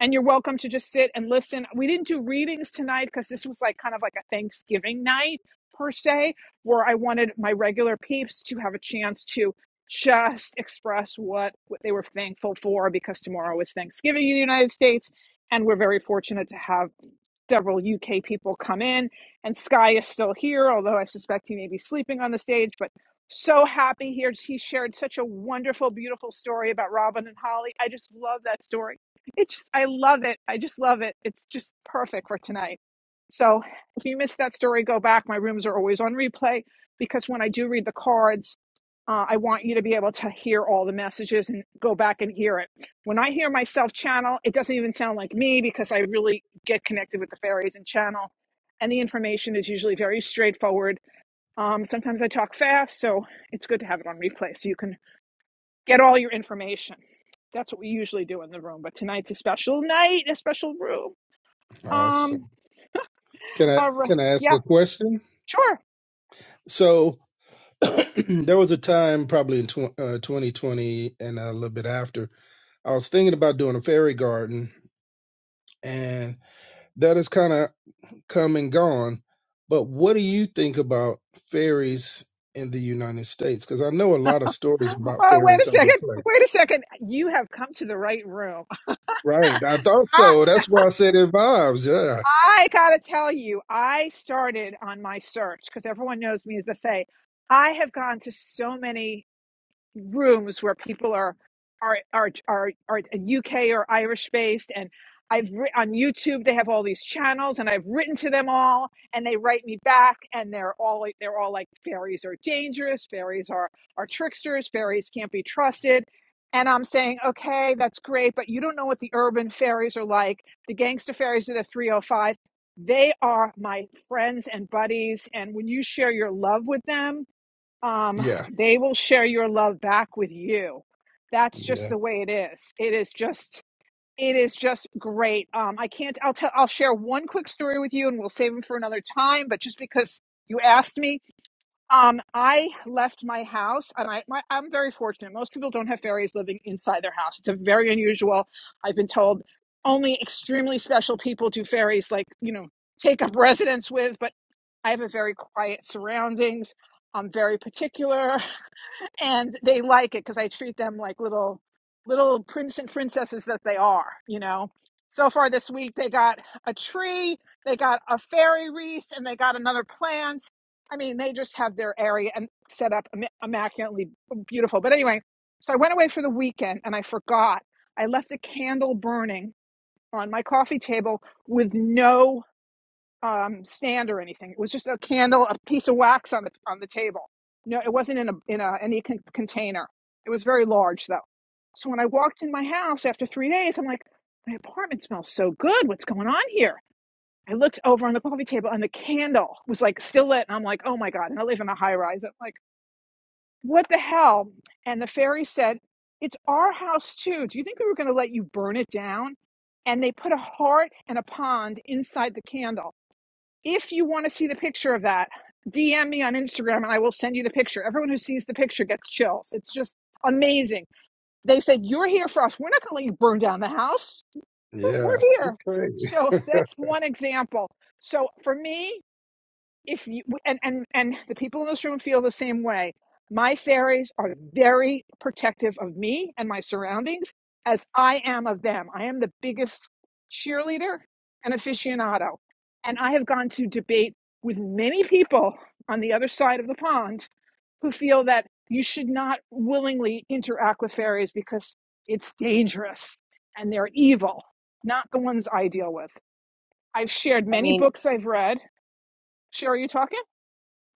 B: and you're welcome to just sit and listen. We didn't do readings tonight because this was like kind of like a Thanksgiving night per se, where I wanted my regular peeps to have a chance to just express what, what they were thankful for because tomorrow is Thanksgiving in the United States. And we're very fortunate to have several UK people come in, and Sky is still here, although I suspect he may be sleeping on the stage. But so happy here. He shared such a wonderful, beautiful story about Robin and Holly. I just love that story. It just, I love it. I just love it. It's just perfect for tonight. So if you missed that story, go back. My rooms are always on replay because when I do read the cards, uh, I want you to be able to hear all the messages and go back and hear it. When I hear myself channel, it doesn't even sound like me because I really get connected with the fairies and channel. And the information is usually very straightforward. Um, sometimes I talk fast, so it's good to have it on replay so you can get all your information. That's what we usually do in the room, but tonight's a special night, a special room. Um,
L: Awesome. Can I
B: all right.
L: can I ask
B: Yeah,
L: a question?
B: sure.
L: So [CLEARS THROAT] there was a time probably in tw- uh, 2020 and a little bit after I was thinking about doing a fairy garden, and that has kind of come and gone. But what do you think about fairies in the United States? Because I know a lot of stories
B: [GASPS]
L: about
B: Oh, wait a
L: fairies other
B: second.
L: places.
B: Wait a second. You have come to the right room.
L: Right. I thought
B: [LAUGHS]
L: so. That's why I said it vibes. Yeah.
B: I gotta tell you, I started on my search because everyone knows me as the Fae. I have gone to so many rooms where people are are are are, are UK or Irish based and I've writ on YouTube they have all these channels and I've written to them all and they write me back and they're all like- they're all like fairies are dangerous fairies are are tricksters fairies can't be trusted and I'm saying okay that's great but you don't know what the urban fairies are like the gangster fairies are the 305 they are my friends and buddies and when you share your love with them um,
L: Yeah.
B: they will share your love back with you. That's just
L: Yeah.
B: the way it is. It is just it is just great. Um, I can't. I'll tell. I'll share one quick story with you, and we'll save them for another time. But just because you asked me, um, I left my house, and I my, I'm very fortunate. Most people don't have fairies living inside their house. It's a very unusual. I've been told only extremely special people do fairies, like you know, take up residence with. But I have a very quiet surroundings. I'm very particular and they like it because I treat them like little little prince and princesses that they are, you know. So far this week they got a tree, they got a fairy wreath, and they got another plant. I mean, they just have their area and set up im- immaculately beautiful. But anyway, so I went away for the weekend and I forgot. I left a candle burning on my coffee table with no um, stand or anything. It was just a candle, a piece of wax on the on the table. No, it wasn't in a in a any con- container. It was very large though. So when I walked in my house after three days, I'm like, my apartment smells so good. What's going on here? I looked over on the coffee table and the candle was like still lit, and I'm like, oh my god! And I live in a high rise. I'm like, what the hell? And the fairy said, it's our house too. Do you think we were going to let you burn it down? And they put a heart and a pond inside the candle if you want to see the picture of that, DM me on Instagram and I will send you the picture. Everyone who sees the picture gets chills. It's just amazing. They said, You're here for us. We're not going to let you burn down the house. We're, we're
L: Yeah.
B: here. So
L: Okay. [LAUGHS]
B: that's one example. So for me, if you and and and the people in this room feel the same way my fairies are very protective of me and my surroundings as i am of them i am the biggest cheerleader and aficionado and i have gone to debate with many people on the other side of the pond who feel that you should not willingly interact with fairies because it's dangerous and they're evil not the ones i deal with i've shared
C: i
B: many
C: mean
B: books i've read sherry are you talking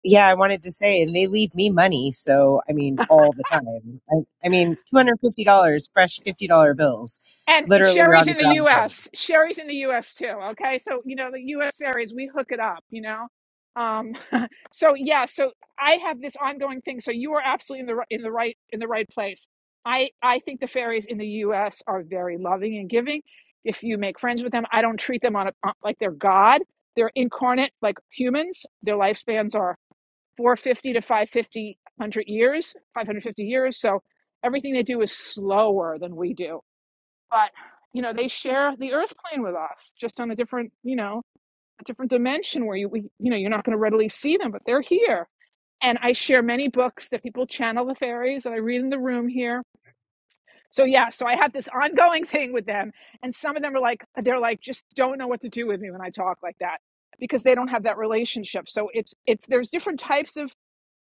C: yeah, I wanted to say, and they leave me money. So, I mean, all the time. I, I mean, $250, fresh $50 bills,
B: And
C: literally, you're
B: Sherry's
C: on the
B: in the
C: ground for me.
B: U.S. Sherry's in the U.S. too. Okay, so you know the U.S. ferries, we hook it up. You know, um, so yeah. So I have this ongoing thing. So you are absolutely in the ri- in the right in the right place. I I think the ferries in the U.S. are very loving and giving. If you make friends with them, I don't treat them on, a, on like they're God. They're incarnate, like humans. Their lifespans are 450 to 550, years, 550 years. So everything they do is slower than we do but you know they share the earth plane with us just on a different you know a different dimension where you we, you know you're not going to readily see them but they're here and i share many books that people channel the fairies that i read in the room here so yeah so i have this ongoing [LAUGHS] thing with them and some of them are like they're like just don't know what to do with me when i talk like that because they don't have that relationship so it's it's there's different types of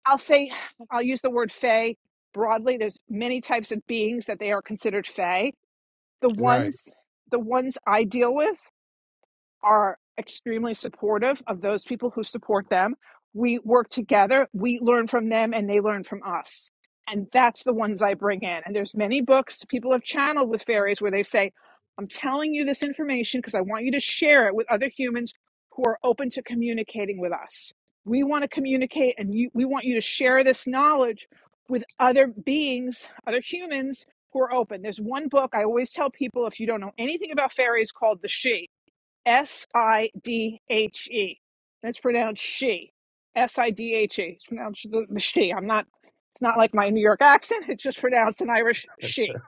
B: i'll say i'll use the word fae broadly there's many types of beings that they are considered fae the
L: right.
B: ones the ones I deal with are extremely supportive of those people who support them. We work together, we learn from them, and they learn from us. And that's the ones I bring in. And there's many books people have channeled with fairies where they say, I'm telling you this information because I want you to share it with other humans who are open to communicating with us. We want to communicate and you, we want you to share this knowledge with other beings, other humans who are open. There's one book I always tell people if you don't know anything about fairies called The She S I D H E. That's pronounced she. S I D H E. It's pronounced the, the she. I'm not. It's not like my New York accent. It's just pronounced an Irish she.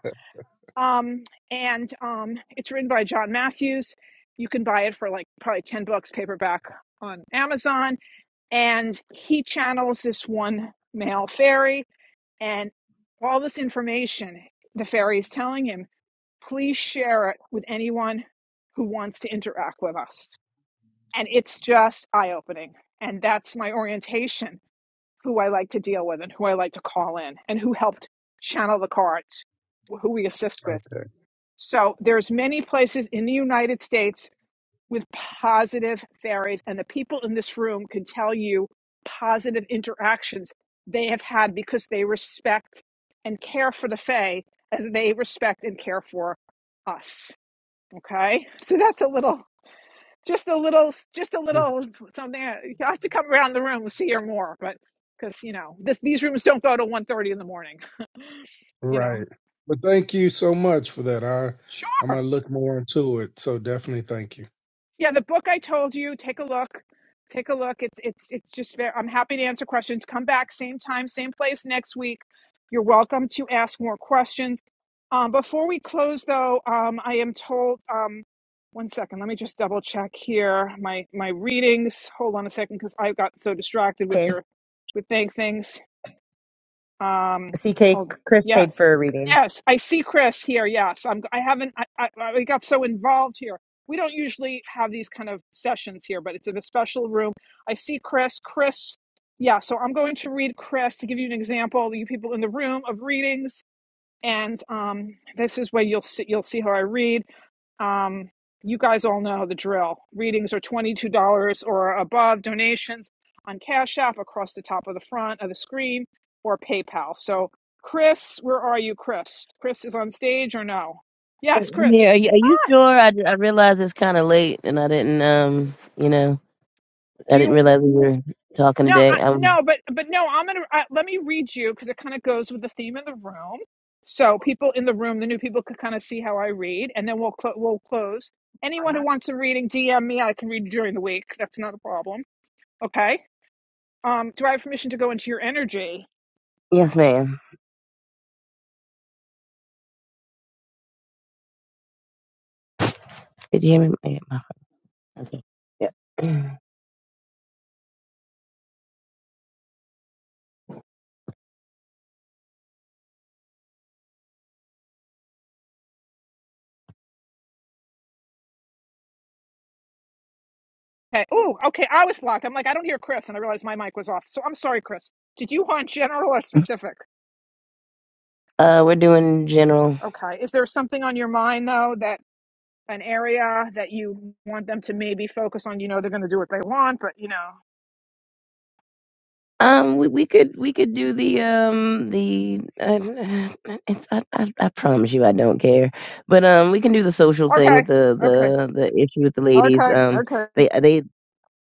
B: Um, and um, it's written by John Matthews. You can buy it for like probably ten bucks paperback on Amazon. And he channels this one male fairy, and all this information the fairy is telling him. Please share it with anyone who wants to interact with us and it's just eye opening. And that's my orientation who I like to deal with and who I like to call in and who helped channel the cards, who we assist with.
L: Okay.
B: So there's many places in the United States with positive fairies and the people in this room can tell you positive interactions they have had because they respect and care for the fae as they respect and care for us. Okay? So that's a little just a little just a little something you have to come around the room to hear more but because you know this, these rooms don't go to one thirty in the morning [LAUGHS] you know
L: Right. But thank you so much for that. I I'm
B: sure
L: gonna look more into it. So definitely thank you.
B: Yeah, the book I told you, take a look. Take a look. It's it's it's just very I'm happy to answer questions. Come back same time, same place next week. You're welcome to ask more questions. Um, before we close though, um, I am told um, one second, let me just double check here my my readings. Hold on a second because I got so distracted with
C: Okay.
B: your with thank things. Um, hold.
C: CK, Chris paid
B: Yes,
C: for a reading.
B: yes, I see Chris here. Yes, I'm. I haven't. I, I, I got so involved here. We don't usually have these kind of sessions here, but it's in a special room. I see Chris. Chris. Yeah. So I'm going to read Chris to give you an example. You people in the room of readings and um, this is where you'll see you'll see how I read. Um, you guys all know the drill. Readings are twenty two dollars or above. Donations on Cash App across the top of the front of the screen or PayPal. So, Chris, where are you, Chris? Chris is on stage or no? Yes, Chris.
D: Yeah, are you, are you sure? I, I realized it's kind of late, and I didn't, um, you know, I
B: Do
D: didn't
B: you?
D: realize we were talking
B: No, I,
D: today. Um
B: no, but but no, I'm gonna I, let me read you because it kind of goes with the theme of the room. So people in the room, the new people could kind of see how I read, and then we'll clo- we'll close. Anyone who wants a reading, DM me. I can read during the week. That's not a problem. Okay. Um, do I have permission to go into your energy?
D: Yes, ma'am. Did you hear me? I hit my- Okay. Yeah.
B: Okay. Oh, okay. I was blocked. I'm like, I don't hear Chris, and I realized my mic was off. So I'm sorry, Chris. Did you want general or
D: [CLEARS THROAT]
B: specific?
D: Uh, we're doing general.
B: Okay. Is there something on your mind though that? an area that you want them to maybe focus on. You know, they're going to do what they want, but you know,
D: Um, we, we could we could do the um the uh, [LAUGHS] it's I, I I promise you I don't care, but um we can do the social thing
B: okay,
D: with the
B: okay,
D: the the issue with the ladies.
B: okay,
D: Um,
B: okay.
D: they they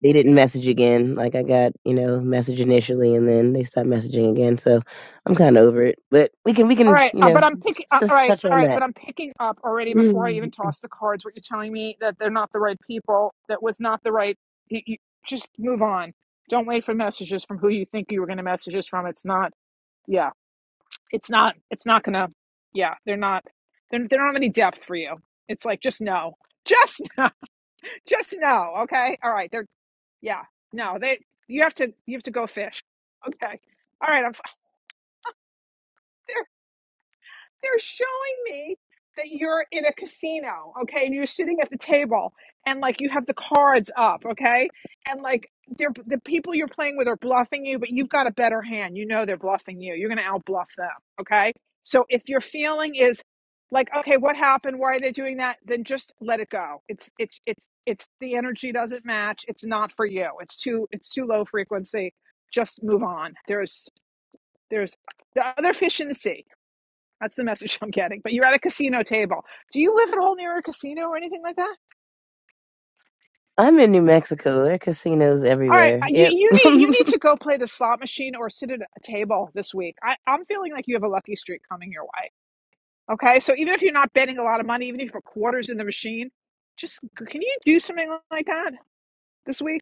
D: they didn't message again. Like I got you know message initially and then they stopped messaging again. So I'm kind of over it. But we can we
B: All
D: can
B: right,
D: you
B: uh, but
D: know
B: I'm picking.
D: just,
B: Uh, all
D: just
B: right,
D: touch
B: all
D: on
B: right, but I'm picking up already before I
D: that.
B: even toss the cards. What you're telling me that they're not the right people. That was not the right. You, you, just move on. Don't wait for messages from who you think you were going to messages from. It's not. Yeah, it's not. It's not gonna. Yeah, they're not. They're, they don't have any depth for you. It's like just no, just [LAUGHS] no, just no. Okay, all right. They're Yeah. No, they you have to you have to go fish. Okay. All right, I'm [LAUGHS] they're showing me that you're in a casino, okay, and you're sitting at the table and like you have the cards up, okay, and like they're the people you're playing with are bluffing you, but you've got a better hand. You know they're bluffing you. You're gonna outbluff them, okay. So if your feeling is like, okay, what happened? Why are they doing that? Then just let it go. It's it's it's it's the energy doesn't match. It's not for you. It's too it's too low frequency. Just move on. There's there's the other fish in the sea that's the message I'm getting. But you're at a casino table. Do you live at all near a casino or anything like that?
D: I'm in New Mexico. There are casinos
B: All right,
D: everywhere.
B: uh, you
D: Yep.
B: you need you need to
D: [LAUGHS]
B: go play the slot machine or sit at a table this week. I, I'm feeling like you have a lucky streak coming your way. Okay, so even if you're not betting a lot of money, even if you put quarters in the machine, just can you do something like that this week?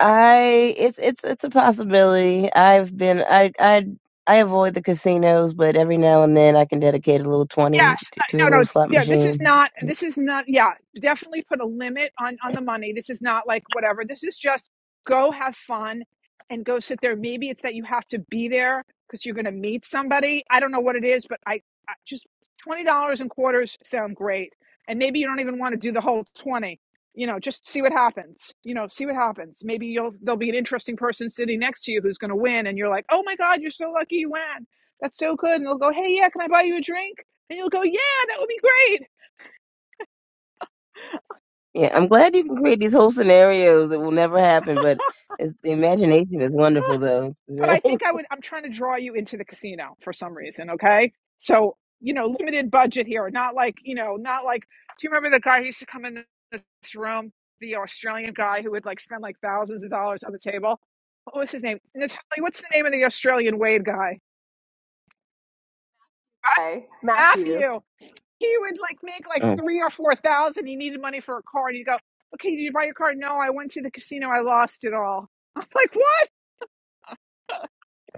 D: I it's it's it's a possibility. I've been I I I avoid the casinos, but every now and then I can dedicate a little twenty
B: Yes.
D: to, to a
B: No, no.
D: little
B: it's-
D: slot
B: Yeah, this is
D: machine.
B: not, this is not, yeah, definitely put a limit on on the money. This is not like whatever. This is just go have fun and go sit there. Maybe it's that you have to be there because you're going to meet somebody. I don't know what it is, but I, I just $20 in quarters sound great. And maybe you don't even want to do the whole 20. You know, just see what happens. You know, see what happens. Maybe you'll there'll be an interesting person sitting next to you who's going to win and you're like, "Oh my god, you're so lucky you won. That's so good." And they'll go, "Hey, yeah, can I buy you a drink?" And you'll go, yeah, that would be great.
D: Yeah, I'm glad you can create these whole scenarios that will never happen, but it's, the imagination is wonderful, though.
B: But I
D: [LAUGHS]
B: think I would, I'm trying to draw you into the casino for some reason. Okay. So, you know, limited budget here, not like, you know, not like, do you remember the guy who used to come in this room, the Australian guy who would like spend like thousands of dollars on the table? What was his name? Natalie, what's the name of the Australian Wade guy? Ah,
A: Okay, Matthew.
B: Matthew. He would like make like
D: Mm.
B: three or four thousand. He needed money for a car. And he'd go, okay, did you buy your car? No, I went to the casino. I lost it all. [LAUGHS] I'm like, what?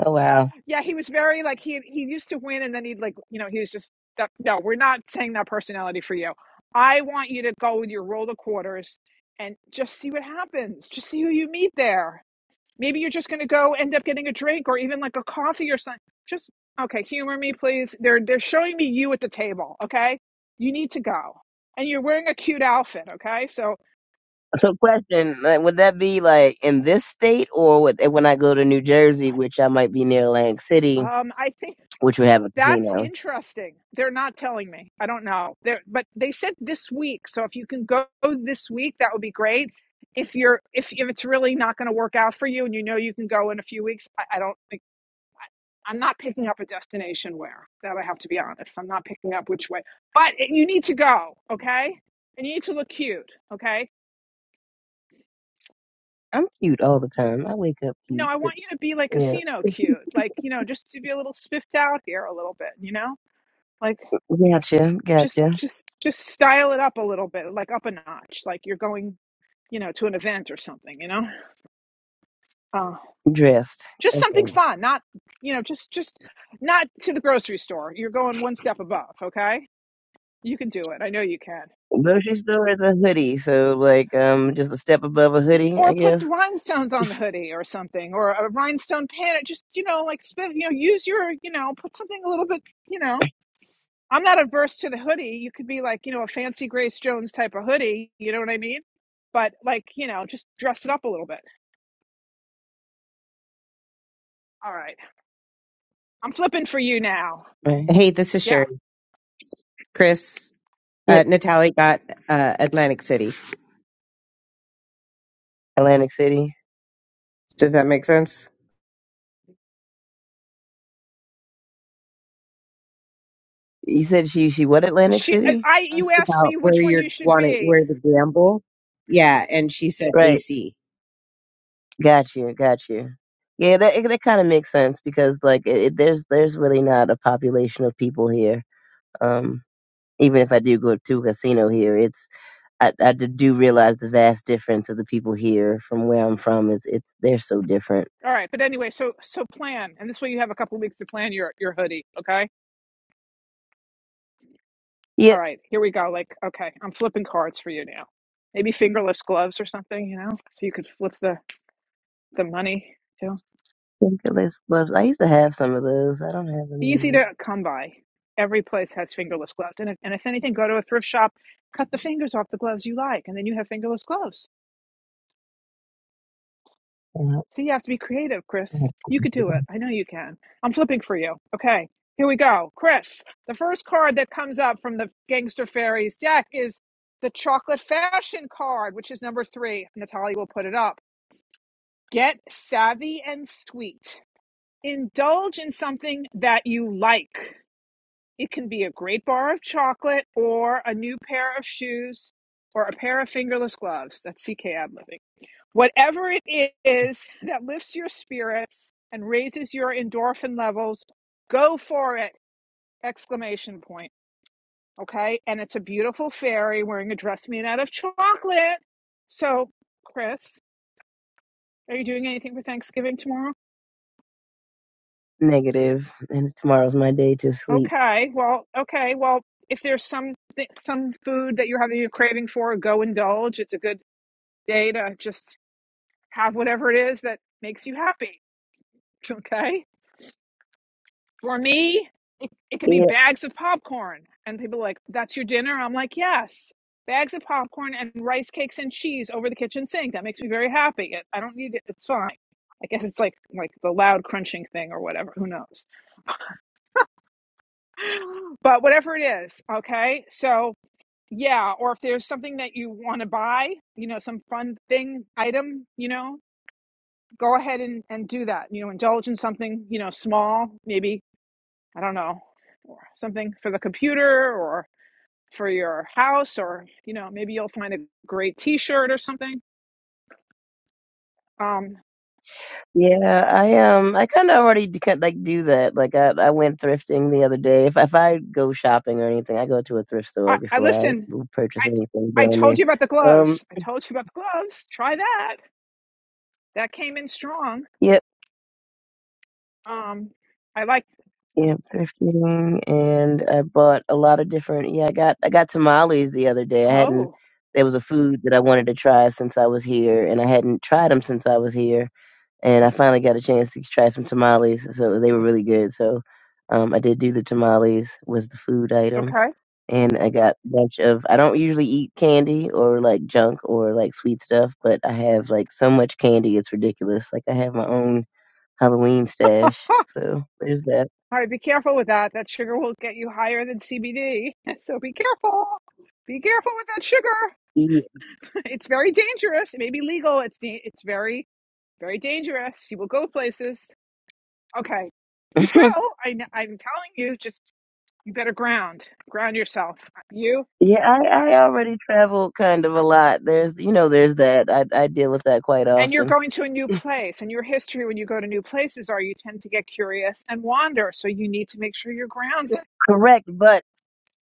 D: Oh wow!
B: Yeah, he was very like he he used to win, and then he'd like you know he was just that, no, we're not saying that personality for you. I want you to go with your roll of quarters and just see what happens. Just see who you meet there. Maybe you're just going to go end up getting a drink or even like a coffee or something. Just okay, humor me, please. They're they're showing me you at the table. Okay, you need to go, and you're wearing a cute outfit. Okay, so
D: So, question: like, Would that be like in this state, or would, when I go to New Jersey, which I might be near Atlantic City,
B: um, I think.
D: which would have a
B: That's
D: casino?
B: interesting. They're not telling me. I don't know. They're, but they said this week. So if you can go this week, that would be great. If you're if if it's really not going to work out for you and you know you can go in a few weeks, I, I don't think I- I'm not picking up a destination where that I have to be honest. I'm not picking up which way. But you need to go, okay? And you need to look cute, okay?
D: I'm cute all the time. I wake up
B: No,
D: cute,
B: I
D: but
B: want you to be like
D: yeah,
B: casino cute. Like, you know, just to be a little spiffed out here a little bit, you know? like.
D: gotcha,
B: just
D: gotcha.
B: just just style it up a little bit like up a notch like you're going you know to an event or something you know uh,
D: Dressed,
B: just something
D: okay.
B: fun not you know just just not to the grocery store you're going one step above okay you can do it i know you can
D: Grocery store is a hoodie, so like um, just a step above a hoodie, I
B: or put the
D: guess.
B: rhinestones on the hoodie or something or a rhinestone pin or just you know like spin you know use your you know put something a little bit you know i'm not adverse to the hoodie you could be like you know a fancy grace jones type of hoodie you know what i mean but like you know just dress it up a little bit All right. I'm flipping for you now.
D: Right.
C: Hey, this is
B: Yeah.
C: Sherry. Chris,
D: Yep.
C: uh, Natalie got uh, Atlantic City.
D: Atlantic City.
C: Does that make sense?
D: You said she she what Atlantic
B: She I
D: City?
B: you
C: Asked
B: asked
C: about
B: me
C: where
B: which one
C: you're
B: you should
C: wanting,
B: be.
C: where the gamble. Yeah. And she said
D: Right.
C: AC.
D: Got you. Got you. Yeah, that it- that kind of makes sense because like it, it- there's there's really not a population of people here. Um, even if I do go to a casino here, it's I I d- do realize the vast difference of the people here from where I'm from. It's it's they're so different.
B: All right, but anyway, so so plan. And this way you have a couple weeks to plan your your hoodie, okay? All
D: Yep.
B: right. Here we go. Like, okay, I'm flipping cards for you now. Maybe fingerless gloves or something, you know, so you could flip the the money too.
D: Fingerless gloves. I used to have some of those. I don't have them
B: Easy
D: anymore.
B: to come by. Every place has fingerless gloves. And if, and if anything, go to a thrift shop, cut the fingers off the gloves you like, and then you have fingerless gloves.
D: Yeah,
B: So you have to be creative,
D: I
B: Chris.
D: have-
B: You could do it. I know you can. I'm flipping for you. Okay, here we go. Chris, the first card that comes up from the Gangster Fairies deck is the Chocolate Fashion card, which is number three. Natalia will put it up. Get savvy and sweet. Indulge in something that you like. It can be a great bar of chocolate or a new pair of shoes or a pair of fingerless gloves. That's CK ad libbing. Whatever it is that lifts your spirits and raises your endorphin levels, go for it! Exclamation point. Okay. And it's a beautiful fairy wearing a dress made out of chocolate. So, Chris, are you doing anything for Thanksgiving tomorrow?
D: Negative, and tomorrow's my day to sleep.
B: Okay. Well, okay. Well, if there's some thi- some food that you're having a craving for, go indulge. It's a good day to just have whatever it is that makes you happy. [LAUGHS] Okay. For me, it, it could be bags of popcorn. And people are like, that's your dinner? I'm like, yes. Bags of popcorn and rice cakes and cheese over the kitchen sink. That makes me very happy. It, I don't need it. It's fine. I guess it's like like the loud crunching thing or whatever. Who knows? [GASPS] But whatever it is, okay. So yeah, or if there's something that you want to buy, you know, some fun thing item, you know, go ahead and and do that. You know, indulge in something, you know, small, maybe I don't know, or something for the computer or for your house, or you know, maybe you'll find a great T-shirt or something. Um,
D: Yeah, I um, I kind of already d- kin- like do that. Like I, I went thrifting the other day. If if I go shopping or anything, I go to a thrift store
B: I, I
D: before I
B: listen.
D: will purchase anything
B: I I
D: brand
B: told
D: new.
B: you about the
D: Um,
B: gloves. I told you about the gloves. Try that. That came in strong.
D: yep,
B: Um, I like.
D: yep, thrifting, and I bought a lot of different. Yeah, I got I got tamales the other day. I hadn't.
B: Oh,
D: There was a food that I wanted to try since I was here, and I hadn't tried them since I was here. And I finally got a chance to try some tamales, so they were really good. So, um, I did do the tamales was the food item
B: okay. All
D: and I got a bunch of. I don't usually eat candy or like junk or like sweet stuff, but I have like so much candy, it's ridiculous. Like I have my own Halloween stash, so there's that.
B: right. Be careful with that. That sugar will get you higher than CBD. [LAUGHS] So be careful. Be careful with that sugar.
D: Yeah,
B: [LAUGHS] It's very dangerous. It may be legal. It's da- it's very very dangerous. You will go places. Okay, [LAUGHS] you will.
D: [LAUGHS]
B: Oh, I, kn- I'm telling you, just you better ground, ground yourself. You
D: yeah I, I already travel kind of a lot. There's, you know, there's that. I, I deal with that quite
B: and you're
D: often.
B: going to a new place, and your history when you go to new places are you tend to get curious and wander. So you need to make sure you're grounded.
D: Correct, but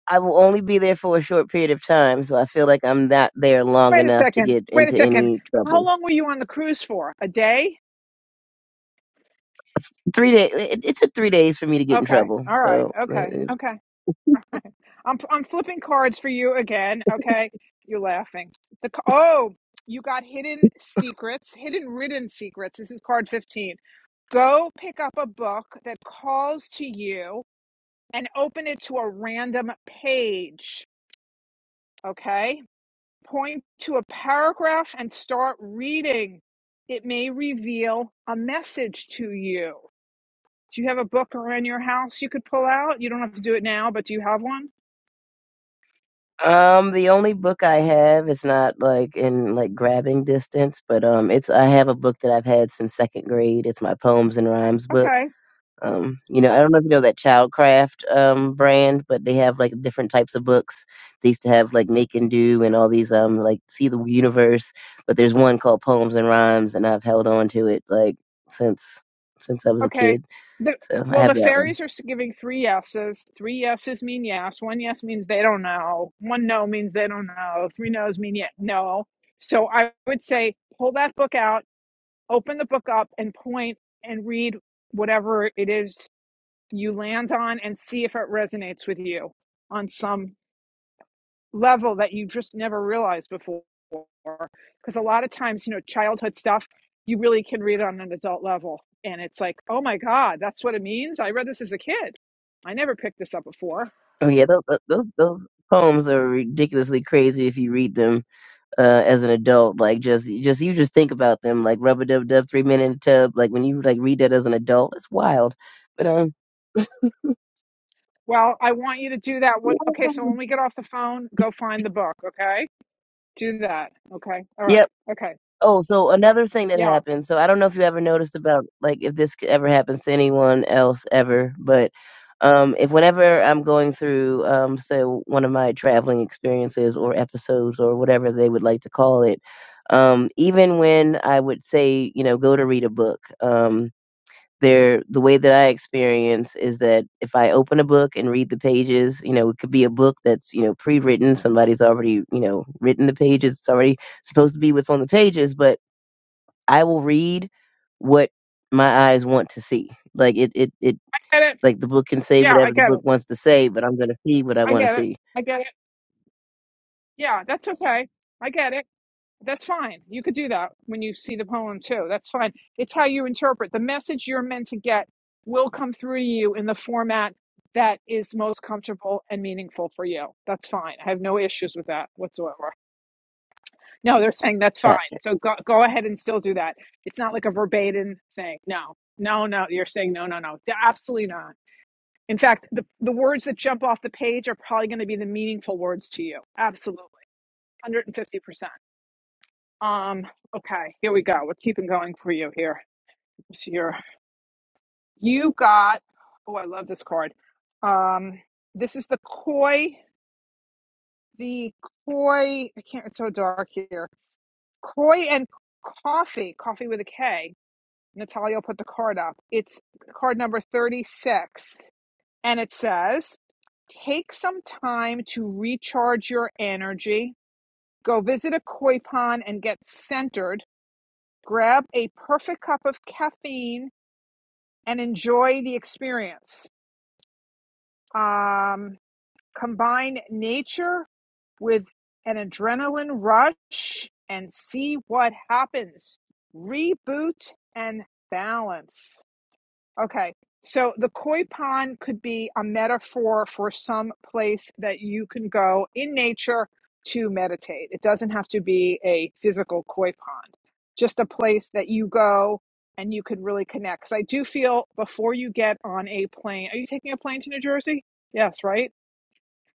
D: I will only be there for a short period of time, so I feel like I'm not there long
B: Wait a
D: enough to
B: second.
D: get
B: Wait a
D: into
B: second.
D: any
B: How
D: trouble.
B: long were you on the cruise for? A day?
D: Three day, it, it took three days for me to get in
B: Okay.
D: trouble,
B: All right.
D: so uh,
B: Okay. Okay. I'm I'm flipping cards for you again. Okay, you're laughing. The oh, you got hidden secrets, hidden written secrets. This is card fifteen. Go pick up a book that calls to you and open it to a random page. Okay, point to a paragraph and start reading. It may reveal a message to you. Do you have a book around your house you could pull out? You don't have to do it now, but do you have one?
D: Um, the only book I have is not like in like grabbing distance, but um, it's I have a book that I've had since second grade. It's my poems and rhymes book.
B: Okay
D: Um, you know, I don't know if you know that Childcraft um brand, but they have like different types of books. They used to have like Make and Do and all these um like See the Universe, but there's one called Poems and Rhymes, and I've held on to it like since since I was a
B: Okay.
D: kid.
B: The
D: So I
B: well, the
D: have that one.
B: fairies are s- giving three yeses. Three yeses mean yes. One yes means they don't know. One no means they don't know. Three no's mean yet no. So I would say pull that book out, open the book up, and point and read whatever it is you land on, and see if it resonates with you on some level that you just never realized before. Because a lot of times, you know, childhood stuff, you really can read on an adult level. And it's like, oh my God, that's what it means. I read this as a kid. I never picked this up before.
D: Oh yeah, those those, those poems are ridiculously crazy if you read them uh, as an adult. Like just just you just think about them like rubber dub dub three minute tub. Like when you like read that as an adult, it's wild. But um,
B: Well, I want you to do that. What? Okay, so when
D: [LAUGHS]
B: we get off the phone, go find the book. Okay, do that. Okay, all
D: yep.
B: right. Okay,
D: Oh, so another thing that
B: yeah,
D: happened. So I don't know if you ever noticed about like if this c- ever happens to anyone else ever, but um, if whenever I'm going through um, say one of my traveling experiences or episodes or whatever they would like to call it. Um, even when I would say, you know, go to read a book, um. There, the way that I experience is that if I open a book and read the pages, you know, it could be a book that's you know pre-written. Somebody's already you know written the pages. It's already supposed to be what's on the pages, but I will read what my eyes want to see. Like it, it, it.
B: I get it.
D: Like the book can say
B: Yeah, I
D: whatever the
B: get
D: book
B: it.
D: wants to say, but I'm gonna see what I
B: I
D: want to
B: get it.
D: see.
B: I get it. Yeah, that's okay. I get it. That's fine. You could do that when you see the poem too. That's fine. It's how you interpret. The message you're meant to get will come through to you in the format that is most comfortable and meaningful for you. That's fine. I have no issues with that whatsoever. No, they're saying that's fine.
D: Gotcha.
B: So go, go ahead and still do that. It's not like a verbatim thing. No, no, no. You're saying no, no, no. Absolutely not. In fact, the, the words that jump off the page are probably going to be the meaningful words to you. Absolutely. 150%. Um, okay, here we go. We're keeping going for you here. This year. You got oh I love this card. Um this is the koi, the koi I can't it's so dark here. Koi and coffee, coffee with a K. Natalia put the card up. It's card number 36, and it says, Take some time to recharge your energy. Go visit a koi pond and get centered. Grab a perfect cup of caffeine and enjoy the experience. Um, combine nature with an adrenaline rush and see what happens. Reboot and balance. Okay. So the koi pond could be a metaphor for some place that you can go in nature to meditate. It doesn't have to be a physical koi pond, just a place that you go and you can really connect. Because I do feel before you get on a plane, are you taking a plane to New Jersey? Yes, right.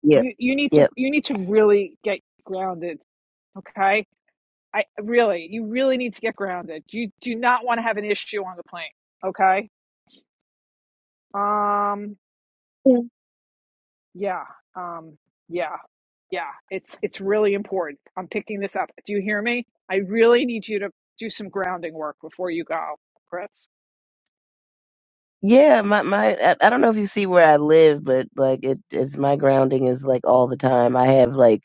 D: Yep.
B: You you need to
D: Yep.
B: you need to really get grounded. Okay. I really you really need to get grounded. You do not want to have an issue on the plane. Okay. Um
D: Yeah.
B: Yeah. Um, yeah. Yeah. It's it's really important. I'm picking this up. Do you hear me? I really need you to do some grounding work before you go, Chris.
D: Yeah, my my I, I don't know if you see where I live, but like it is my grounding is like all the time. I have like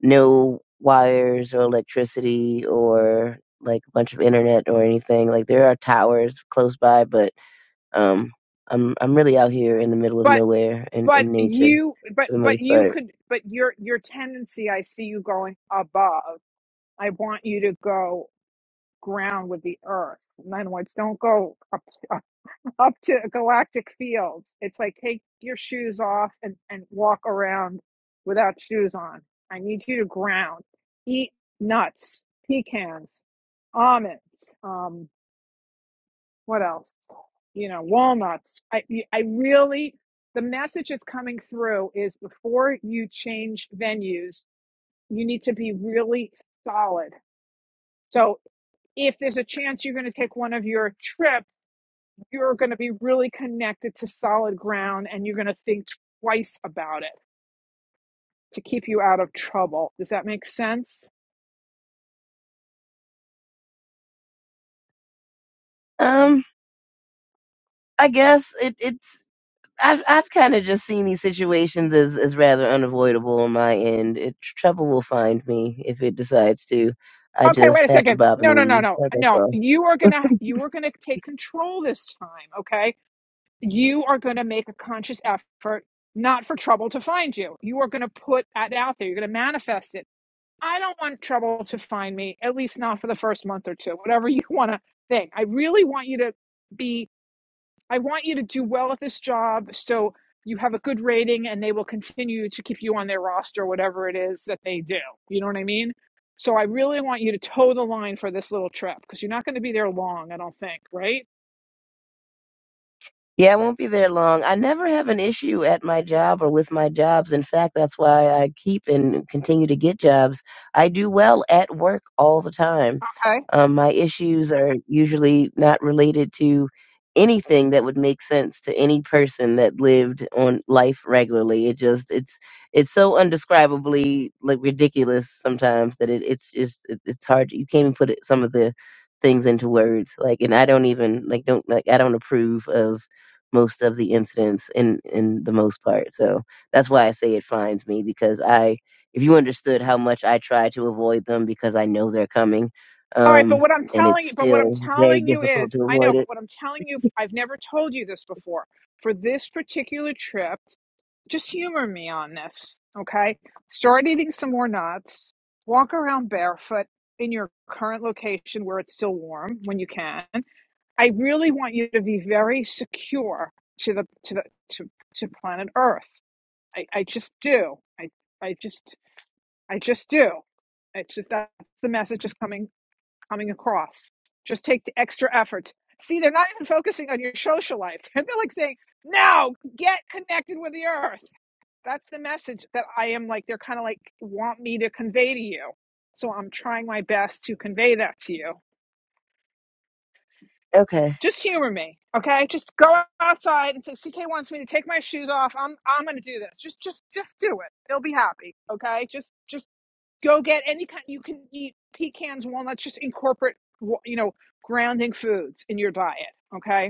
D: no wires or electricity or like a bunch of internet or anything. Like there are towers close by, but um, I'm I'm really out here in the middle of
B: But
D: nowhere in,
B: but
D: in nature
B: you but
D: for the
B: but
D: most
B: you
D: part.
B: could but your your tendency I see you going above. I want you to go ground with the earth. In other words, don't go up up to galactic fields. It's like take your shoes off and, and walk around without shoes on. I need you to ground. Eat nuts, pecans, almonds, um, what else? You know, walnuts. I I really the message that's coming through is before you change venues, you need to be really solid. So if there's a chance you're going to take one of your trips you're going to be really connected to solid ground and you're going to think twice about it to keep you out of trouble. Does that make sense?
D: Um, I guess it it's I've I've kind of just seen these situations as, as rather unavoidable on my end. It, trouble will find me if it decides to. I
B: Okay, wait
D: just
B: a
D: have to
B: second.
D: bob
B: No,
D: and
B: no, no,
D: weave.
B: no.
D: That- That's
B: No,
D: all.
B: you are going to you are going to take control this time, okay? You are going to make a conscious effort not for trouble to find you. You are going to put that out there. You're going to manifest it. I don't want trouble to find me, at least not for the first month or two. Whatever [LAUGHS] you want to think. I really want you to be I want you to do well at this job so you have a good rating and they will continue to keep you on their roster, whatever it is that they do. You know what I mean? So I really want you to toe the line for this little trip because you're not going to be there long, I don't think, right?
D: Yeah, I won't be there long. I never have an issue at my job or with my jobs. In fact, that's why I keep and continue to get jobs. I do well at work all the time.
B: Okay.
D: Um, my issues are usually not related to anything that would make sense to any person that lived on life regularly. It just it's it's so undescribably like ridiculous sometimes that it, it's just it, it's hard. You can't even put it, some of the things into words. Like, and I don't even like don't like I don't approve of most of the incidents in in the most part. So that's why I say it finds me because I if you understood how much I try to avoid them because I know they're coming,
B: All right, but
D: um,
B: what I'm
D: and it's
B: telling you, but what I'm
D: still very
B: telling you is,
D: difficult to
B: I know,
D: avoid
B: but
D: it.
B: what I'm telling you, I've never told you this before. For this particular trip, just humor me on this, okay? Start eating some more nuts. Walk around barefoot in your current location where it's still warm when you can. I really want you to be very secure to the to the to, to planet Earth. I, I just do. I I just I just do. It's just that's the message is coming coming across. Just take the extra effort. See, they're not even focusing on your social life. [LAUGHS] They're like saying, "Now get connected with the Earth." that's the message that I am like they're kind of like want me to convey to you. So I'm trying my best to convey that to you.
D: Okay.
B: Just humor me, okay? Just go outside and say CK wants me to take my shoes off. I'm I'm going to do this. Just just just do it. They'll be happy, okay? Just just go get any kind you can eat pecans, walnuts, just incorporate you know grounding foods in your diet, okay?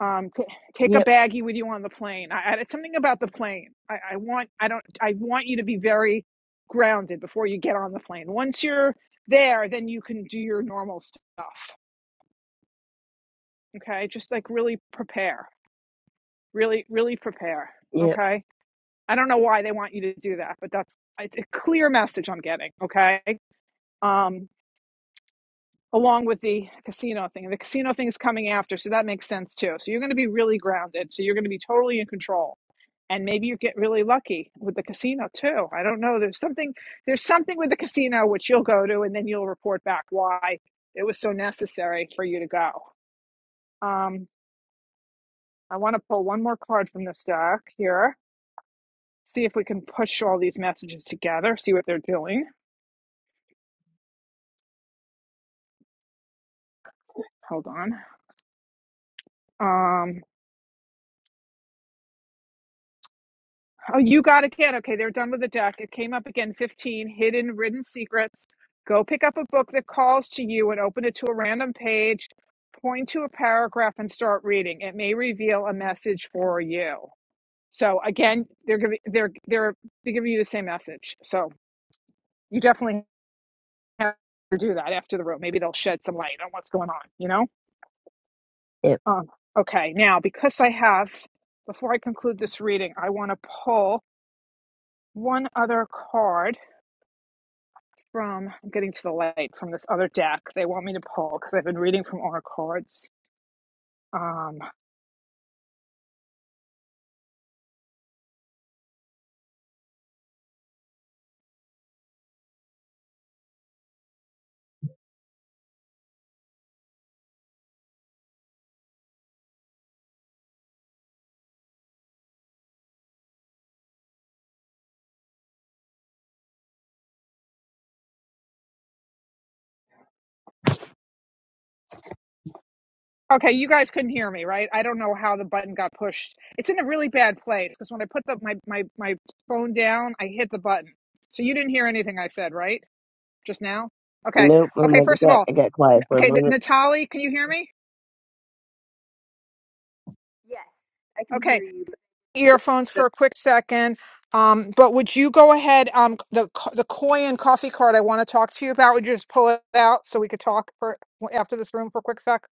B: um t- take a
D: Yep.
B: baggie with you on the plane I, I it's something about the plane I, I want i don't i want you to be very grounded before you get on the plane once you're there then you can do your normal stuff okay just like really prepare really really prepare
D: Yep.
B: okay i don't know why they want you to do that but that's it's a clear message i'm getting okay um along with the casino thing the casino thing is coming after so that makes sense too so you're going to be really grounded so you're going to be totally in control and maybe you get really lucky with the casino too. I don't know. There's something there's something with the casino which you'll go to and then you'll report back why it was so necessary for you to go. Um, I want to pull one more card from this deck here. See if we can push all these messages together. See what they're doing. Hold on. Um, Oh, you got a kid. Okay, they're done with the deck. It came up again 15 hidden, written secrets. Go pick up a book that calls to you and open it to a random page, point to a paragraph and start reading. It may reveal a message for you. So again, they're giving they're they're they're giving you the same message. So you definitely have to do that after the room. Maybe they'll shed some light on what's going on, you know?
D: Yep.
B: Um, okay, now because I have before I conclude this reading, I want to pull one other card from, I'm getting to the light from this other deck they want me to pull because I've been reading from our cards. Um, okay, you guys couldn't hear me, right? I don't know how the button got pushed. It's in a really bad place because when I put the, my, my, my phone down, I hit the button. So you didn't hear anything I said, right? Just now? Okay.
D: Nope. I'm
B: Okay,
D: like, I
B: first of
D: got
B: all,
D: I got quiet for a
B: okay,
D: moment.
B: N- Natali, can you hear me?
A: Yes, I can
B: Okay.
A: hear you,
B: earphones
A: but uh,
B: for a quick second. Um, but would you go ahead? Um, the co- the koi and coffee card I want to talk to you about. Would you just pull it out so we could talk for after this room for a quick sec?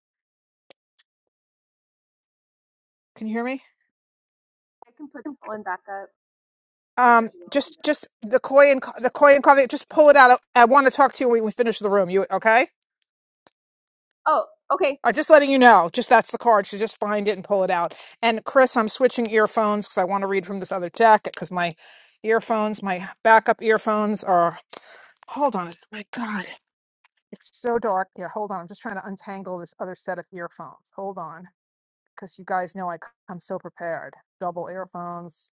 B: Can you hear me?
A: I can put that one back up.
B: Um, just just the koi and co- the koi and coffee. Just pull it out. I, I want to talk to you when we finish the room. You okay?
A: Oh, okay.
B: I'm just letting you know. Just that's the card. So just find it and pull it out. And Chris, I'm switching earphones because I want to read from this other deck because my earphones, my backup earphones are. Hold on. oh My God. It's so dark. Here, hold on. I'm just trying to untangle this other set of earphones. Hold on, because you guys know I am so prepared. Double earphones.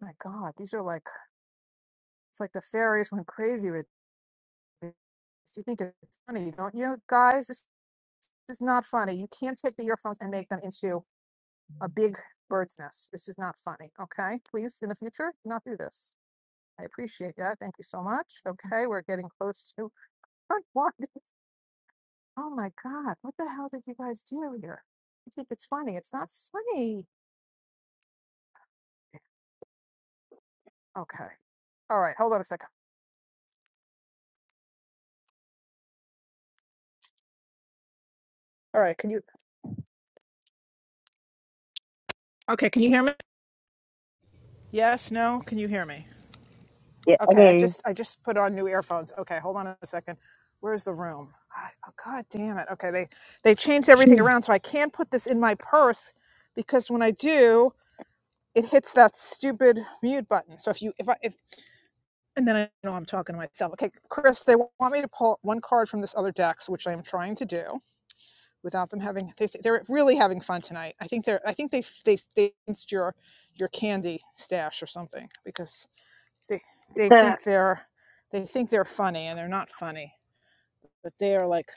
B: My God, these are like it's like the fairies went crazy with. me. All right, hold on a second. All right, can you? Okay, can you hear me? Yes, no, can you hear me?
D: Yeah.
B: Okay, I
D: Okay.
B: just I just put on new earphones. Okay, hold on a second. Where's the room? I, oh God damn it. Okay, they they changed everything
C: Here.
B: around, so I can't put this in my purse because when I do, it hits that stupid mute button. So if you if I if And then I know I'm talking to myself. Okay, Chris, they want me to pull one card from this other deck, so which I am trying to do without them having. They, they're really having fun tonight. I think they're. I think they they they rinsed your your candy stash or something because they they
D: [LAUGHS]
B: think they're they think they're funny and they're not funny. But they are like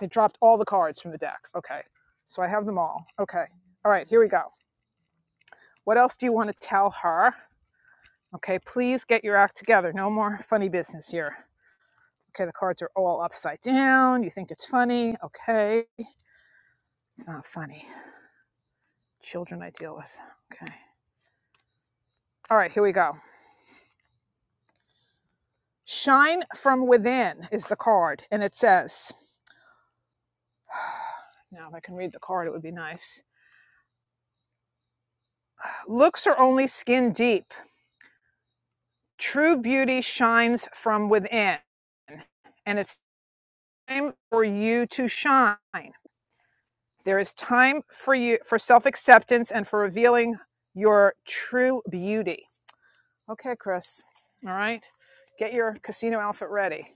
B: they dropped all the cards from the deck. Okay, so I have them all. Okay, all right, here we go. What else do you want to tell her? Okay, please get your act together. No more funny business here. Okay, the cards are all upside down. You think it's funny. Okay. It's not funny. Children I deal with. Okay. All right, here we go. Shine from within is the card, and it says, [SIGHS] now if I can read the card, it would be nice. Looks are only skin deep. True beauty shines from within, and it's time for you to shine. There is time for you for self-acceptance and for revealing your true beauty. Okay, Chris. All right. Get your casino outfit ready.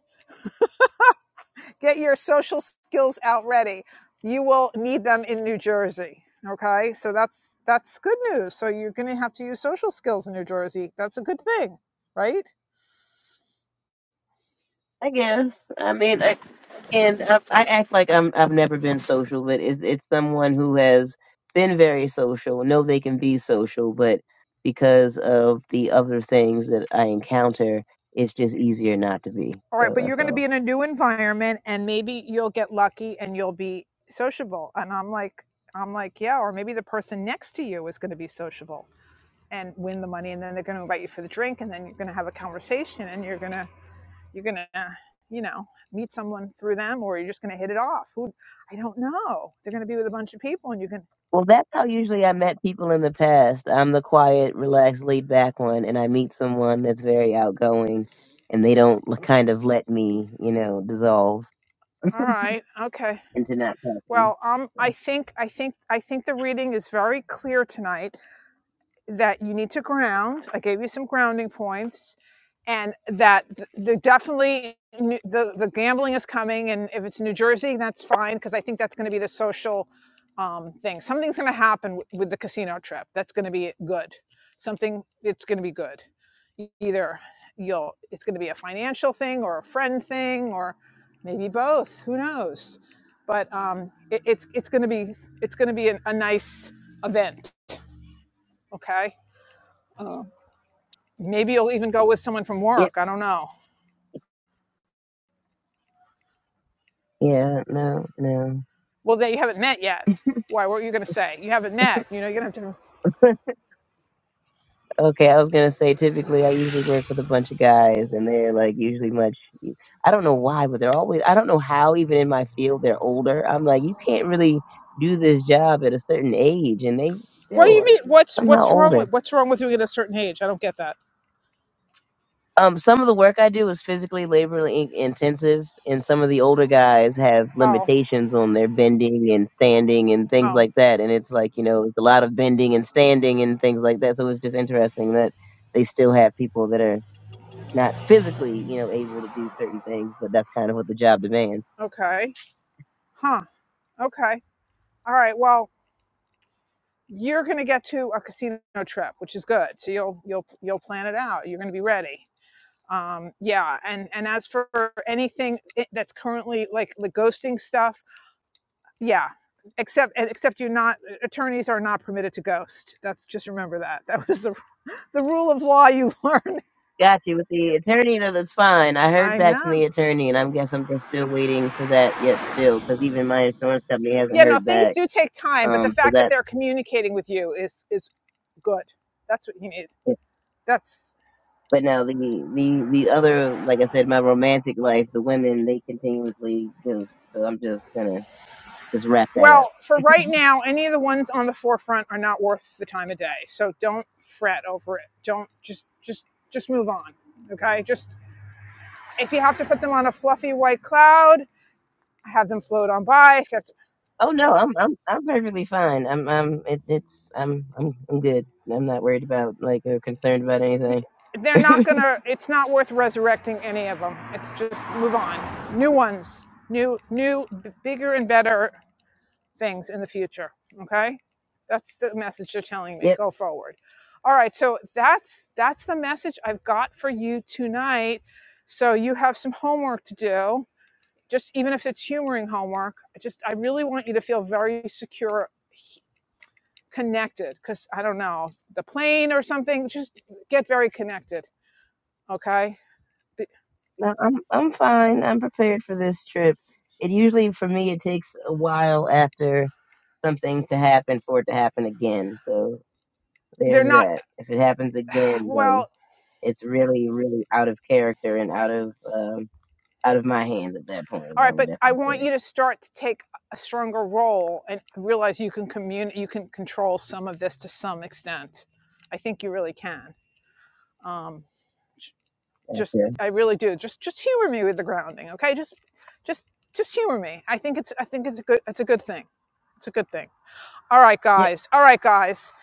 B: Get your social skills out ready. You will need them in New Jersey. Okay? So that's that's good news. So you're going to have to use social skills in New Jersey. That's a good thing, right?
D: I guess. I mean, I, and I, I act like I'm I've never been social, but it's it's someone who has been very social. Know they can be social, but because of the other things that I encounter, it's just easier not to be.
B: All right,
D: So
B: but you're
D: that's
B: going to be
D: all.
B: in a new environment and maybe you'll get lucky and you'll be sociable. And I'm like I'm like, yeah, or maybe the person next to you is going to be sociable and win the money and then they're going to invite you for the drink and then you're going to have a conversation and you're going to you're gonna you know meet someone through them or you're just gonna hit it off who i don't know they're gonna be with a bunch of people and you can
D: Well, that's how usually I met people in the past. I'm the quiet, relaxed, laid back one, and I meet someone that's very outgoing, and they don't l- kind of let me, you know, dissolve
B: all right okay
D: into not talking.
B: well um i think i think i think the reading is very clear tonight that you need to ground. I gave you some grounding points, and that the definitely the the gambling is coming. And if it's New Jersey, that's fine because I think that's going to be the social um, thing. Something's going to happen w- with the casino trip. That's going to be good. Something it's going to be good. E- Either you'll it's going to be a financial thing or a friend thing or maybe both. Who knows? But um, it, it's it's going to be it's going to be an, a nice event. Okay Um, Maybe you'll even go with someone from
D: Yeah.
B: work. I don't know.
D: Yeah. No. No.
B: Well, they you haven't met yet. Why? What are you going to say? You haven't met. You know, you're going to have to.
D: Okay, I was gonna say typically I usually work with a bunch of guys and they're like usually much I don't know why, but they're always I don't know how even in my field they're older. I'm like, you can't really do this job at a certain age and they
B: What do
D: still
B: you
D: are
B: mean? What's
D: somehow
B: what's wrong
D: older.
B: with what's wrong with you at a certain age? I don't get that.
D: Um some of the work I do is physically labor in- intensive and some of the older guys have
B: Oh,
D: limitations on their bending and standing and things
B: oh,
D: like that and it's like, you know, it's a lot of bending and standing and things like that. So it's just interesting that they still have people that are not physically, you know, able to do certain things, but that's kind of what the job demands.
B: okay, huh? Okay, all right. Well, you're going to get to a casino trip, which is good. So you'll you'll you'll plan it out. You're going to be ready. Um, yeah, and and as for anything that's currently like the ghosting stuff, yeah except except you're not attorneys are not permitted to ghost that's just remember that that was the the rule of law you [LAUGHS] learned
D: Got you with the attorney. No, that's fine. I heard
B: i
D: back from
B: know
D: the attorney, and I am guess I'm just still waiting for that yet, still, because even my insurance company hasn't
B: yeah no
D: heard
B: things
D: back.
B: do take time but the
D: Um, so
B: fact that
D: that.
B: they're communicating with you is is good that's what you need that's
D: But now the the the other, like I said, my romantic life, the women they continuously ghost. So I'm just gonna just wrap that up.
B: well for right now any of the ones on the forefront are not worth the time of day so don't fret over it don't just just just move on okay just if you have to put them on a fluffy white cloud have them float on by If you have
D: Oh no, I'm I'm I'm perfectly fine. I'm I'm it, it's I'm I'm I'm good. I'm not worried about like or concerned about anything.
B: they're not
D: [LAUGHS]
B: gonna it's not worth resurrecting any of them it's just move on new ones new new b- bigger and better things in the future okay that's the message you're telling
D: Yeah.
B: me go forward all right so that's that's the message i've got for you tonight so you have some homework to do just even if it's humoring homework I just i really want you to feel very secure connected because i don't know the plane or something just get very connected okay
D: No, I'm I'm fine. I'm prepared for this trip. It usually for me it takes a while after something to happen for it to happen again. So
B: they're
D: there's
B: not
D: that. If it happens again,
B: well
D: then it's really really out of character and out of um out of my hands at that point.
B: all
D: I
B: right
D: would
B: but i
D: definitely
B: want
D: say.
B: you to start to take a stronger role and realize you can commun- you can control some of this to some extent i think you really can um just
D: Gotcha.
B: i really do just just humor me with the grounding okay just just just humor me i think it's i think it's a good it's a good thing it's a good thing all right guys all right guys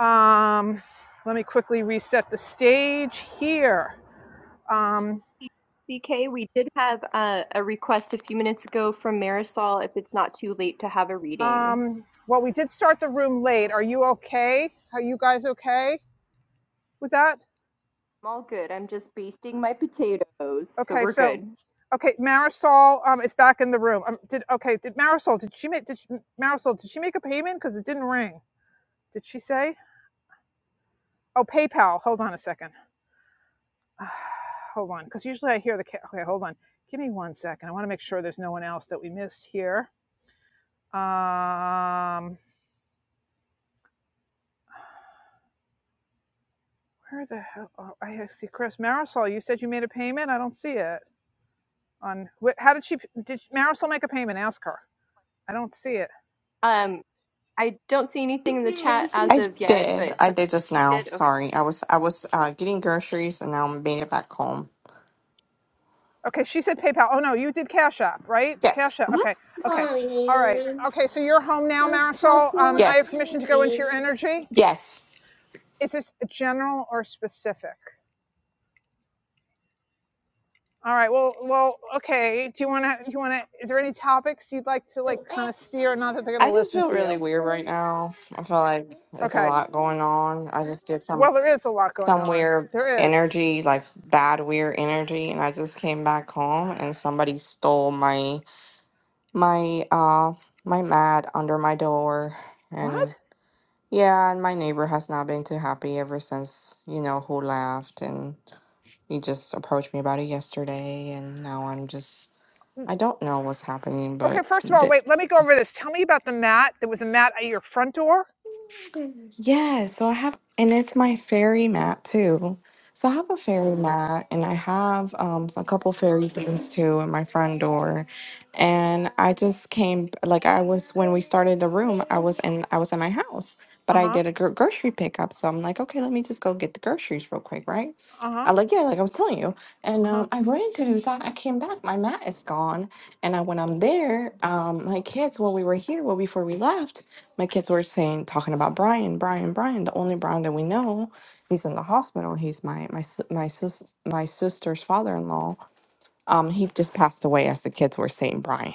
B: um let me quickly reset the stage here Um,
A: CK, we did have uh, a request a few minutes ago from Marisol if it's not too late to have a reading.
B: Um, well, we did start the room late. Are you okay? Are you guys okay with that?
A: I'm all good. I'm just basting my potatoes, so
B: Okay,
A: we're
B: so
A: good.
B: okay, Marisol um, is back in the room. Um, did okay? Did Marisol? Did she make? Did she, Marisol? Did she make a payment? Because it didn't ring. Did she say? Oh, PayPal. Hold on a second. [SIGHS] hold on, because usually I hear the. Ca- okay, hold on. Give me one second. I want to make sure there's no one else that we missed here. Um, where the hell? Oh, I see Chris Marisol. You said you made a payment. I don't see it. on how did she did Marisol make a payment? Ask her. I don't see it.
A: Um, I don't see anything in the chat as
E: I
A: of yet,
E: did.
A: but
E: I did just
A: we
E: now.
A: did. Okay,
E: Sorry. I was I was uh, getting groceries and now I'm making it back home.
B: Okay, she said PayPal. Oh no, you did Cash App, right? Cash
E: Yes.
B: App.
E: Mhm.
B: Okay, okay, all right. Okay, so you're home now, Marisol. Um, I have
E: Yes.
B: permission to go into your energy.
E: Yes.
B: Is this general or specific? All right. Well, well. Okay. Do you want to? You want to? Is there any topics you'd like to like kind of steer? Not that they're going
E: I
B: to
E: just
B: listen
E: feel
B: to
E: really
B: you.
E: weird right now. I feel like there's a
B: Okay.
E: lot going on. I just did some
B: Well, there is a lot going
E: some
B: on.
E: weird
B: There is.
E: energy, like bad weird energy, and I just came back home and somebody stole my my uh my mat under my door
B: What?
E: Yeah, and my neighbor has not been too happy ever since, you know, who left. And he just approached me about it yesterday. And now I'm just, I don't know what's happening,
B: Okay.
E: but
B: First of all,
E: th-
B: wait. Let me go over this. Tell me about the mat. There was a mat at your front door.
E: Yeah, so I have, and it's my fairy mat too. So I have a fairy mat, and I have um a couple fairy things too in my front door. And I just came, like I was when we started the room, I was in I was in my house, but
B: Uh
E: I
B: huh.
E: did a gro- grocery pickup, so I'm like, okay, let me just go get the groceries real quick, right?
B: Uh
E: I
B: huh.
E: like yeah, like I was telling you, and
B: Uh huh.
E: um, I ran to do that. I came back, my mat is gone, and I when I'm there, um, my kids when we were here, well before we left my kids were saying talking about Brian, Brian, Brian, the only Brian that we know. He's in the hospital. He's my my sis- my sis my sister's father-in-law. Um, he just passed away as the kids were saying Brian.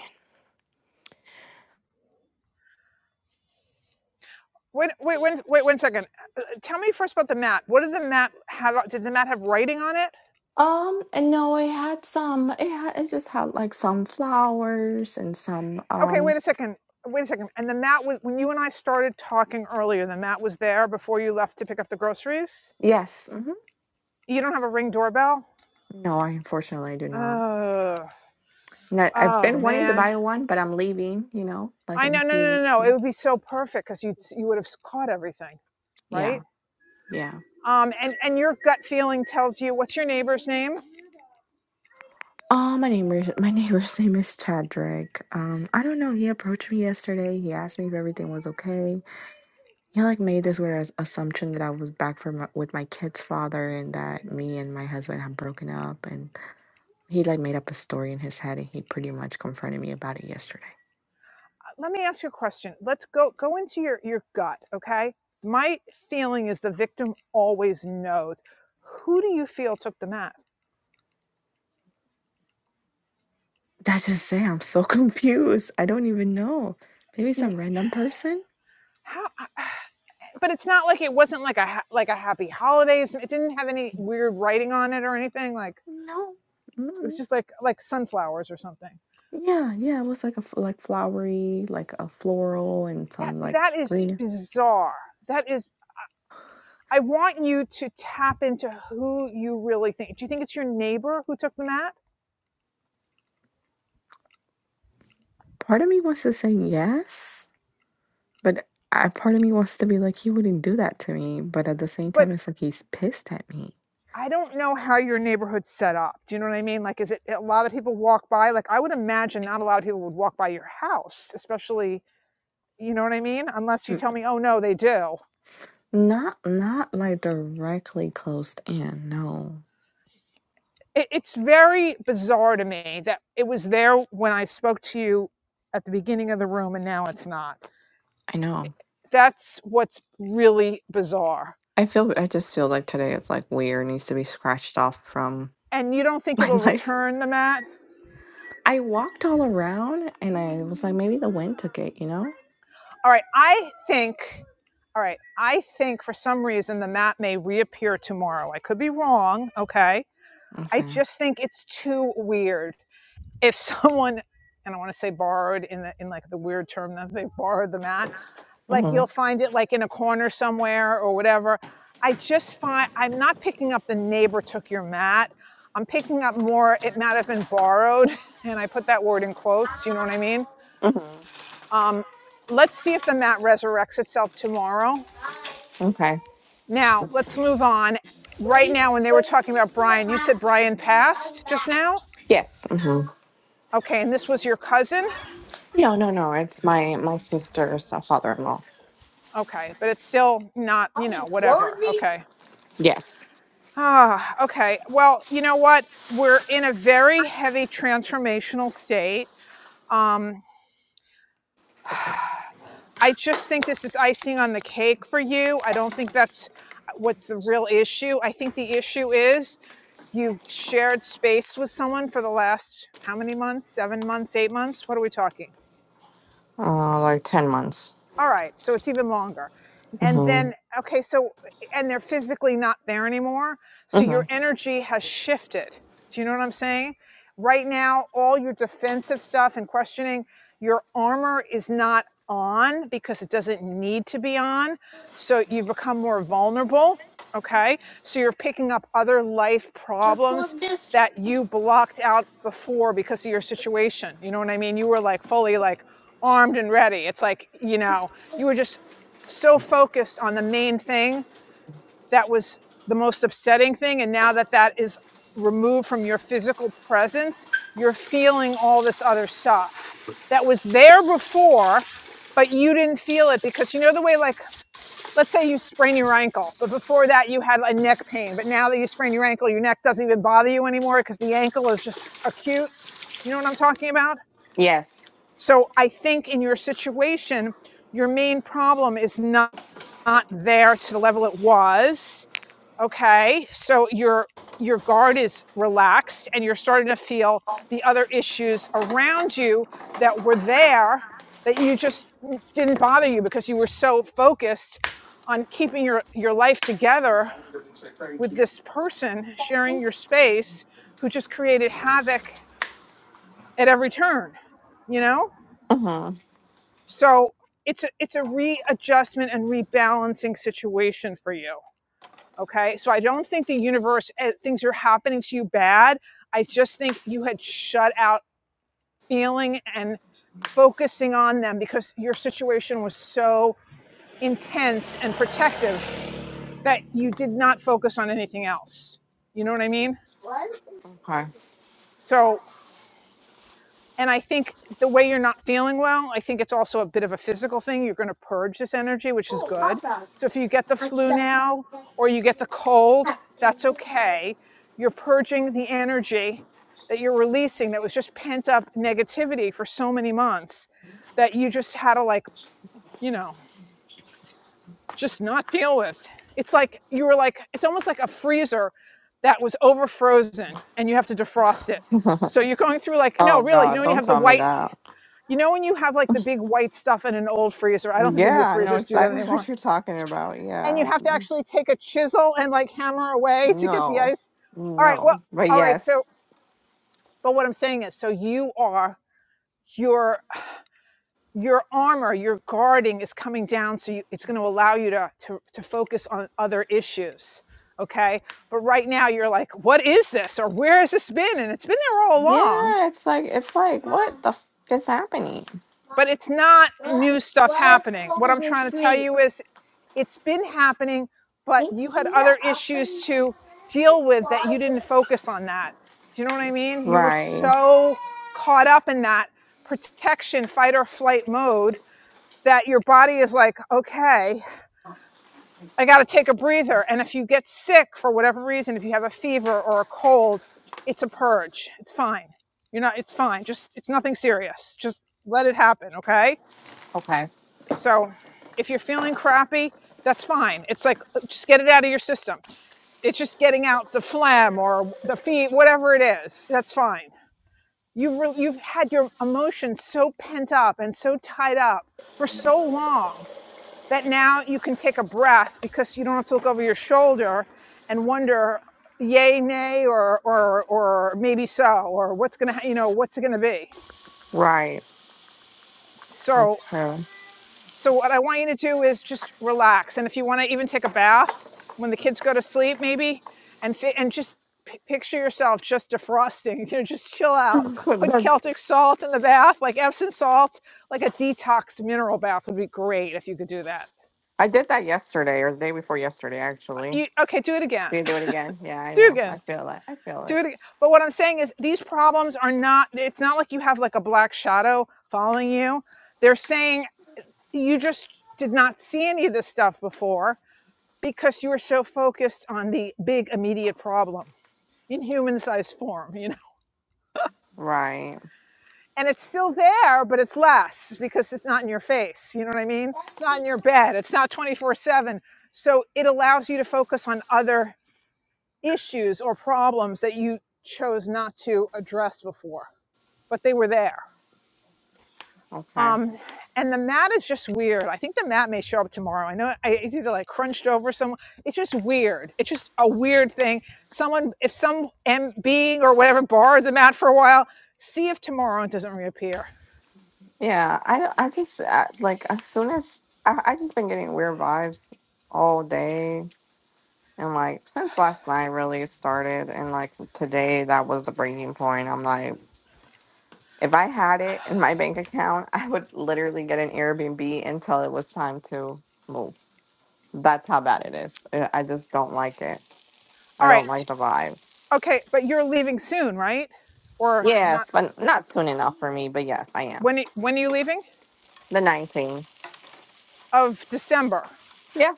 B: Wait, wait, wait, wait, one second. Uh, uh, Tell me first about the mat. What did the mat have? uh, Did the mat have writing on it?
E: Um, and no, it had some. It had it just had like some flowers and some.
B: Okay,
E: Um,
B: wait a second. Wait a second. And the mat was when you and I started talking earlier. The mat was there before you left to pick up the groceries.
E: yes. hmm
B: You don't have a ring doorbell.
E: No, I unfortunately do not.
B: Oh,
E: And I, I've
B: oh
E: been wanting to
B: man.
E: buy one, but I'm leaving. You know, like
B: I
E: in a
B: know. No, no,
E: few.
B: no, no. It would be so perfect because you you would have caught everything, right?
E: Yeah, yeah.
B: Um, and and your gut feeling tells you what's your neighbor's name.
E: Uh, my neighbor. my neighbor's [LAUGHS] name is Chadrick. Um, I don't know. He approached me yesterday. He asked me if everything was okay. He like made this weird as- assumption that I was back from my, with my kid's father and that me and my husband had broken up. And he like made up a story in his head and he pretty much confronted me about it yesterday.
B: let me ask you a question. Let's go go into your your gut, okay? My feeling is the victim always knows. Who do you feel took the mat?
E: That's just it. I'm so [LAUGHS] confused. I don't even know. Maybe
B: Y-
E: some random person.
B: How? [SIGHS] But it's not like it wasn't like a ha- like a happy holidays. It didn't have any weird writing on it or anything. Like
E: No.
B: it was just like like sunflowers or something.
E: Yeah, yeah, it was like a f- like flowery, like a floral and
B: That
E: some like
B: that is
E: green.
B: bizarre. That is. I want you to tap into who you really think. Do you think it's your neighbor who took the mat?
E: Part of me wants to say yes, but I part of me wants to be like he wouldn't do that to me, but at the same
B: But
E: time it's like he's pissed at me.
B: I don't know how your neighborhood's set up. Do you know what I mean? Like, is it a lot of people walk by? Like, I would imagine not a lot of people would walk by your house, especially, you know what I mean? Unless you
E: N-
B: tell me, oh, no, they do.
E: Not not like directly closed in. No.
B: It, it's very bizarre to me that it was there when I spoke to you at the beginning of the room and now it's not.
E: I know.
B: That's what's really bizarre.
E: I feel I just feel like today it's like weird needs to be scratched off from
B: And you don't
E: [LAUGHS]
B: think
E: my
B: it'll
E: life.
B: return the mat?
E: I walked all around and I was like maybe the wind took it, you know?
B: All right, I think. All right, I think for some reason the mat may reappear tomorrow. I could be wrong, okay? I
E: Okay.
B: just think it's too weird. If someone, and I want to say borrowed in the in like the weird term that they borrowed the mat, like
E: hmm
B: you'll find it like in a corner somewhere or whatever. I just find I'm not picking up the neighbor took your mat. I'm picking up more. It might have been borrowed, [LAUGHS] and I put that word in quotes. You know what I mean?
E: hmm
B: Um, let's see if the mat resurrects itself tomorrow.
E: Okay.
B: Now let's move on. Right now, when they were talking about Brian, you said Brian passed just now.
E: Yes. hmm
B: Okay, and this was your cousin?
E: No, no, no. It's my my sister's uh, father-in-law.
B: Okay, but it's still not, you know, whatever. Okay.
E: Yes.
B: Ah, okay. Well, you know what? We're in a very heavy transformational state. Um, I just think this is icing on the cake for you. I don't think that's uh, what's the real issue. I think the issue is you've shared space with someone for the last how many months? Seven months, eight months? What are we talking?
E: Uh, like ten months.
B: All right, so it's even longer. And
E: hmm
B: then, okay, so, and they're physically not there anymore. So
E: hmm
B: your energy has shifted. Do you know what I'm saying? Right now, all your defensive stuff and questioning, your armor is not on because it doesn't need to be on. So you become more vulnerable. Okay, so you're picking up other life problems that you blocked out before because of your situation. You know what I mean? You were like fully like, armed and ready. It's like, you know, you were just so focused on the main thing that was the most upsetting thing. And now that that is removed from your physical presence, you're feeling all this other stuff that was there before, but you didn't feel it because you know the way, like, let's say you sprain your ankle, but before that you had a neck pain. But now that you sprain your ankle, your neck doesn't even bother you anymore because the ankle is just acute. You know what I'm talking about? So I think in your situation, your main problem is not not there to the level it was okay so your your guard is relaxed and you're starting to feel the other issues around you that were there that you just didn't bother you because you were so focused on keeping your your life together with this person sharing your space who just created havoc at every turn you know
E: hmm
B: so it's a, it's a readjustment and rebalancing situation for you Okay. So I don't think the universe, uh, things are happening to you bad. I just think you had shut out feeling and focusing on them because your situation was so intense and protective that you did not focus on anything else. You know what I mean?
E: Okay.
B: So And I think the way you're not feeling well, I think it's also a bit of a physical thing. You're going to purge this energy, which is good. So if you get the flu now or you get the cold, that's okay. You're purging the energy that you're releasing that was just pent up negativity for so many months that you just had to, like, you know, just not deal with. It's like you were like, it's almost like a freezer that was over frozen and you have to defrost it.
E: [LAUGHS]
B: So you're going through like,
E: oh
B: no, really, you know,
E: God!
B: when you
E: Don't
B: have the
E: tell me
B: white
E: that.
B: you know when you have like the big white stuff in an old freezer? I don't think the new
E: Yeah, I know
B: freezers do that
E: exactly [LAUGHS] what
B: anymore.
E: you're talking about.
B: And you
E: Yeah.
B: have to actually take a chisel and like hammer away to get the
E: No.
B: ice. All right, well,
E: No. But
B: all right, so
E: yes.
B: but what I'm saying is so you are your your armor, your guarding is coming down so you, it's going to allow you to, to to focus on other issues. Okay? But right now you're like, what is this? Or where has this been? And it's been there all along,
E: Yeah. It's like it's like what the f- is happening?
B: but it's not new stuff happening. What I'm trying to tell you is it's been happening, but you had other issues to deal with that you didn't focus on that. Do you know what I mean? You were
E: Right.
B: so caught up in that protection, fight or flight mode that your body is like, okay, I got to take a breather. And if you get sick for whatever reason, if you have a fever or a cold, it's a purge. It's fine. You're not, it's fine. Just, it's nothing serious. Just let it happen. Okay
E: Okay.
B: so if you're feeling crappy, that's fine. It's like uh, just get it out of your system. It's just getting out the phlegm or the feet, whatever it is. That's fine. You've re- you've had your emotions so pent up and so tied up for so long that now you can take a breath because you don't have to look over your shoulder and wonder yay nay or or or maybe so or what's gonna you know what's it gonna be.
E: Right. That's
B: So So what I want you to do is just relax, and if you want to even take a bath when the kids go to sleep, maybe, and fi- and just p- picture yourself just defrosting. [LAUGHS] You know, just chill out. Put
E: true. [LAUGHS]
B: Celtic salt in the bath, like Epsom salt, like a detox mineral bath would be great if you could do that.
E: I did that yesterday or the day before yesterday, actually.
B: You, okay, do it
E: Do
B: again.
E: you do it again? Yeah,
B: [LAUGHS]
E: I
B: do it
E: know. I
B: again.
E: feel it. I feel
B: Do
E: it.
B: it. Again. But what I'm saying is, these problems are not. It's not like you have like a black shadow following you. They're saying you just did not see any of this stuff before because you are so focused on the big immediate problem in human sized form, you know.
E: Right.
B: And it's still there, but it's less because it's not in your face. You know what I mean? It's not in your bed. It's not 24 7. So it allows you to focus on other issues or problems that you chose not to address before, but they were there
E: Okay.
B: Um, and the mat is just weird. I think the mat may show up tomorrow. I know I it's either like crunched over some. It's just weird. It's just a weird thing. Someone, if some M being or whatever borrowed the mat for a while, see if tomorrow it doesn't reappear.
E: Yeah. I don't- I just uh like as soon as I I just been getting weird vibes all day and like since last night really started and like today that was the breaking point. I'm like, if I had it in my bank account, [LAUGHS] I would literally get an Airbnb until it was time to move. That's how bad it is. I I just don't like it.
B: All
E: I don't
B: right.
E: like the vibe.
B: Okay. But you're leaving soon, right? Or not?
E: Yes, but not soon enough for me. But yes, I am.
B: When, when are you leaving?
E: The 19.
B: Of December.
E: Yeah.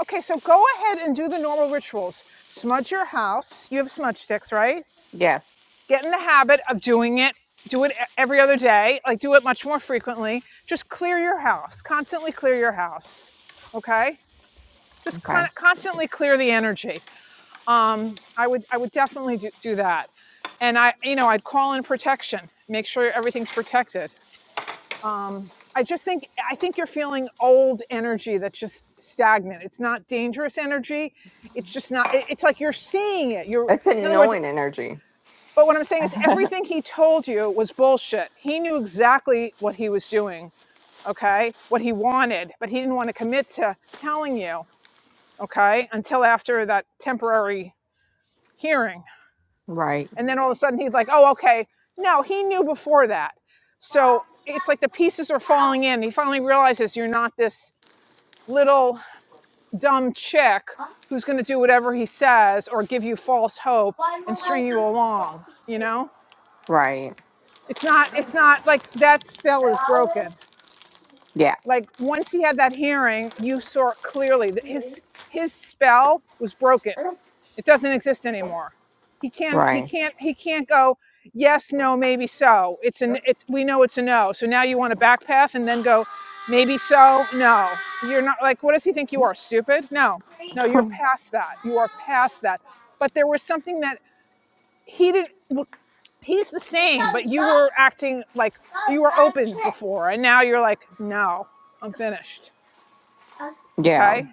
B: Okay. So go ahead and do the normal rituals. Smudge your house. You have smudge sticks, right?
E: Yes.
B: get in the habit of doing it do it e- every other day like do it much more frequently just clear your house constantly clear your house okay just
E: Okay.
B: con- constantly clear the energy um i would i would definitely do, do that and i you know i'd call in protection make sure everything's protected um i just think i think you're feeling old energy that's just stagnant it's not dangerous energy it's just not it- it's like you're seeing it you're
E: It's
B: in other words
E: annoying energy.
B: but what I'm saying is, everything he told you was bullshit. He knew exactly what he was doing, okay? What he wanted, but he didn't want to commit to telling you, okay? Until after that temporary hearing.
E: Right.
B: And then all of a sudden he's like, oh, okay. No, he knew before that. So it's like the pieces are falling in. He finally realizes you're not this little dumb chick who's going to do whatever he says or give you false hope and string you along, you know?
E: Right.
B: It's not it's not like that spell is broken.
E: Yeah.
B: Like once he had that hearing, you saw it clearly that his his spell was broken. It doesn't exist anymore. He can't he
E: Right.
B: can't he can't go yes, no, maybe so. It's an it's we know it's a no. So now you want to back path and then go maybe so? No. You're not like what does he think you are stupid? No. No, you're
E: [LAUGHS]
B: past that. You are past that. But there was something that he didn't he's the same, but you were acting like you were open before, and now you're like, no, I'm finished.
E: Yeah.
B: Okay,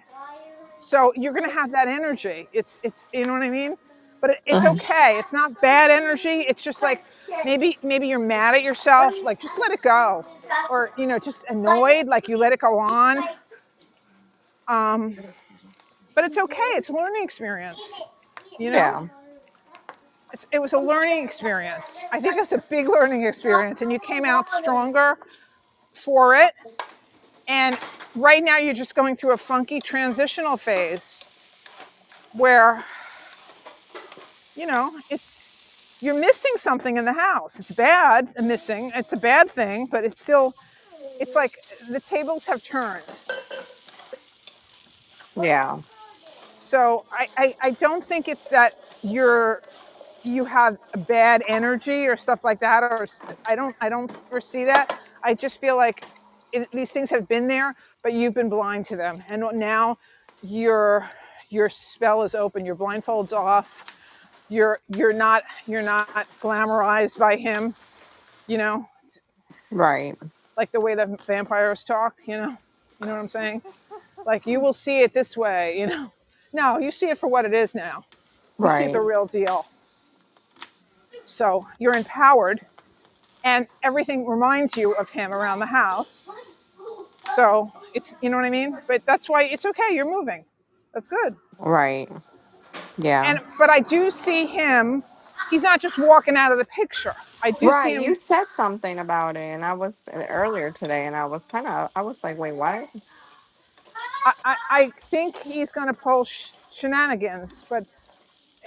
B: so you're gonna have that energy. It's it's you know what I mean. But it, it's
E: Mhm.
B: okay. It's not bad energy. It's just like maybe maybe you're mad at yourself. Like just let it go, or you know just annoyed. Like you let it go on. Um, but it's okay. It's a learning experience. You know,
E: Yeah.
B: it's it was a learning experience. I think it was a big learning experience, and you came out stronger for it And right now you're just going through a funky transitional phase where, you know, it's you're missing something in the house. It's bad, uh, missing. It's a bad thing, but it's still it's like the tables have turned.
E: Yeah.
B: So I I, I don't think it's that you're you have bad energy or stuff like that or I do not i don't i don't foresee that i just feel like it, these things have been there but you've been blind to them and now your your spell is open your blindfolds off you're you're not you're not glamorized by him you know
E: Right.
B: like the way the vampires talk you know you know what i'm saying like you will see it this way you know no you see it for what it is now you see it the
E: Right.
B: real deal so you're empowered and everything reminds you of him around the house. So it's you know what I mean? But that's why it's okay, you're moving. That's good.
E: Right. Yeah.
B: And but I do see him, he's not just walking out of the picture. I do see
E: Right. You
B: him
E: said something about it, and I was uh, earlier today, and I was kind of, I was like, wait, what?
B: I, I, I think he's going to pull sh- shenanigans, but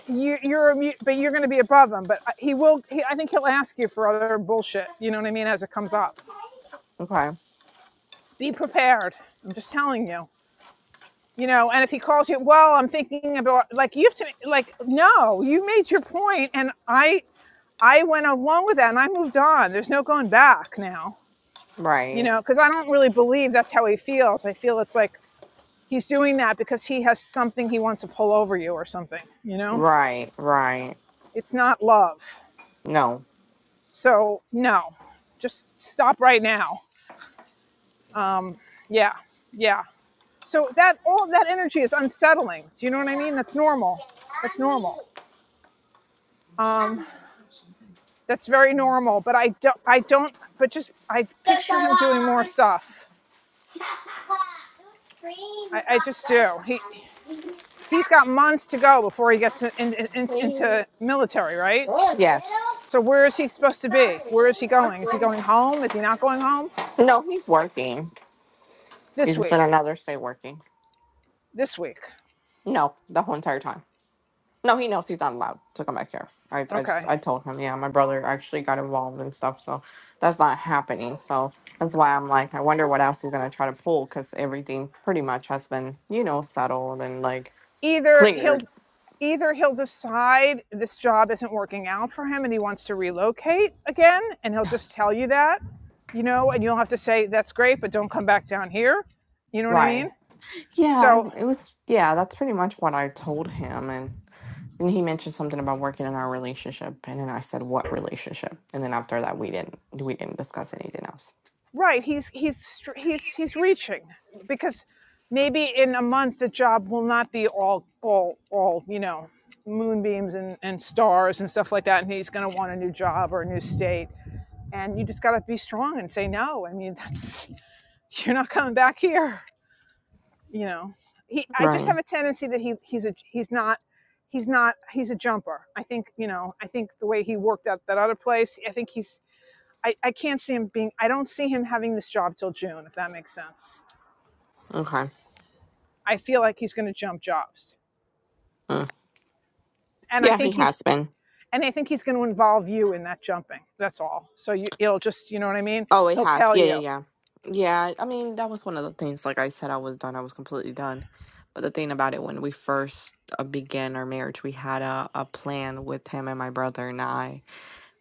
B: you, you're but you're going to be above him. But uh, he will. He, I think he'll ask you for other bullshit. You know what I mean? As it comes up,
E: Okay.
B: be prepared. I'm just telling you. you know and if he calls you well i'm thinking about like you have to like no you made your point and i i went along with that and i moved on there's no going back now you
E: Right.
B: know because i don't really believe that's how he feels i feel it's like he's doing that because he has something he wants to pull over you or something you know
E: Right. Right.
B: it's not love
E: No.
B: so no just stop right now um yeah yeah so that all of that energy is unsettling do you know what i mean that's normal that's normal Um. that's very normal but i don't i don't but just i picture him doing more stuff i, I just do he he's got months to go before he gets in, in, in- into military right
E: Yes.
B: so where is he supposed to be where is he going is he going home is he not going home
E: No, he's working.
B: this
E: He's just
B: week
E: in another state working.
B: this week
E: No, the whole entire time. No, he knows he's not allowed to come back here. I, I just
B: okay
E: I told him, yeah, my brother actually got involved and stuff, so that's not happening. So that's why I'm like, I wonder what else he's gonna try to pull, because everything pretty much has been, you know, settled and like
B: either
E: cleared.
B: he'll either he'll decide this job isn't working out for him and he wants to relocate again and he'll just tell you that you know and you'll have to say that's great but don't come back down here you know what i mean
E: Right. Yeah,
B: So
E: it was. Yeah, that's pretty much what I told him, and. And he mentioned something about working in our relationship, and then I said, "What relationship?" And then after that, we didn't we didn't discuss anything else.
B: right, he's he's he's he's reaching because maybe in a month the job will not be all all all you know moonbeams and, and stars and stuff like that, and he's going to want a new job or a new state. And you just got to be strong and say no. I mean, that's [LAUGHS] you're not coming back here. You know, he. I just
E: Right.
B: have a tendency that he he's a he's not. He's not. He's a jumper. I think you know. I think the way he worked at that other place. I think he's I, I can't see him being I don't see him having this job till June, if that makes sense.
E: Okay.
B: I feel like he's gonna jump jobs.
E: Mm.
B: And I
E: Yeah, he
B: think he's
E: has been.
B: and I think he's gonna involve you in that jumping. That's all. So you it'll just you know what I mean?
E: Oh, it
B: He'll
E: has.
B: tell
E: Yeah, yeah,
B: you.
E: yeah, yeah. I mean, that was one of the things. Like I said, I was done. I was completely done. But the thing about it, when we first uh, began our marriage, we had a, a plan with him and my brother and I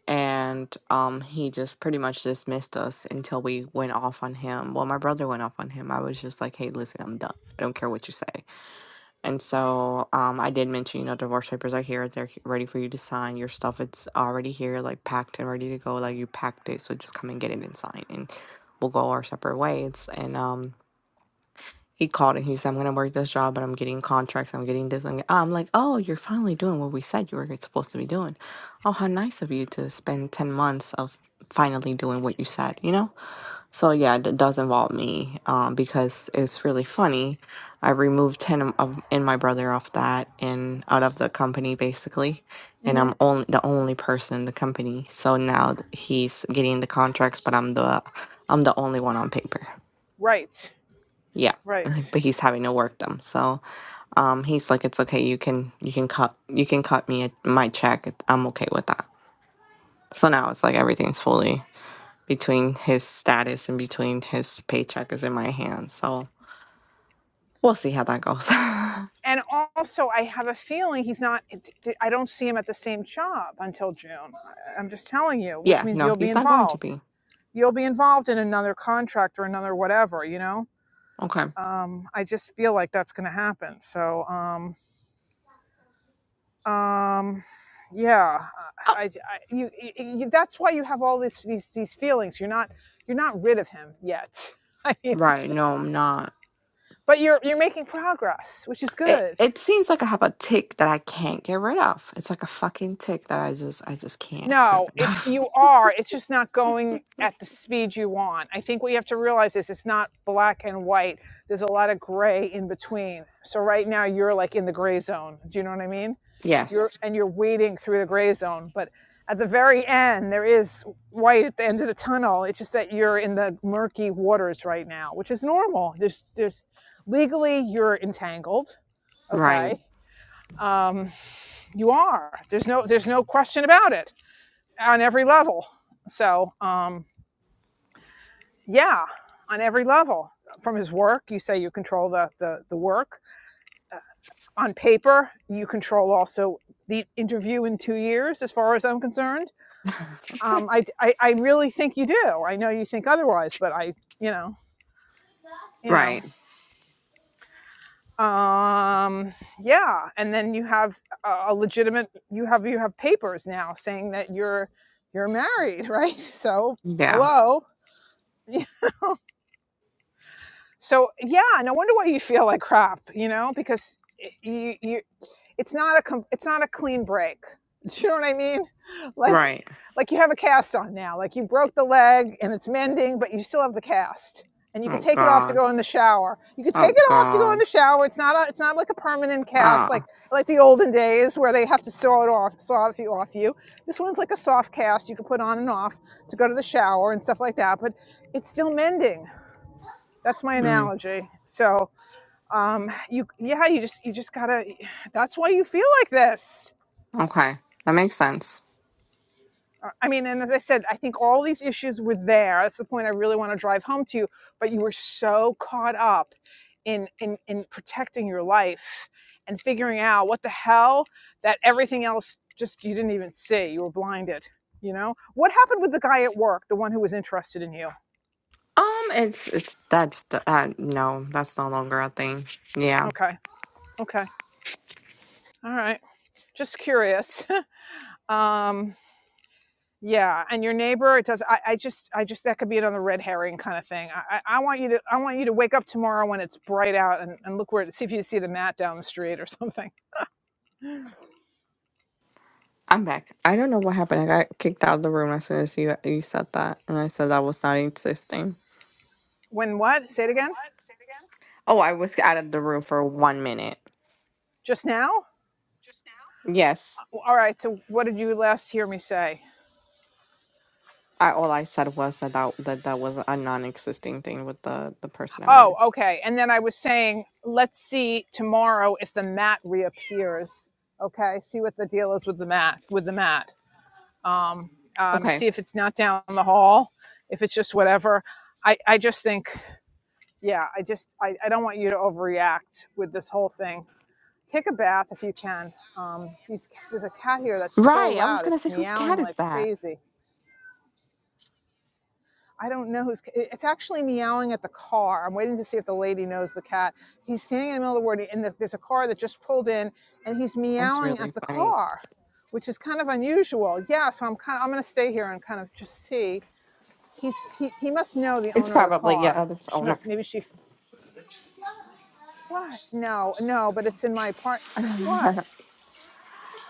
E: and um he just pretty much dismissed us until we went off on him well my brother went off on him i was just like hey listen i'm done i don't care what you say and so um i did mention you know divorce papers are here they're h- ready for you to sign your stuff it's already here like packed and ready to go like you packed it so just come and get it and sign and we'll go our separate ways and um he called and he said, I'm going to work this job, but I'm getting contracts. I'm getting this. I'm, get-" I'm like, oh, you're finally doing what we said you were supposed to be doing. Oh, how nice of you to spend 10 months of finally doing what you said, you know? So, yeah, it does involve me um, because it's really funny. I removed 10 of, of- and my brother off that and out of the company, basically. And
B: hmm
E: I'm only the only person in the company. So now th- he's getting the contracts, but I'm the I'm the only one on paper.
B: Right.
E: Yeah, [LAUGHS]
B: Right.
E: but he's having to work them. So um, he's like, it's okay. You can you can cut you can cut me a, my check. it- I'm okay with that. So now it's like everything's fully between his status and between his paycheck is in my hands. So we'll see how that goes. [LAUGHS]
B: And also I have a feeling he's not I don't see him at the same job until June. I- I'm just telling you, which
E: yeah,
B: means
E: no,
B: you'll be
E: he's not going to
B: involved.
E: be
B: You'll be involved in another contract or another whatever, you know?
E: okay.
B: Um, I just feel like that's going to happen. So, um, um yeah
E: Oh,
B: I, I you, you that's why you have all this these these feelings you're not you're not rid of him yet [LAUGHS] i mean it's
E: right? No,
B: just
E: I'm not.
B: but you're you're making progress which is
E: It
B: good
E: it seems like I have a tick that I can't get rid of. It's like a fucking tick that I just I just can't get
B: No,
E: rid
B: it's
E: of.
B: you are. It's just not going at the speed you want. I think what you have to realize is it's not black and white. There's a lot of gray in between. So right now you're like in the gray zone. Do you know what I mean?
E: [LAUGHS]
B: You're
E: yes.
B: and you're wading through the gray zone, but at the very end there is white at the end of the tunnel. It's just that you're in the murky waters right now, which is normal. There's there's legally you're entangled,
E: Right.
B: okay? Um you are. There's no there's no question about it on every level. So, um, yeah, on every level. From his work, you say you control the, the, the work. Uh, on paper, you control also the interview in two years, as far as I'm concerned. Um, I, I, I really think you do. I know you think otherwise, but I, you know, you know,
E: Right.
B: um, yeah. And then you have a, a legitimate, you have, you have papers now saying that you're, you're married, [LAUGHS] right? So,
E: Yeah.
B: hello. [LAUGHS] you So yeah, no wonder why you feel like crap, you know, because you you it's not a com- it's not a clean break. [LAUGHS] Do you know what I mean? Like
E: Right.
B: like you have a cast on now. Like you broke the leg and it's mending, but you still have the cast. And you could
E: Oh
B: take it off to
E: God.
B: go in the shower. You could take
E: Oh
B: it off to go in the
E: God.
B: shower. It's not a, it's not like a permanent cast like
E: Ah.
B: like the olden days where they have to saw it off, saw you off you. This one's like a soft cast you can put on and off to go to the shower and stuff like that, but it's still mending that's my
E: Mm,
B: analogy. So, um, you, yeah, you just, you just gotta, that's why you feel like this.
E: okay. That makes sense.
B: Uh, I mean, and as I said, I think all these issues were there. That's the point I really want to drive home to you. But you were so caught up in, in, in protecting your life and figuring out what the hell that everything else just you didn't even see. You were blinded. You know what happened with the guy at work, the one who was interested in you?
E: Um, it's it's that's the- uh no, that's no longer a thing. Yeah.
B: Okay, okay, all right. Just curious. [LAUGHS] um, Yeah, and your neighbor, it does. I, I just, I just that could be another red herring kind of thing. I, I I want you to, I want you to wake up tomorrow when it's bright out and, and look where, see if you see the mat down the street or [LAUGHS] something.
E: I'm back. I don't know what happened. I got kicked out of the room as soon as you you said that, and I said that was not existing.
B: When what? Say it again.
E: Oh, I was out of the room for one minute.
B: Just now?
E: Yes,
B: All right. So what did you last hear me say?
E: I all I said was that that that, that was a non-existing thing with the the person at
B: Oh,
E: work.
B: okay. And then I was saying, let's see tomorrow if the mat reappears. Okay. See what the deal is with the mat. With the mat. Um. Um.
E: Okay,
B: See if it's not down the hall. If it's just whatever. I, I just think yeah, I just I, I don't want you to overreact with this whole thing. Take a bath if you can. Um, these ca- there's a cat here that's so
E: right. I was
B: loud;
E: gonna
B: it's
E: say whose
B: meowing
E: cat is
B: like
E: that?
B: crazy. I don't know who's. it- It's actually meowing at the car. I'm waiting to see if the lady knows the cat. He's standing in the middle of the road, and the, there's a car that just pulled in, and he's
E: That's
B: meowing
E: really
B: at the
E: funny.
B: car, which is kind of unusual. Yeah, so I'm kind of I'm gonna stay here and kind of just see. He's he he must know the
E: It's
B: owner of the
E: probably
B: car.
E: yeah, its
B: She
E: owner.
B: must maybe she What? No, no, but it's in my part. What?
E: [LAUGHS]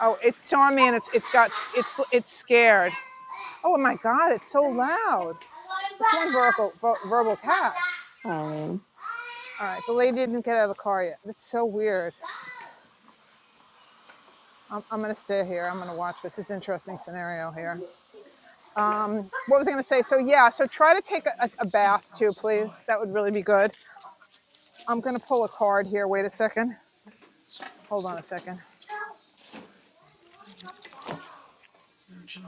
B: Oh, it saw me and it's it's got it's it's scared. Oh my God! It's so loud. That's one verbal verbal cat.
E: Um,
B: All right, the lady didn't get out of the car yet. That's so weird. I'm I'm gonna stay here. I'm gonna watch this. This is an interesting scenario here. Um, what was I gonna say? So yeah, so try to take a, a bath too, please. That would really be good. I'm gonna pull a card here. Wait a second. Hold on a second.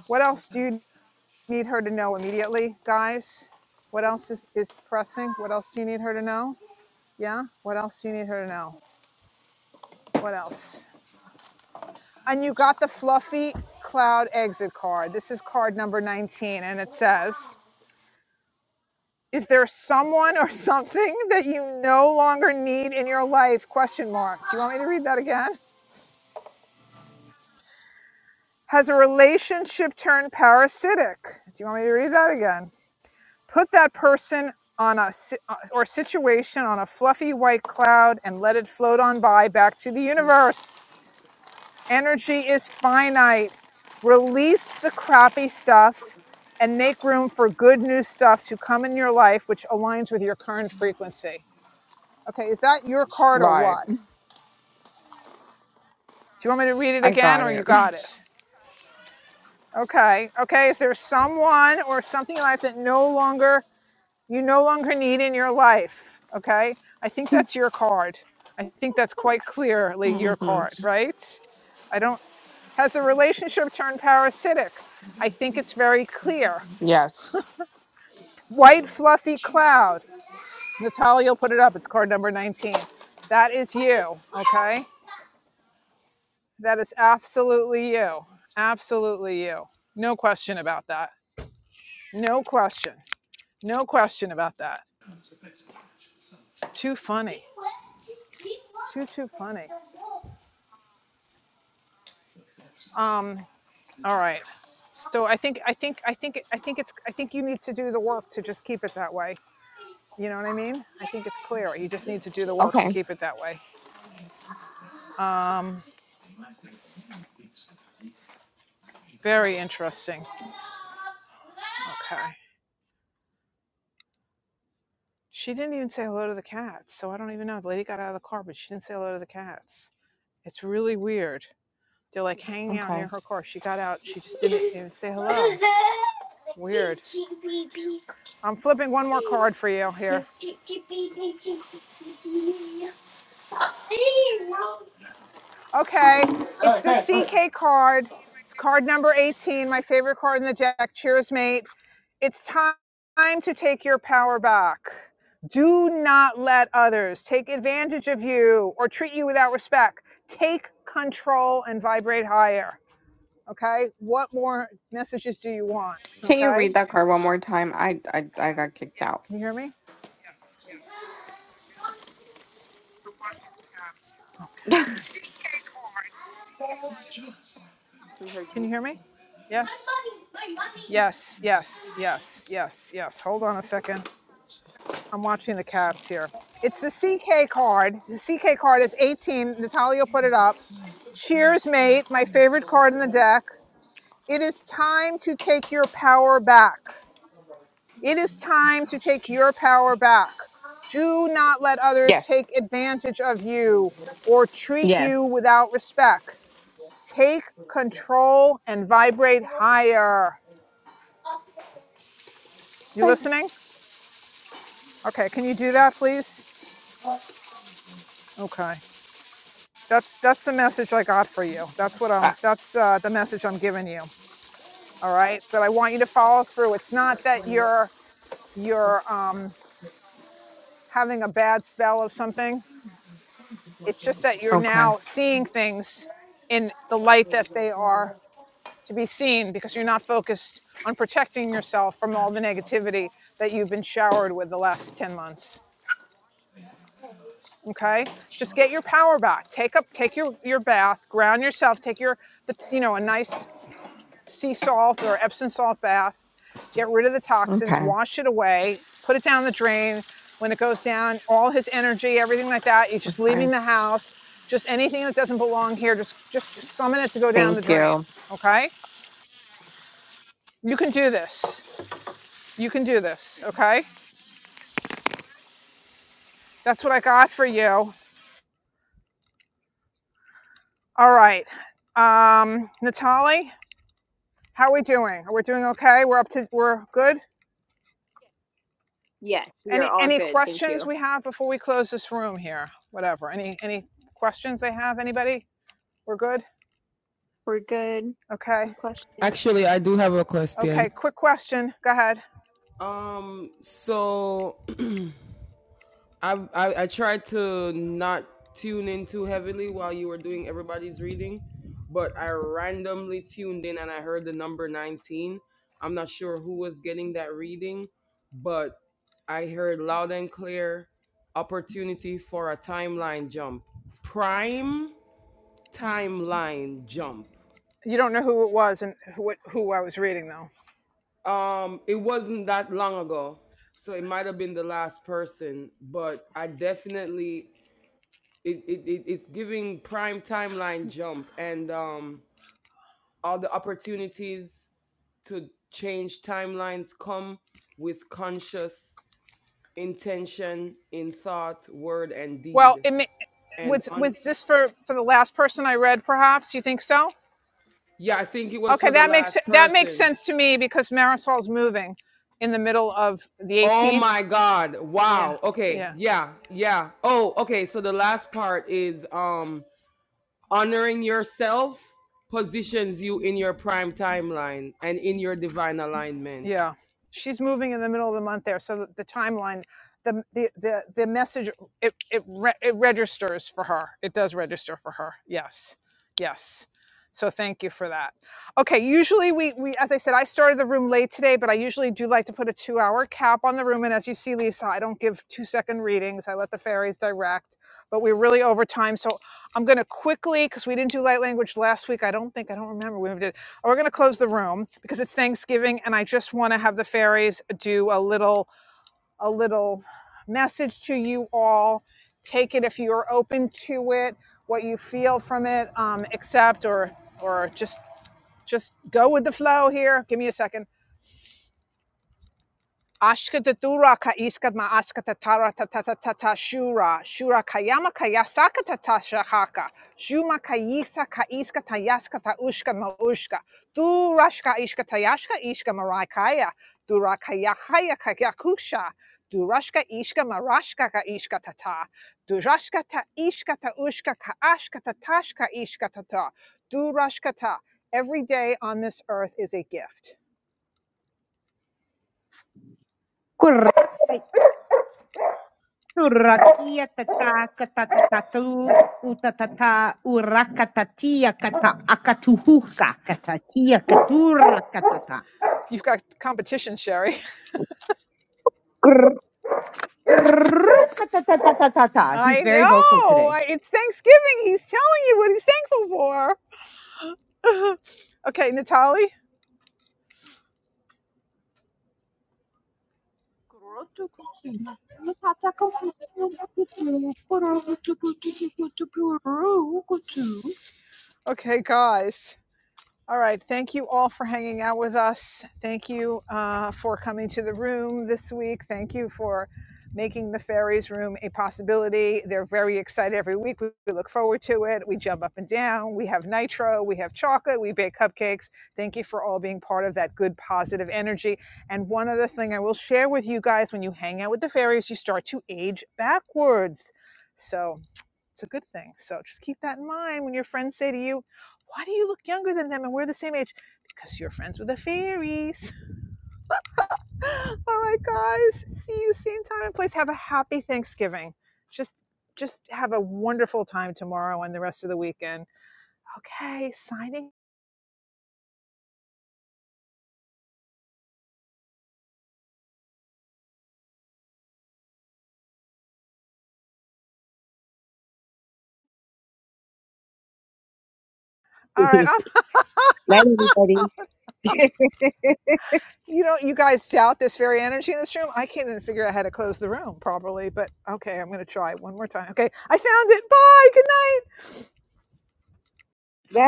B: What else do you need her to know immediately, guys. What else is, is pressing? What else do you need her to know? Yeah? What else do you need her to know? What else? And you got the fluffy cloud exit card. This is card number 19, and it says, Is there someone or [LAUGHS] something that you no longer need in your life? Question mark. Do you want me to read that again? Has a relationship turned parasitic? Do you want me to read that again? Put that person on a si- uh, or situation on a fluffy white cloud and let it float on by back to the universe. Energy is finite. Release the crappy stuff and make room for good new stuff to come in your life which aligns with your current frequency. Okay, is that your card or
E: right.
B: what? Do you want me to read it
E: I
B: again
E: got
B: or you
E: it.
B: got it? Okay. Okay, is there someone or something in life that no longer you no longer need in your life. Okay. I think that's your card. I think that's quite clearly your
E: hmm
B: card, right? I don't, has the relationship turned parasitic? I think it's very clear.
E: Yes.
B: White fluffy cloud. Natalia, you'll put it up. It's card number 19. That is you. Okay. That is absolutely you. Absolutely you. No question about that. No question. No question about that. Too funny. Too, too funny. Um, All right. So I think I think I think I think it's I think you need to do the work to just keep it that way. You know what I mean? I think it's clear. You just need to do the work to
E: Okay.
B: keep it that way. Um very interesting. Okay. She didn't even say hello to the cats. So I don't even know. The lady got out of the car, but she didn't say hello to the cats. It's really weird. They're like hanging out near
E: Okay.
B: her car. She got out. She just didn't even say hello. Weird. I'm flipping one more card for you here. Okay. It's the CK card. It's card number 18, my favorite card in the deck. Cheers, mate. It's time to take your power back. Do not let others take advantage of you or treat you without respect. Take control and vibrate higher. Okay. What more messages do you want?
E: Can you
B: Okay.
E: read that card one more time? I I, I got kicked out.
B: Can you hear me? Okay.
E: [LAUGHS]
A: we heard
B: Can
A: you.
B: you hear me? Yeah. Yes. Yes. Yes. Yes. Yes. Hold on a second. I'm watching the cats here. It's the CK card. The CK card is 18. Natalia put it up. Cheers, mate. My favorite card in the deck. It is time to take your power back. It is time to take your power back. Do not let others
E: yes.
B: take advantage of you or treat you
E: Yes.
B: without respect. Take control and vibrate higher. You
E: Okay.
B: listening? Okay, can you do that, please? Okay. that's that's the message I got for you. That's what
E: Uh,
B: I'm. That's uh, the message I'm giving you. All right, but I want you to follow through. It's not that you're you're um, having a bad spell of something. It's just that you're
E: okay.
B: now seeing things in the light that they are to be seen because you're not focused on protecting yourself from all the negativity that you've been showered with the last 10 months. Okay? Just get your power back. Take up take your your bath, ground yourself, take your the, you know, a nice sea salt or Epsom salt bath, get rid of the toxins,
E: Okay.
B: wash it away, put it down the drain. When it goes down, all his energy, everything like that, you're just
E: Okay.
B: leaving the house. Just anything that doesn't belong here, just just summon it to go down the
E: Thank
B: drain.
E: you.
B: Okay? You can do this. You can do this. Okay? That's what I got for you. All right. Um, Natalie, how are we doing? Are we doing okay? We're up to we're good?
A: Yes, we are
B: Any
A: all
B: any
A: good. Thank
B: questions
A: you.
B: we have before we close this room here? Whatever. Any any questions they have? Anybody? We're good.
A: We're good.
B: Okay.
A: Any questions?
K: Actually, I do have a question.
B: Okay. Quick question. Go ahead.
K: Um, so [CLEARS THROAT] I, I I tried to not tune in too heavily while you were doing everybody's reading, but I randomly tuned in and I heard the number 19. I'm not sure who was getting that reading, but I heard loud and clear opportunity for a timeline jump. Prime timeline jump.
B: You don't know who it was and who it- who I was reading though.
K: Um it wasn't that long ago, so it might have been the last person, but I definitely it, it, it it's giving prime timeline jump and um all the opportunities to change timelines come with conscious intention in thought word and
B: Well,
K: deed
B: it ma-
K: and
B: was
K: on
B: was this for for the last person I read? Perhaps you think so?
K: yeah i think it was
B: Okay,
K: for the
B: that makes
K: last
B: that makes
K: person
B: sense to me because Marisol's moving in the middle of the
K: oh
B: 18th.
K: my god
B: Yeah.
K: wow okay
B: Yeah.
K: yeah yeah oh okay so the last part is um honoring yourself positions you in your prime timeline and in your divine alignment
B: Yeah, she's moving in the middle of the month there, so the, the timeline, the the the, the message, it it re- it registers for her. It does register for her. Yes, yes. So thank you for that. Okay, usually we we as I said, I started the room late today, but I usually do like to put a two hour cap on the room. And as you see, Lisa, I don't give two second readings. I let the fairies direct, but we're really over time, so I'm going to quickly because we didn't do light language last week. I don't think I don't remember we did we're going to close the room because it's Thanksgiving and I just want to have the fairies do a little a little message to you all. Take it if you're open to it, what you feel from it, um, accept or or just just go with the flow here. Give me a second. Ashkata duraka iskatma askata tara ta ta ta ta ta shura shura kayama kayasaka ta ta shahaka shuma kayisa ka iskata yaskata ushka ma ushka durashka ishkata yashka ishka marakaya durakaya haya kayakusha durashka ishka marashka ka ishka tata, durashka ta ishka ta ushka ka ashka ta tashka ishka ta durashka ta every day on this earth is a gift
C: Turakia tata katatatu utatata urakatatia kata akatuhuka katatia katura katata
B: you've got competition sherry
C: katatatatade.
B: I know. I, it's Thanksgiving. He's telling you what he's thankful for. [LAUGHS] okay, Natalie.
A: [LAUGHS]
B: Okay, guys. All right. Thank you all for hanging out with us. Thank you uh, for coming to the room this week. Thank you for making the fairies room a possibility. They're very excited every week. We we look forward to it. We jump up and down. We have nitro. We have chocolate. We bake cupcakes. Thank you for all being part of that good, positive energy. And one other thing I will share with you guys when you hang out with the fairies, you start to age backwards. So, it's a good thing. So just keep that in mind when your friends say to you, Why do you look younger than them and we're the same age? Because you're friends with the fairies. [LAUGHS] All right, guys. See you same time and place. Have a happy Thanksgiving. Just just have a wonderful time tomorrow and the rest of the weekend. Okay, signing. All right, I'll
C: [LAUGHS] Night, everybody.
B: you know, you guys doubt this very energy in this room. I can't even figure out how to close the room properly, but okay, I'm going to try one more time. Okay, I found it. Bye. Good night.
C: [LAUGHS]